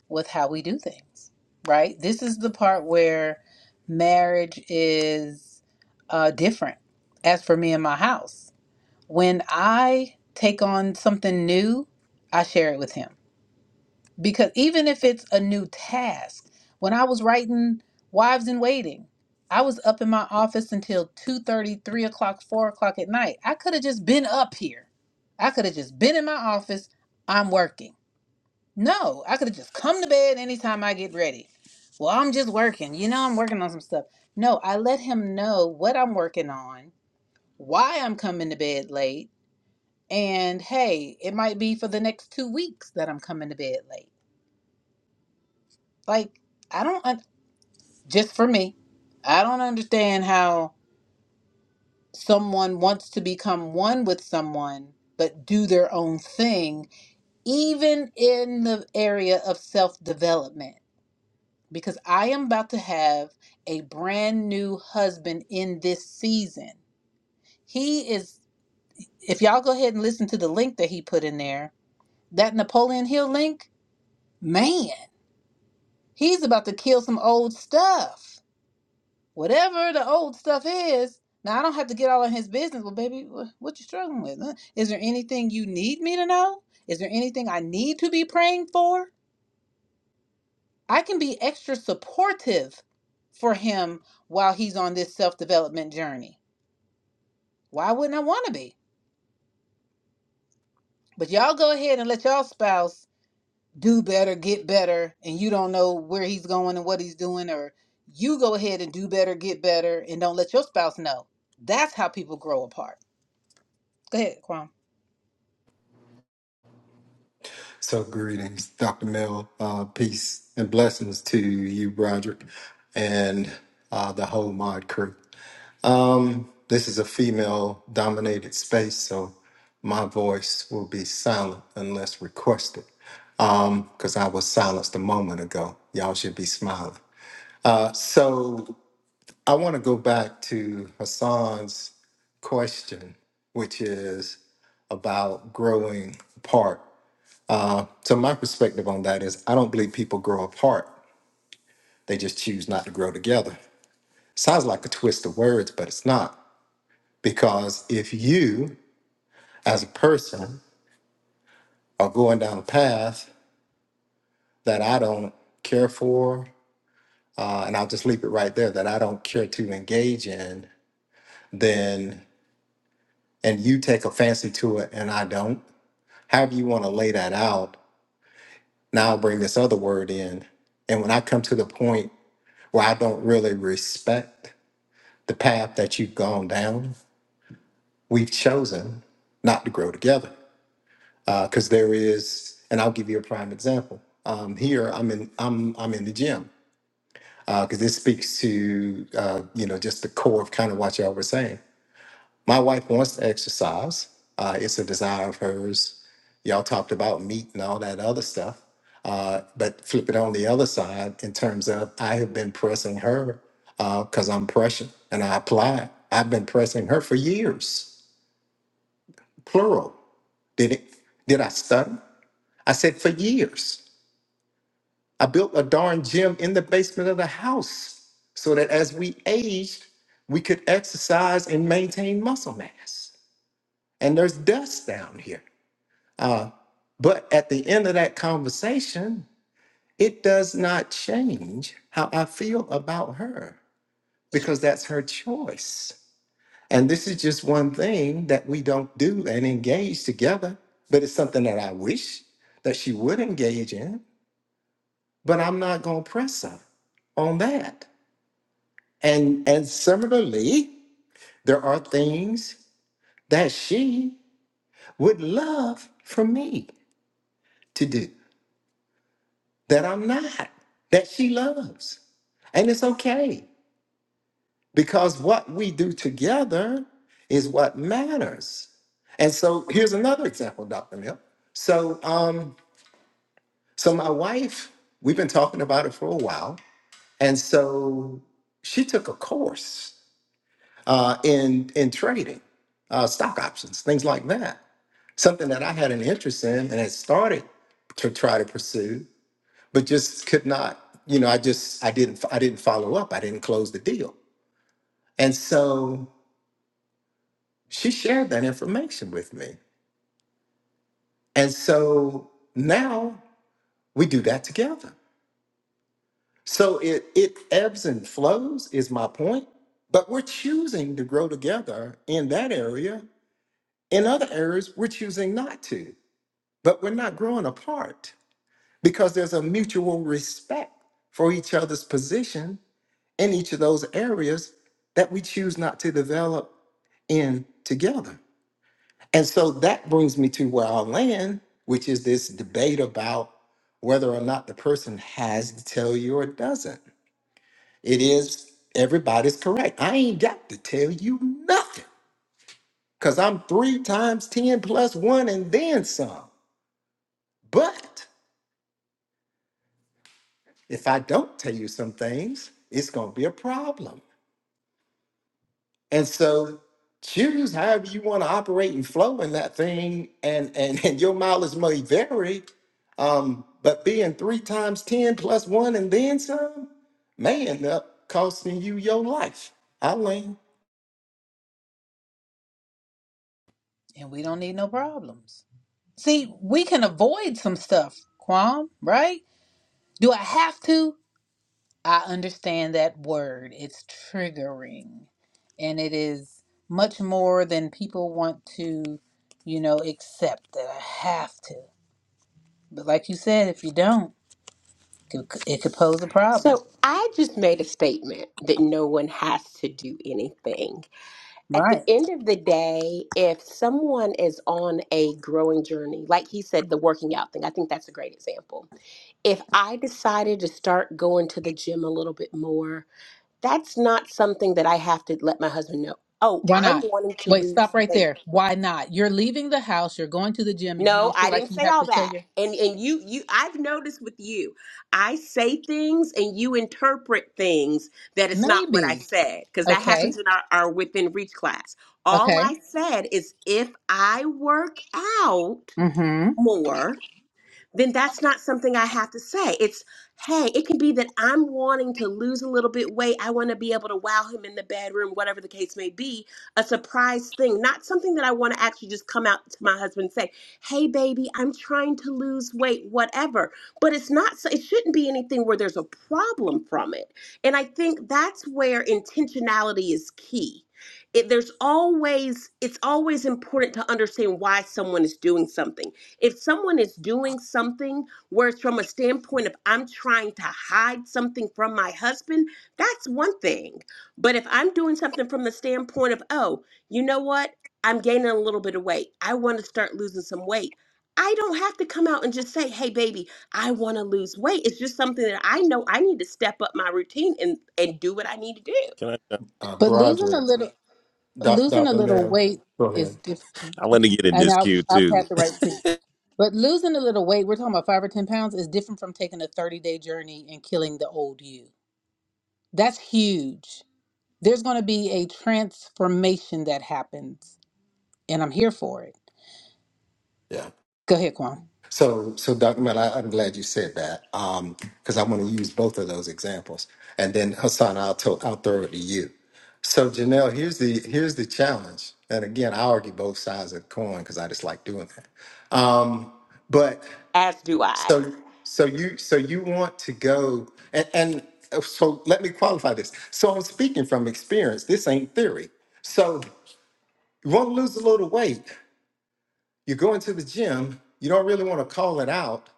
[SPEAKER 1] with how we do things. Right? This is the part where marriage is uh different as for me and my house. when I take on something new, I share it with him. Because even if it's a new task, when I was writing Wives in Waiting, I was up in my office until two thirty, three o'clock, 4 o'clock at night. I could have just been up here. I could have just been in my office. I'm working. No, I could have just come to bed anytime I get ready. Well, I'm just working. You know, I'm working on some stuff. No, I let him know what I'm working on, why I'm coming to bed late and hey, it might be for the next two weeks that I'm coming to bed late. Like, I don't, un- just for me, I don't understand how someone wants to become one with someone but do their own thing, even in the area of self development. Because I am about to have a brand new husband in this season. He is, if y'all go ahead and listen to the link that he put in there, that Napoleon Hill link, man. He's about to kill some old stuff. Whatever the old stuff is. Now I don't have to get all in his business. Well, baby, wh- what you struggling with? huh? Is there anything you need me to know? Is there anything I need to be praying for? I can be extra supportive for him while he's on this self-development journey. Why wouldn't I want to be? But y'all go ahead and let y'all spouse do better, get better, and you don't know where he's going and what he's doing, or you go ahead and do better, get better, and don't let your spouse know. That's how people grow apart. Go ahead, Kwam,
[SPEAKER 12] So greetings, Dr. Mill. Uh, peace and blessings to you, Broderick, and uh, the whole mod crew. Um, this is a female dominated space, so my voice will be silent unless requested because I was silenced a moment ago. Y'all should be smiling. Uh, so I want to go back to Hassan's question, which is about growing apart. Uh, so, my perspective on that is I don't believe people grow apart, they just choose not to grow together. Sounds like a twist of words, but it's not. Because if you, as a person, are going down a path that I don't care for, uh, and I'll just leave it right there, that I don't care to engage in, then, and you take a fancy to it and I don't however you want to lay that out. Now I'll bring this other word in. And when I come to the point where I don't really respect the path that you've gone down, we've chosen not to grow together. Because there is, and I'll give you a prime example. Um, here, I'm in, I'm, I'm in the gym because this speaks to, uh, you know, just the core of kind of what y'all were saying. My wife wants to exercise. Uh, it's a desire of hers. Y'all talked about meat and all that other stuff. Uh, but flip it on the other side in terms of I have been pressing her because I'm Prussian and I applied. I've been pressing her for years, plural. Did it? Did I stutter? I said for years. I built a darn gym in the basement of the house so that as we aged, we could exercise and maintain muscle mass. And there's dust down here. Uh, but at the end of that conversation, it does not change how I feel about her because that's her choice. And this is just one thing that we don't do and engage together, but it's something that I wish that she would engage in, but I'm not going to press her on that. And and similarly, there are things that she would love for me to do. that I'm not, that she loves. And it's okay because what we do together is what matters. And so here's another example, Dr. Mill. So um, so my wife, we've been talking about it for a while. And so she took a course uh, in in trading, uh, stock options, things like that. Something that I had an interest in and had started to try to pursue. but just could not you know i just i didn't i didn't follow up i didn't close the deal and so she shared that information with me and so now we do that together so it it ebbs and flows is my point but we're choosing to grow together in that area in other areas we're choosing not to but we're not growing apart because there's a mutual respect for each other's position in each of those areas that we choose not to develop in together. And so that brings me to where I'll land, which is this debate about whether or not the person has to tell you or doesn't. It is everybody's correct. I ain't got to tell you nothing because I'm three times 10 plus one and then some. But if I don't tell you some things, it's going to be a problem. And so choose however you want to operate and flow in that thing, and and, and your mileage may vary. Um, but being three times ten plus one and then some may end up costing you your life. Eileen,
[SPEAKER 1] And we don't need no problems. See, we can avoid some stuff, Kwam, right? Do I have to? I understand that word. It's triggering. And it is much more than people want to, you know, accept that I have to. But like you said, if you don't, It Could- It could pose a problem.
[SPEAKER 9] So I just made a statement that no one has to do anything. At the
[SPEAKER 1] Right.
[SPEAKER 9] end of the day, if someone is on a growing journey, like he said, the working out thing, I think that's a great example. If I decided to start going to the gym a little bit more, that's not something that I have to let my husband know. Oh,
[SPEAKER 1] Why
[SPEAKER 9] I'm
[SPEAKER 1] not?
[SPEAKER 9] wanting to
[SPEAKER 1] Wait,
[SPEAKER 9] lose
[SPEAKER 1] stop right
[SPEAKER 9] weight.
[SPEAKER 1] there. Why not? You're leaving the house, you're going to the gym, and you
[SPEAKER 9] No,
[SPEAKER 1] don't feel
[SPEAKER 9] I
[SPEAKER 1] like
[SPEAKER 9] didn't
[SPEAKER 1] you
[SPEAKER 9] say
[SPEAKER 1] have
[SPEAKER 9] all
[SPEAKER 1] to tell
[SPEAKER 9] that.
[SPEAKER 1] your
[SPEAKER 9] And and you you I've noticed with you, I say things and you interpret things that it's not what I
[SPEAKER 1] maybe.
[SPEAKER 9] said because that
[SPEAKER 1] Okay.
[SPEAKER 9] happens in our, our within reach class. All
[SPEAKER 1] Okay.
[SPEAKER 9] I said is if I work out
[SPEAKER 1] Mm-hmm.
[SPEAKER 9] more then that's not something I have to say. It's, hey, it can be that I'm wanting to lose a little bit weight. I want to be able to wow him in the bedroom, whatever the case may be, a surprise thing, not something that I want to actually just come out to my husband and say, hey, baby, I'm trying to lose weight, whatever. But it's not, so- it shouldn't be anything where there's a problem from it. And I think that's where intentionality is key. It, there's always, it's always important to understand why someone is doing something if someone is doing something where it's from a standpoint of I'm trying to hide something from my husband, that's one thing. But if I'm doing something from the standpoint of, oh, you know what? I'm gaining a little bit of weight. I want to start losing some weight. I don't have to come out and just say, hey, baby, I want to lose weight. It's just something that I know I need to step up my routine and, and do what I need to do
[SPEAKER 11] Can I?
[SPEAKER 12] uh,
[SPEAKER 1] But losing a
[SPEAKER 12] Broderick,
[SPEAKER 1] little
[SPEAKER 12] Doc,
[SPEAKER 1] losing a
[SPEAKER 12] Dr.
[SPEAKER 1] little
[SPEAKER 12] Mel,
[SPEAKER 1] weight
[SPEAKER 12] go
[SPEAKER 1] is
[SPEAKER 12] ahead.
[SPEAKER 1] different.
[SPEAKER 11] I want to get in
[SPEAKER 1] And
[SPEAKER 11] this
[SPEAKER 1] I'll
[SPEAKER 11] queue
[SPEAKER 1] I'll
[SPEAKER 11] too.
[SPEAKER 1] pass the right to you. But losing a little weight, we're talking about five or ten pounds, is different from taking a 30 day journey and killing the old you. That's huge. There's gonna be a transformation that happens. And I'm here for it.
[SPEAKER 12] Yeah.
[SPEAKER 1] Go ahead, Kwan.
[SPEAKER 12] So, so Dr. Mel, I, I'm glad you said that because I want to use both of those examples. And then Hassan, I'll, to, I'll throw it to you. So, Janelle, here's the here's the challenge. And again, I argue both sides of the coin because I just like doing that. Um, but
[SPEAKER 9] as do I.
[SPEAKER 12] so so you so you want to go and, and uh, so let me qualify this. So I'm speaking from experience. This ain't theory. So you want to lose a little weight. You're going to the gym. You don't really want to call it out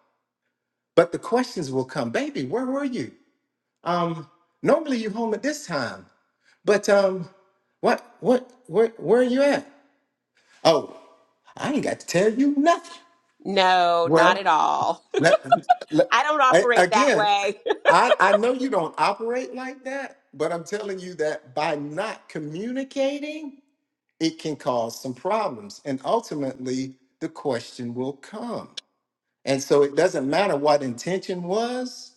[SPEAKER 12] but the questions will come, baby, where were you? Um, normally you're home at this time, but um, what, what, where, where are you at? Oh, I ain't got to tell you nothing.
[SPEAKER 9] No, not
[SPEAKER 12] Well,
[SPEAKER 9] at all.
[SPEAKER 12] let, let,
[SPEAKER 9] I don't
[SPEAKER 12] a-
[SPEAKER 9] operate that
[SPEAKER 12] again,
[SPEAKER 9] way.
[SPEAKER 12] I, I know you don't operate like that, but I'm telling you that by not communicating, it can cause some problems. And ultimately, the question will come. And so it doesn't matter what intention was.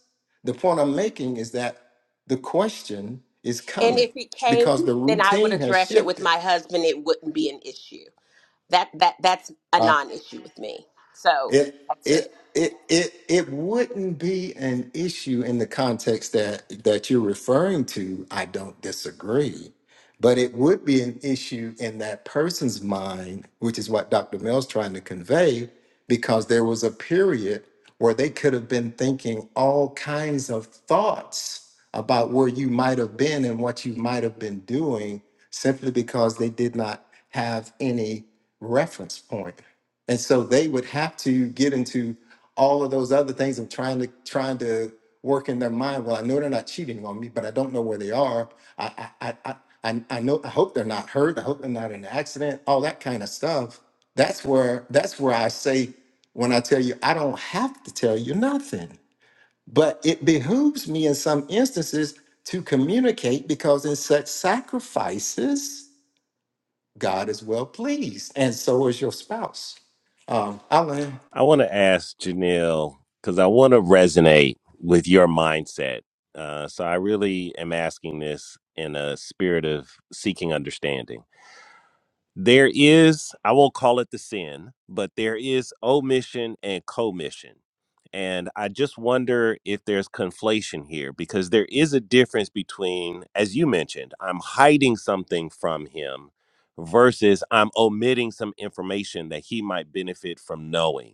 [SPEAKER 12] The point I'm making is that the question is
[SPEAKER 9] And
[SPEAKER 12] coming
[SPEAKER 9] if it came,
[SPEAKER 12] because the
[SPEAKER 9] then I would
[SPEAKER 12] routine has
[SPEAKER 9] address it with
[SPEAKER 12] shifted.
[SPEAKER 9] my husband. It wouldn't be an issue. That that that's a
[SPEAKER 12] Uh,
[SPEAKER 9] non-issue with me. So
[SPEAKER 12] it
[SPEAKER 9] that's it.
[SPEAKER 12] it it it it wouldn't be an issue in the context that that you're referring to. I don't disagree, But it would be an issue in that person's mind, which is what Dr. Mill's trying to convey, because there was a period where they could have been thinking all kinds of thoughts about where you might have been and what you might have been doing simply because they did not have any reference point. And so they would have to get into all of those other things I'm trying to trying to work in their mind. Well, I know they're not cheating on me, but I don't know where they are. I I I I, I I know I hope they're not hurt. I hope they're not in an accident. All that kind of stuff. That's where that's where I say when I tell you I don't have to tell you nothing, but it behooves me in some instances to communicate because in such sacrifices God is well pleased, and so is your spouse. Um, Alan.
[SPEAKER 11] I want to ask Janelle because I want to resonate with your mindset. Uh, so I really am asking this in a spirit of seeking understanding. There is, I won't call it the sin, but there is omission and commission. And I just wonder if there's conflation here because there is a difference between, as you mentioned, I'm hiding something from him versus I'm omitting some information that he might benefit from knowing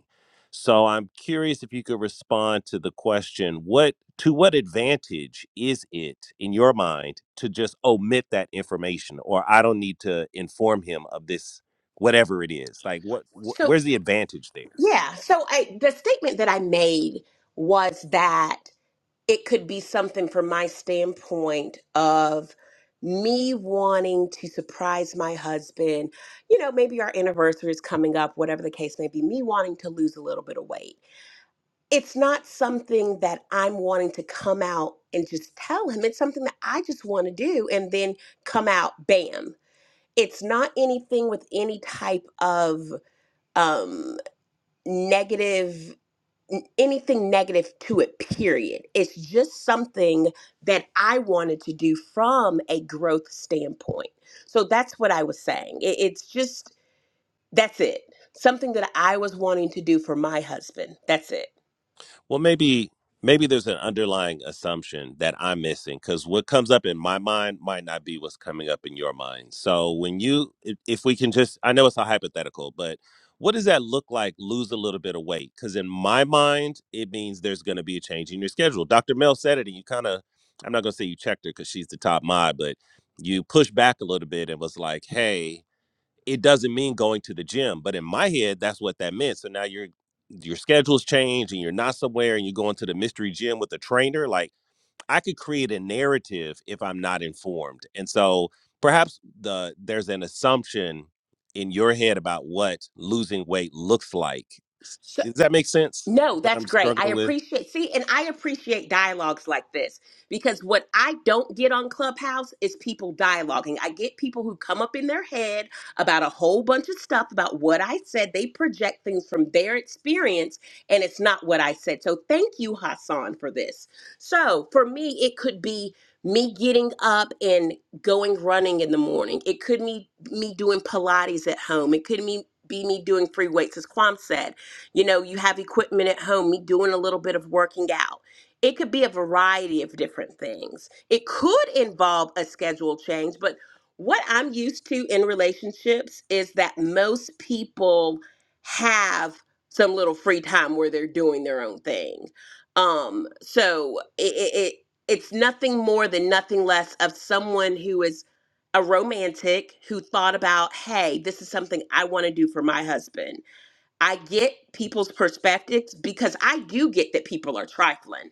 [SPEAKER 11] so I'm curious if you could respond to the question what to what advantage is it in your mind to just omit that information or I don't need to inform him of this whatever it is like what wh-
[SPEAKER 9] So
[SPEAKER 11] where's the advantage there
[SPEAKER 9] yeah. So I, the statement that I made was that it could be something from my standpoint of me wanting to surprise my husband. You know, maybe our anniversary is coming up, whatever the case may be. Me wanting to lose a little bit of weight it's not something that I'm wanting to come out and just tell him. It's something that I just want to do and then come out, bam. It's not anything with any type of um, negative, n- anything negative to it, period. It's just something that I wanted to do from a growth standpoint. So that's what I was saying. It, it's just, that's it. Something that I was wanting to do for my husband. That's it.
[SPEAKER 11] Well, maybe maybe there's an underlying assumption that I'm missing because what comes up in my mind might not be what's coming up in your mind. So when you, if if we can just, I know it's a hypothetical, but what does that look like? Lose a little bit of weight because in my mind it means there's going to be a change in your schedule. Dr. Mel said it, and you kind of, I'm not going to say you checked her because she's the top mod, but you pushed back a little bit and was like, hey it doesn't mean going to the gym but in my head that's what that meant so now your your schedules change and you're not somewhere and you're going to the mystery gym with a trainer like i could create a narrative if i'm not informed and so perhaps the there's an assumption in your head about what losing weight looks like S- does that make sense
[SPEAKER 9] No,
[SPEAKER 11] what i'm
[SPEAKER 9] that's great. I
[SPEAKER 11] struggling with
[SPEAKER 9] appreciate, see, and I appreciate dialogues like this because what I don't get on Clubhouse is people dialoguing. I get people who come up in their head about a whole bunch of stuff about what I said. They project things from their experience and it's not what I said. So thank you, Hassan, for this. So for me, it could be me getting up and going running in the morning, it could be me doing Pilates at home, it could be be me doing free weights, as Kwam said you know, you have equipment at home, me doing a little bit of working out. It could be a variety of different things. It could involve a schedule change, but what I'm used to in relationships is that most people have some little free time where they're doing their own thing. Um, so it, it, it it's nothing more than nothing less of someone who is a romantic who thought about, hey, this is something I want to do for my husband I get people's perspectives because I do get that people are trifling.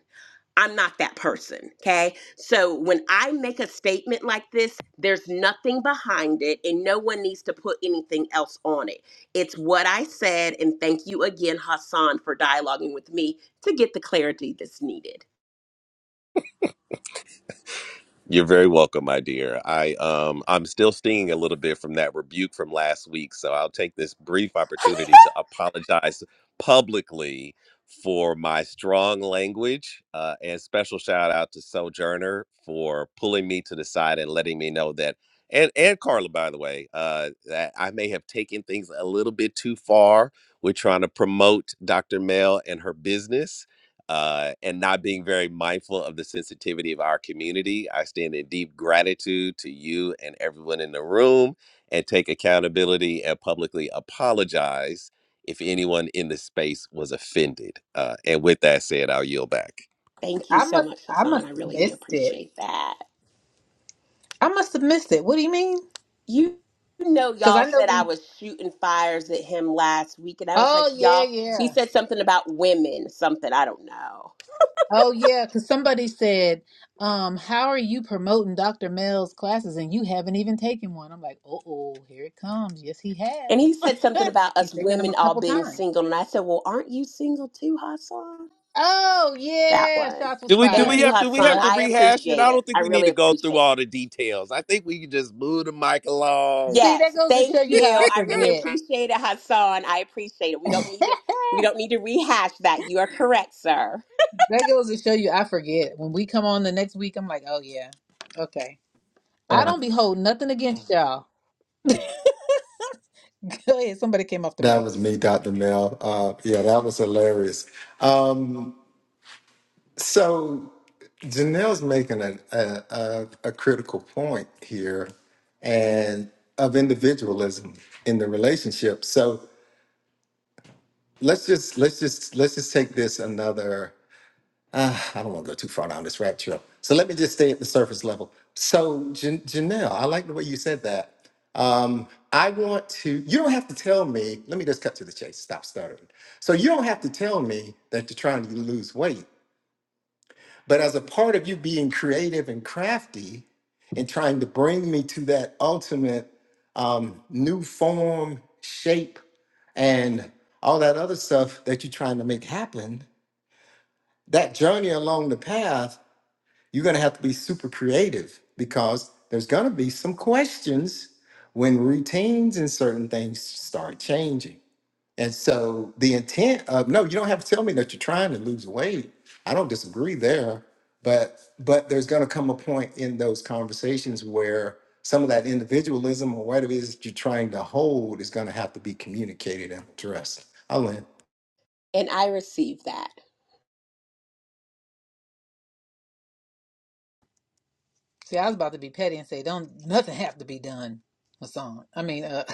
[SPEAKER 9] I'm not that person. Okay. So when I make a statement like this, there's nothing behind it and no one needs to put anything else on it. It's what I said. And thank you again, Hassan, for dialoguing with me to get the clarity that's needed.
[SPEAKER 11] You're very welcome, my dear. I um I'm still stinging a little bit from that rebuke from last week, so I'll take this brief opportunity to apologize publicly for my strong language. Uh, and special shout out to Sojourner for pulling me to the side and letting me know that, and and Carla, by the way, uh, that I may have taken things a little bit too far with trying to promote Dr. Mel and her business uh, and not being very mindful of the sensitivity of our community. I stand in deep gratitude to you and everyone in the room and take accountability and publicly apologize if anyone in the space was offended. Uh, and with that said, I'll yield back.
[SPEAKER 9] Thank you
[SPEAKER 1] I
[SPEAKER 9] so
[SPEAKER 1] must
[SPEAKER 9] much,
[SPEAKER 1] I
[SPEAKER 9] Hassan.
[SPEAKER 1] must
[SPEAKER 9] I
[SPEAKER 1] have
[SPEAKER 9] really do
[SPEAKER 1] missed it.
[SPEAKER 9] appreciate that.
[SPEAKER 1] I must have missed it. What do you mean?
[SPEAKER 9] you know
[SPEAKER 1] Because I
[SPEAKER 9] y'all
[SPEAKER 1] know
[SPEAKER 9] said I
[SPEAKER 1] when
[SPEAKER 9] was shooting fires at him last week and I was like,
[SPEAKER 1] Oh yeah,
[SPEAKER 9] y'all, he
[SPEAKER 1] yeah.
[SPEAKER 9] said something about women, something I don't know.
[SPEAKER 1] Oh yeah, because somebody said, um, how are you promoting Dr. Mel's classes and you haven't even taken one? I'm like, oh oh, here it comes. Yes, he
[SPEAKER 9] And he
[SPEAKER 1] has.
[SPEAKER 9] said something about
[SPEAKER 1] He's
[SPEAKER 9] us
[SPEAKER 1] taken them a
[SPEAKER 9] women all
[SPEAKER 1] couple
[SPEAKER 9] being
[SPEAKER 1] times.
[SPEAKER 9] single and I said, "Well, aren't you single too, Hassan?"
[SPEAKER 1] Oh
[SPEAKER 9] That
[SPEAKER 1] yeah,
[SPEAKER 9] one.
[SPEAKER 1] shots was
[SPEAKER 11] Do we do
[SPEAKER 9] Thank
[SPEAKER 11] we
[SPEAKER 1] fired.
[SPEAKER 9] you,
[SPEAKER 11] have to we have
[SPEAKER 9] Hassan.
[SPEAKER 11] to
[SPEAKER 1] Yep.
[SPEAKER 9] I
[SPEAKER 11] rehash it?
[SPEAKER 9] appreciate
[SPEAKER 11] I
[SPEAKER 9] it.
[SPEAKER 11] don't think
[SPEAKER 9] I
[SPEAKER 11] we need
[SPEAKER 9] really
[SPEAKER 11] to go through
[SPEAKER 9] appreciate it.
[SPEAKER 11] all the details. I think we can just move the mic along.
[SPEAKER 1] See, that
[SPEAKER 9] Yes,
[SPEAKER 1] goes to
[SPEAKER 9] thank
[SPEAKER 1] show you
[SPEAKER 9] you.
[SPEAKER 1] how I
[SPEAKER 9] I really
[SPEAKER 1] forget.
[SPEAKER 9] appreciate it, Hassan. I appreciate it. We don't need to we don't need to rehash that. You are correct, sir.
[SPEAKER 1] That goes to show you I forget. When we come on the next week, I'm like, oh yeah. Okay. I don't be holding nothing against y'all. Go ahead. Somebody came off the
[SPEAKER 12] That
[SPEAKER 1] mic.
[SPEAKER 12] was me, Dr. Mel. Uh, yeah, that was hilarious. Um, so Janelle's making a, a, a, a critical point here and of individualism in the relationship. So let's just let's just let's just take this another uh, I don't want to go too far down this rabbit trail. So let me just stay at the surface level. So Jan- Janelle, I like the way you said that. Um, I want to. You don't have to tell me. Let me just cut to the chase. Stop stuttering. So you don't have to tell me that you're trying to lose weight. But as a part of you being creative and crafty, and trying to bring me to that ultimate um, new form, shape, and all that other stuff that you're trying to make happen, that journey along the path you're going to have to be super creative because there's going to be some questions when routines and certain things start changing. And so the intent of no, you don't have to tell me that you're trying to lose weight. I don't disagree there, but but there's going to come a point in those conversations where some of that individualism or whatever it is that you're trying to hold is going to have to be communicated and addressed. I win.
[SPEAKER 9] And I received that.
[SPEAKER 1] See, I was about to be petty and say, "Don't nothing have to be done." Hassan, I mean, uh,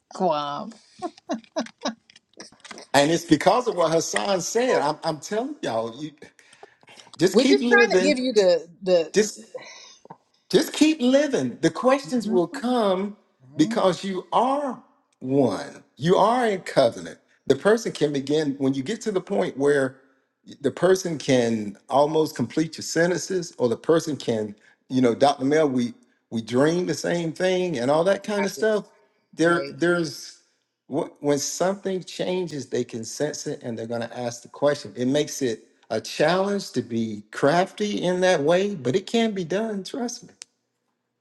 [SPEAKER 1] Guam.
[SPEAKER 12] And it's because of what Hassan said. I'm, I'm telling y'all, you just
[SPEAKER 1] We're
[SPEAKER 12] keep
[SPEAKER 1] just trying to
[SPEAKER 12] living.
[SPEAKER 1] give you the the
[SPEAKER 12] Just Just keep living. The questions
[SPEAKER 1] Mhm.
[SPEAKER 12] will come
[SPEAKER 1] mhm.
[SPEAKER 12] because you are one. You are in covenant. The person can begin when you get to the point where the person can almost complete your sentences, or the person can, you know, Dr. Mel, we we dream the same thing and all that kind of
[SPEAKER 1] right,
[SPEAKER 12] stuff. There,
[SPEAKER 1] right.
[SPEAKER 12] there's wh- when something changes, they can sense it and they're going to ask the question. It makes it a challenge to be crafty in that way, but it can be done. Trust me.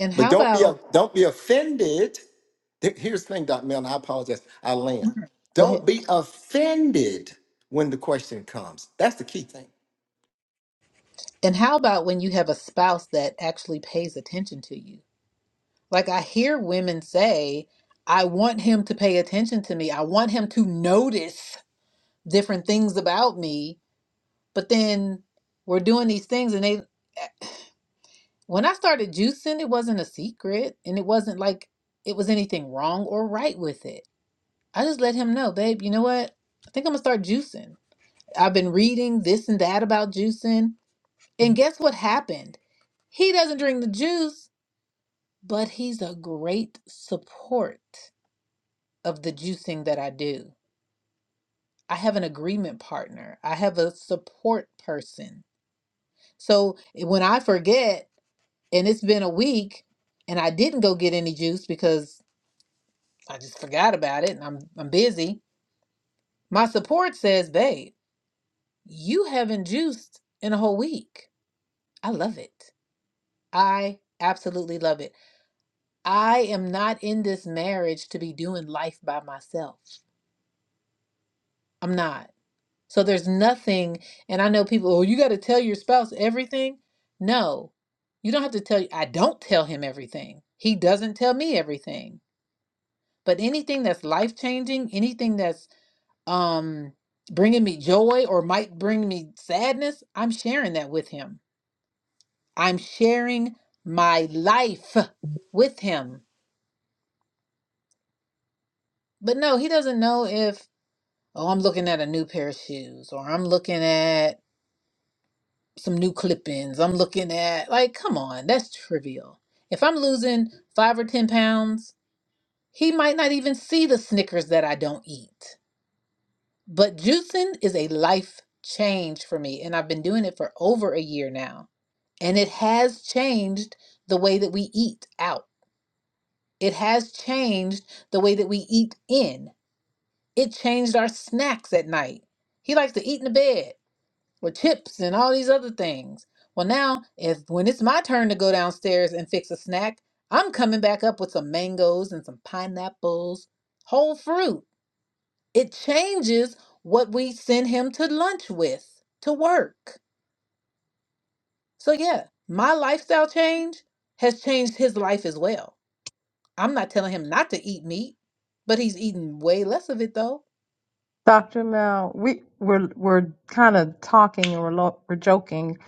[SPEAKER 1] And
[SPEAKER 12] But
[SPEAKER 1] how
[SPEAKER 12] don't be a,
[SPEAKER 1] about
[SPEAKER 12] don't be offended. Th- Here's the thing, Dr. Mel, and I apologize. I land.
[SPEAKER 1] go
[SPEAKER 12] Don't
[SPEAKER 1] ahead?
[SPEAKER 12] be offended when the question comes. That's the key thing.
[SPEAKER 1] And how about when you have a spouse that actually pays attention to you? Like I hear women say, "I want him to pay attention to me. I want him to notice different things about me." But then we're doing these things, and they. When I started juicing, it wasn't a secret and it wasn't like it was anything wrong or right with it. I just let him know, babe, you know what? I think I'm gonna start juicing. I've been reading this and that about juicing. And guess what happened? He doesn't drink the juice, but he's a great support of the juicing that I do. I have an agreement partner, I have a support person. So when I forget and it's been a week and I didn't go get any juice because I just forgot about it and I'm I'm busy. My support says, babe, you haven't juiced in a whole week. I love it. I absolutely love it. I am not in this marriage to be doing life by myself. I'm not. So there's nothing, and I know people, oh, you got to tell your spouse everything. No, you don't have to tell, I don't tell him everything. He doesn't tell me everything. But anything that's life changing, anything that's um bringing me joy or might bring me sadness i'm sharing that with him i'm sharing my life with him but no he doesn't know if oh i'm looking at a new pair of shoes or i'm looking at some new clippings i'm looking at like come on that's trivial if i'm losing five or ten pounds he might not even see the snickers that i don't eat but juicing is a life change for me and i've been doing it for over a year now And it has changed the way that we eat out. It has changed the way that we eat in. It changed our snacks at night. He likes to eat in the bed with chips and all these other things. Well, now, if when it's my turn to go downstairs and fix a snack, I'm coming back up with some mangoes and some pineapples, whole fruit. It changes what we send him to lunch with, to work. So, yeah, my lifestyle change has changed his life as well I'm not telling him not to eat meat, but he's eating way less of it though.
[SPEAKER 2] Dr. Mel, we, we're, we're kind of talking and we're, lo- we're joking,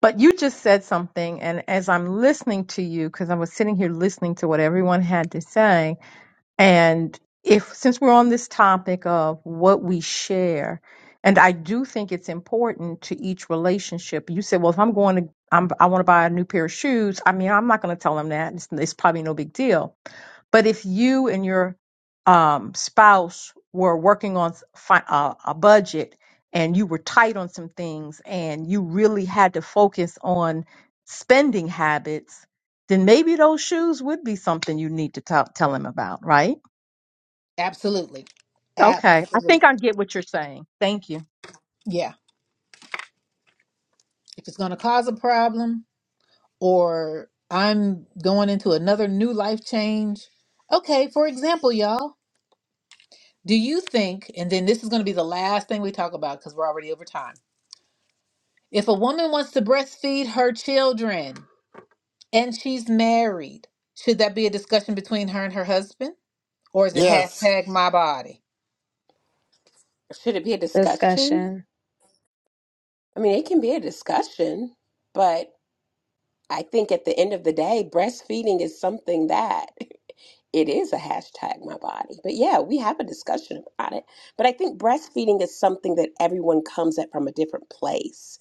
[SPEAKER 2] but you just said something. And as I'm listening to you, because I was sitting here listening to what everyone had to say, And if, since we're on this topic of what we share, and I do think it's important to each relationship. You said, well, if I'm going to, I'm, I want to buy a new pair of shoes. I mean, I'm not going to tell them that. It's, it's probably no big deal. But if you and your um, spouse were working on fi- uh, a budget and you were tight on some things and you really had to focus on spending habits, then maybe those shoes would be something you need to tell tell him about, right?
[SPEAKER 1] Absolutely.
[SPEAKER 2] Okay. I
[SPEAKER 1] Absolutely.
[SPEAKER 2] think I get what you're saying. Thank you.
[SPEAKER 1] Yeah. If it's going to cause a problem or I'm going into another new life change. Okay, for example, y'all. Do you think, and then this is going to be the last thing we talk about because we're already over time. If a woman wants to breastfeed her children and she's married, should that be a discussion between her and her husband? Or is it
[SPEAKER 12] Yes.
[SPEAKER 1] hashtag my body?
[SPEAKER 9] Should it be a discussion?
[SPEAKER 6] Discussion.
[SPEAKER 9] I mean, it can be a discussion, but I think at the end of the day, breastfeeding is something that it is a hashtag my body. But yeah, we have a discussion about it. But I think breastfeeding is something that everyone comes at from a different place.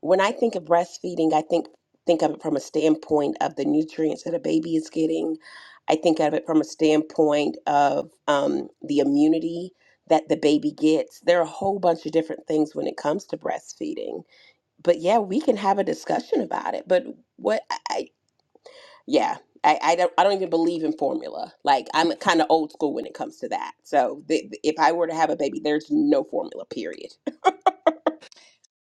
[SPEAKER 9] When I think of breastfeeding, I think think of it from a standpoint of the nutrients that a baby is getting. I think of it from a standpoint of um, the immunity that the baby gets. There are a whole bunch of different things when it comes to breastfeeding but yeah, we can have a discussion about it. But what I, I yeah, I, I don't I don't even believe in formula. Like I'm kind of old school when it comes to that. So th- if I were to have a baby, there's no formula. Period.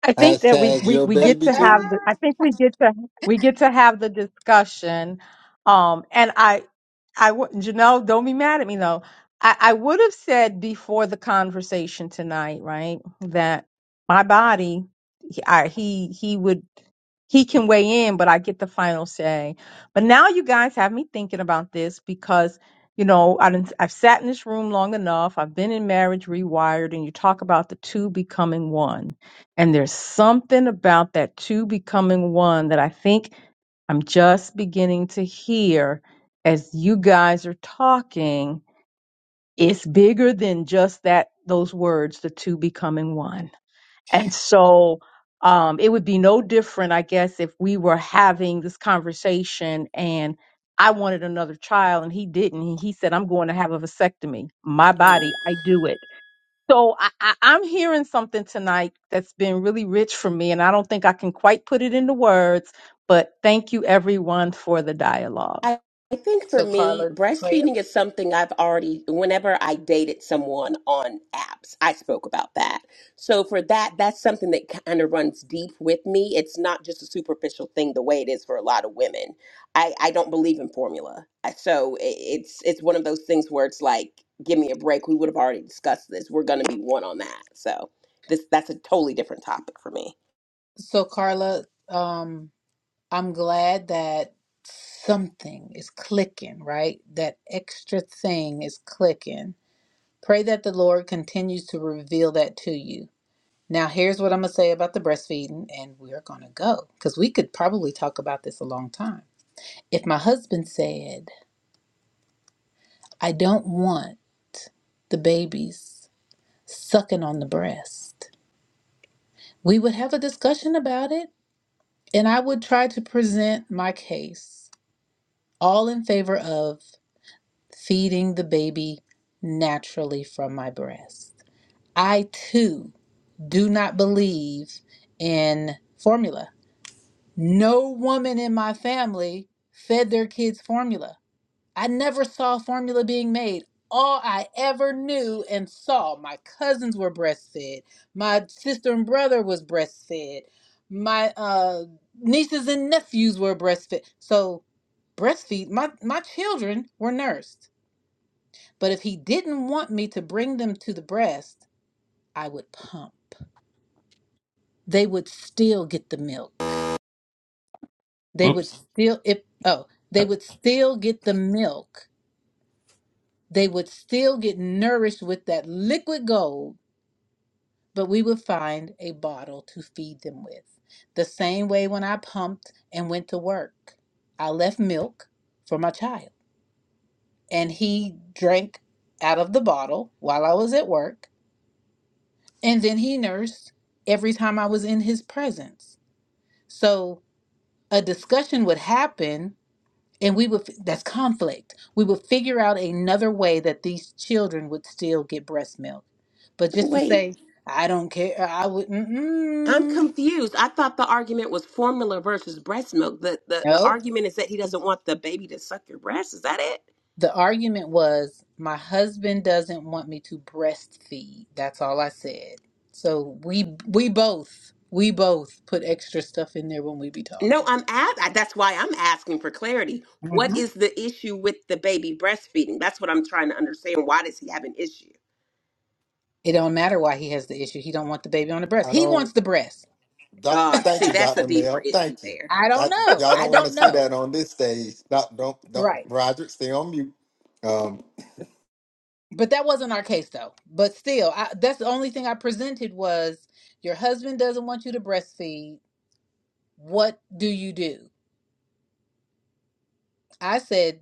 [SPEAKER 2] I think that we,
[SPEAKER 12] Hashtag
[SPEAKER 2] we,
[SPEAKER 12] your
[SPEAKER 2] we get
[SPEAKER 12] baby
[SPEAKER 2] to
[SPEAKER 1] Ah.
[SPEAKER 2] have
[SPEAKER 12] too.
[SPEAKER 2] the I think we get to we get to have the discussion. Um and I I would Janelle, don't be mad at me though. I, I would have said before the conversation tonight, right, that my body I he he would he can weigh in, but I get the final say. But now you guys have me thinking about this because you know I didn't, I've sat in this room long enough. I've been in marriage rewired, and you talk about the two becoming one, and there's something about that two becoming one that I think I'm just beginning to hear as you guys are talking. It's bigger than just that those words, the two becoming one and so um, it would be no different, I guess, if we were having this conversation and I wanted another child and he didn't. And he said, I'm going to have a vasectomy. My
[SPEAKER 9] Oh
[SPEAKER 2] body, I do it. So I, I, I'm hearing something tonight that's been really rich for me. And I don't think I can quite put it into words, but thank you everyone for the dialogue.
[SPEAKER 9] I I think for
[SPEAKER 1] So
[SPEAKER 9] me,
[SPEAKER 1] Carla, pray-
[SPEAKER 9] breastfeeding is something I've already, whenever I dated someone on apps, I spoke about that. So for that, that's something that kind of runs deep with me. It's not just a superficial thing the way it is for a lot of women. I, I don't believe in formula. I- So i- it's it's one of those things where it's like, give me a break. We would have already discussed this. We're going to be one on that. So this that's a totally different topic for me.
[SPEAKER 1] so Carla, um, I'm glad that something is clicking, right? That extra thing is clicking. Pray that the Lord continues to reveal that to you Now, here's what I'm going to say about the breastfeeding, and we're going to go because we could probably talk about this a long time. If my husband said, I don't want the babies sucking on the breast, we would have a discussion about it, and I would try to present my case all in favor of feeding the baby naturally from my breast. I too do not believe in formula. No woman in my family fed their kids formula. I never saw formula being made. All I ever knew and saw, my cousins were breastfed. My sister and brother was breastfed. My uh, nieces and nephews were breastfed. So breastfeed, my, my children were nursed. But if he didn't want me to bring them to the breast, I would pump. They would still get the milk. they would
[SPEAKER 7] Oops.
[SPEAKER 1] still if oh they would still get the milk they would still get nourished with that liquid gold but we would find a bottle to feed them with the same way when i pumped and went to work i left milk for my child and he drank out of the bottle while i was at work and then he nursed every time i was in his presence so a discussion would happen and we would that's conflict we would figure out another way that these children would still get breast milk but
[SPEAKER 9] So
[SPEAKER 1] just to
[SPEAKER 9] wait.
[SPEAKER 1] say i don't care i would
[SPEAKER 9] I'm
[SPEAKER 1] mm-mm.
[SPEAKER 9] confused. I thought the argument was formula versus breast milk. The, the the
[SPEAKER 1] nope
[SPEAKER 9] argument is that he doesn't want the baby to suck your breast. Is that it?
[SPEAKER 1] the argument was my husband doesn't want me to breastfeed that's all i said so we we both we both put extra stuff in there when we be
[SPEAKER 9] No,
[SPEAKER 1] talking
[SPEAKER 9] I'm at. That's why I'm asking for clarity.
[SPEAKER 1] Mhm.
[SPEAKER 9] What is the issue with the baby breastfeeding? That's what I'm trying to understand. Why does he have an issue?
[SPEAKER 1] it don't matter why he has the issue he don't want the baby on the breast
[SPEAKER 12] I
[SPEAKER 1] he
[SPEAKER 12] don't.
[SPEAKER 1] wants the breast
[SPEAKER 12] Doc,
[SPEAKER 9] God,
[SPEAKER 12] thank
[SPEAKER 9] see,
[SPEAKER 12] you,
[SPEAKER 9] that's a
[SPEAKER 12] Dr.
[SPEAKER 9] deeper
[SPEAKER 12] Mel.
[SPEAKER 9] issue
[SPEAKER 12] Thank you.
[SPEAKER 9] there.
[SPEAKER 1] i
[SPEAKER 12] I,
[SPEAKER 1] don't know
[SPEAKER 12] y'all
[SPEAKER 1] i
[SPEAKER 12] don't want to
[SPEAKER 1] don't
[SPEAKER 12] see
[SPEAKER 1] know
[SPEAKER 12] that on this stage. Doc, don't, don't,
[SPEAKER 1] right
[SPEAKER 12] Roger, stay on mute. Um,
[SPEAKER 1] But that wasn't our case though. But still, I, that's the only thing I presented was your husband doesn't want you to breastfeed. What do you do? I said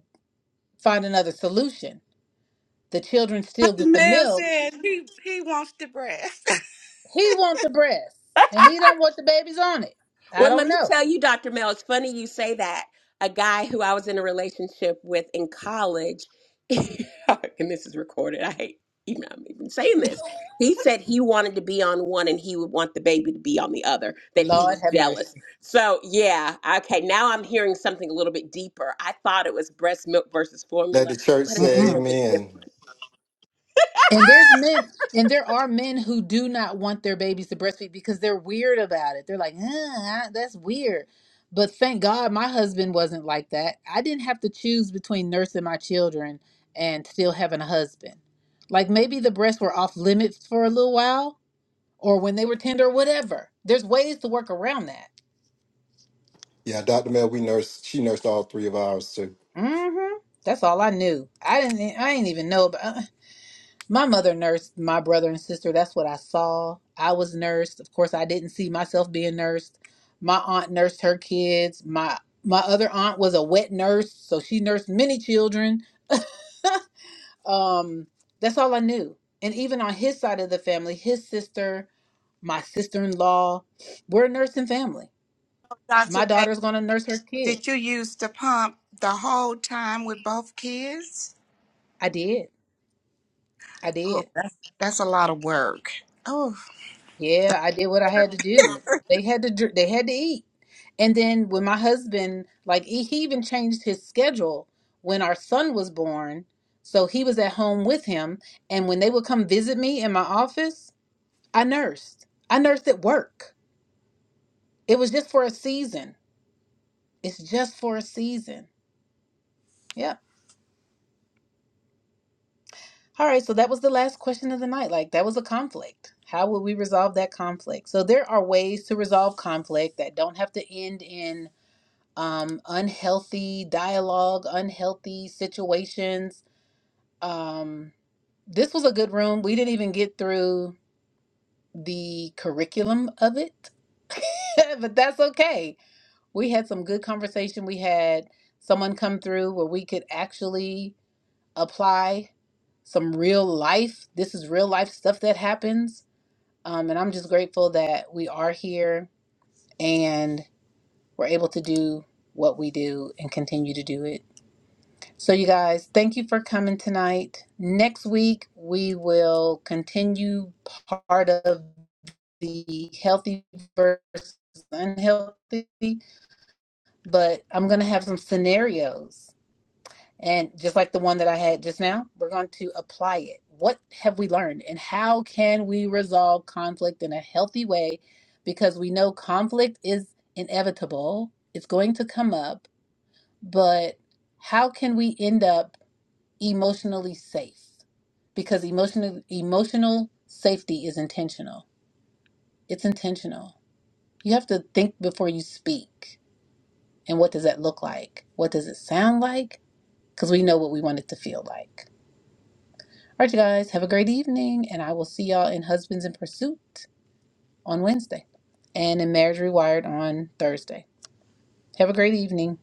[SPEAKER 1] find another solution. The children still
[SPEAKER 5] The
[SPEAKER 1] get the
[SPEAKER 5] man
[SPEAKER 1] milk.
[SPEAKER 5] said he, he wants the breast.
[SPEAKER 1] He wants the breast, and he don't want the babies on it. I
[SPEAKER 9] Well,
[SPEAKER 1] don't
[SPEAKER 9] let me
[SPEAKER 1] know.
[SPEAKER 9] tell you, Dr. Mel, it's funny you say that. A guy who I was in a relationship with in college, and this is recorded, I hate even, I'm even saying this. He said he wanted to be on one and he would want the baby to be on the other, that he
[SPEAKER 1] Lord
[SPEAKER 9] was
[SPEAKER 1] have
[SPEAKER 9] jealous.
[SPEAKER 1] mercy.
[SPEAKER 9] So, yeah, okay, now I'm hearing something a little bit deeper. I thought it was breast milk versus
[SPEAKER 12] let
[SPEAKER 9] formula,
[SPEAKER 12] the church
[SPEAKER 9] but it's a
[SPEAKER 1] Mm-mm.
[SPEAKER 12] say
[SPEAKER 9] little bit
[SPEAKER 12] amen.
[SPEAKER 9] different.
[SPEAKER 1] And there's men, and there are men who do not want their babies to breastfeed because they're weird about it. They're like, "Ugh, I- that's weird. But thank God my husband wasn't like that. I didn't have to choose between nursing my children and still having a husband. Like maybe the breasts were off limits for a little while or when they were tender, whatever. There's ways to work around that.
[SPEAKER 12] Yeah, Dr. Mel, we nursed, she nursed all three of ours too.
[SPEAKER 1] hmm That's all I knew. I didn't, e, I didn't even know about. My mother nursed my brother and sister. That's what I saw. I was nursed. Of course, I didn't see myself being nursed. My aunt nursed her kids. My my other aunt was a wet nurse, so she nursed many children. Um, that's all I knew. And even on his side of the family, his sister, my sister-in-law, we're a nursing family.
[SPEAKER 5] Dr.
[SPEAKER 1] My
[SPEAKER 5] Mack,
[SPEAKER 1] daughter's gonna nurse her
[SPEAKER 5] did you
[SPEAKER 1] kids.
[SPEAKER 5] use the pump the whole time with both kids?
[SPEAKER 1] I did. I
[SPEAKER 5] Oh,
[SPEAKER 1] did.
[SPEAKER 5] that's that's a lot of work. Oh.
[SPEAKER 1] Yeah, I did what I had to do. They had to. dr- They had to eat. And then when my husband, like he, he even changed his schedule when our son was born. So he was at home with him. And when they would come visit me in my office, I nursed. I nursed at work. It was just for a season. It's just for a season. Yep. All right. So that was the last question of the night. Like that was a conflict. How would we resolve that conflict? So there are ways to resolve conflict that don't have to end in um, unhealthy dialogue, unhealthy situations Um, this was a good room. We didn't even get through the curriculum of it, but that's okay. We had some good conversation. We had someone come through where we could actually apply some real life. This is real life stuff that happens. Um, and I'm just grateful that we are here and we're able to do what we do and continue to do it. So, you guys, thank you for coming tonight. Next week, we will continue part of the healthy versus unhealthy, but I'm going to have some scenarios. And just like the one that I had just now, we're going to apply it. What have we learned, and how can we resolve conflict in a healthy way? Because we know conflict is inevitable, it's going to come up, but how can we end up? emotionally safe because emotional emotional safety is intentional. It's intentional. You have to think before you speak. And what does that look like? What does it sound like? Because we know what we want it to feel like. All right, you guys, have a great evening, and I will see y'all in Husbands in Pursuit on Wednesday and in Marriage Rewired on Thursday. Have a great evening.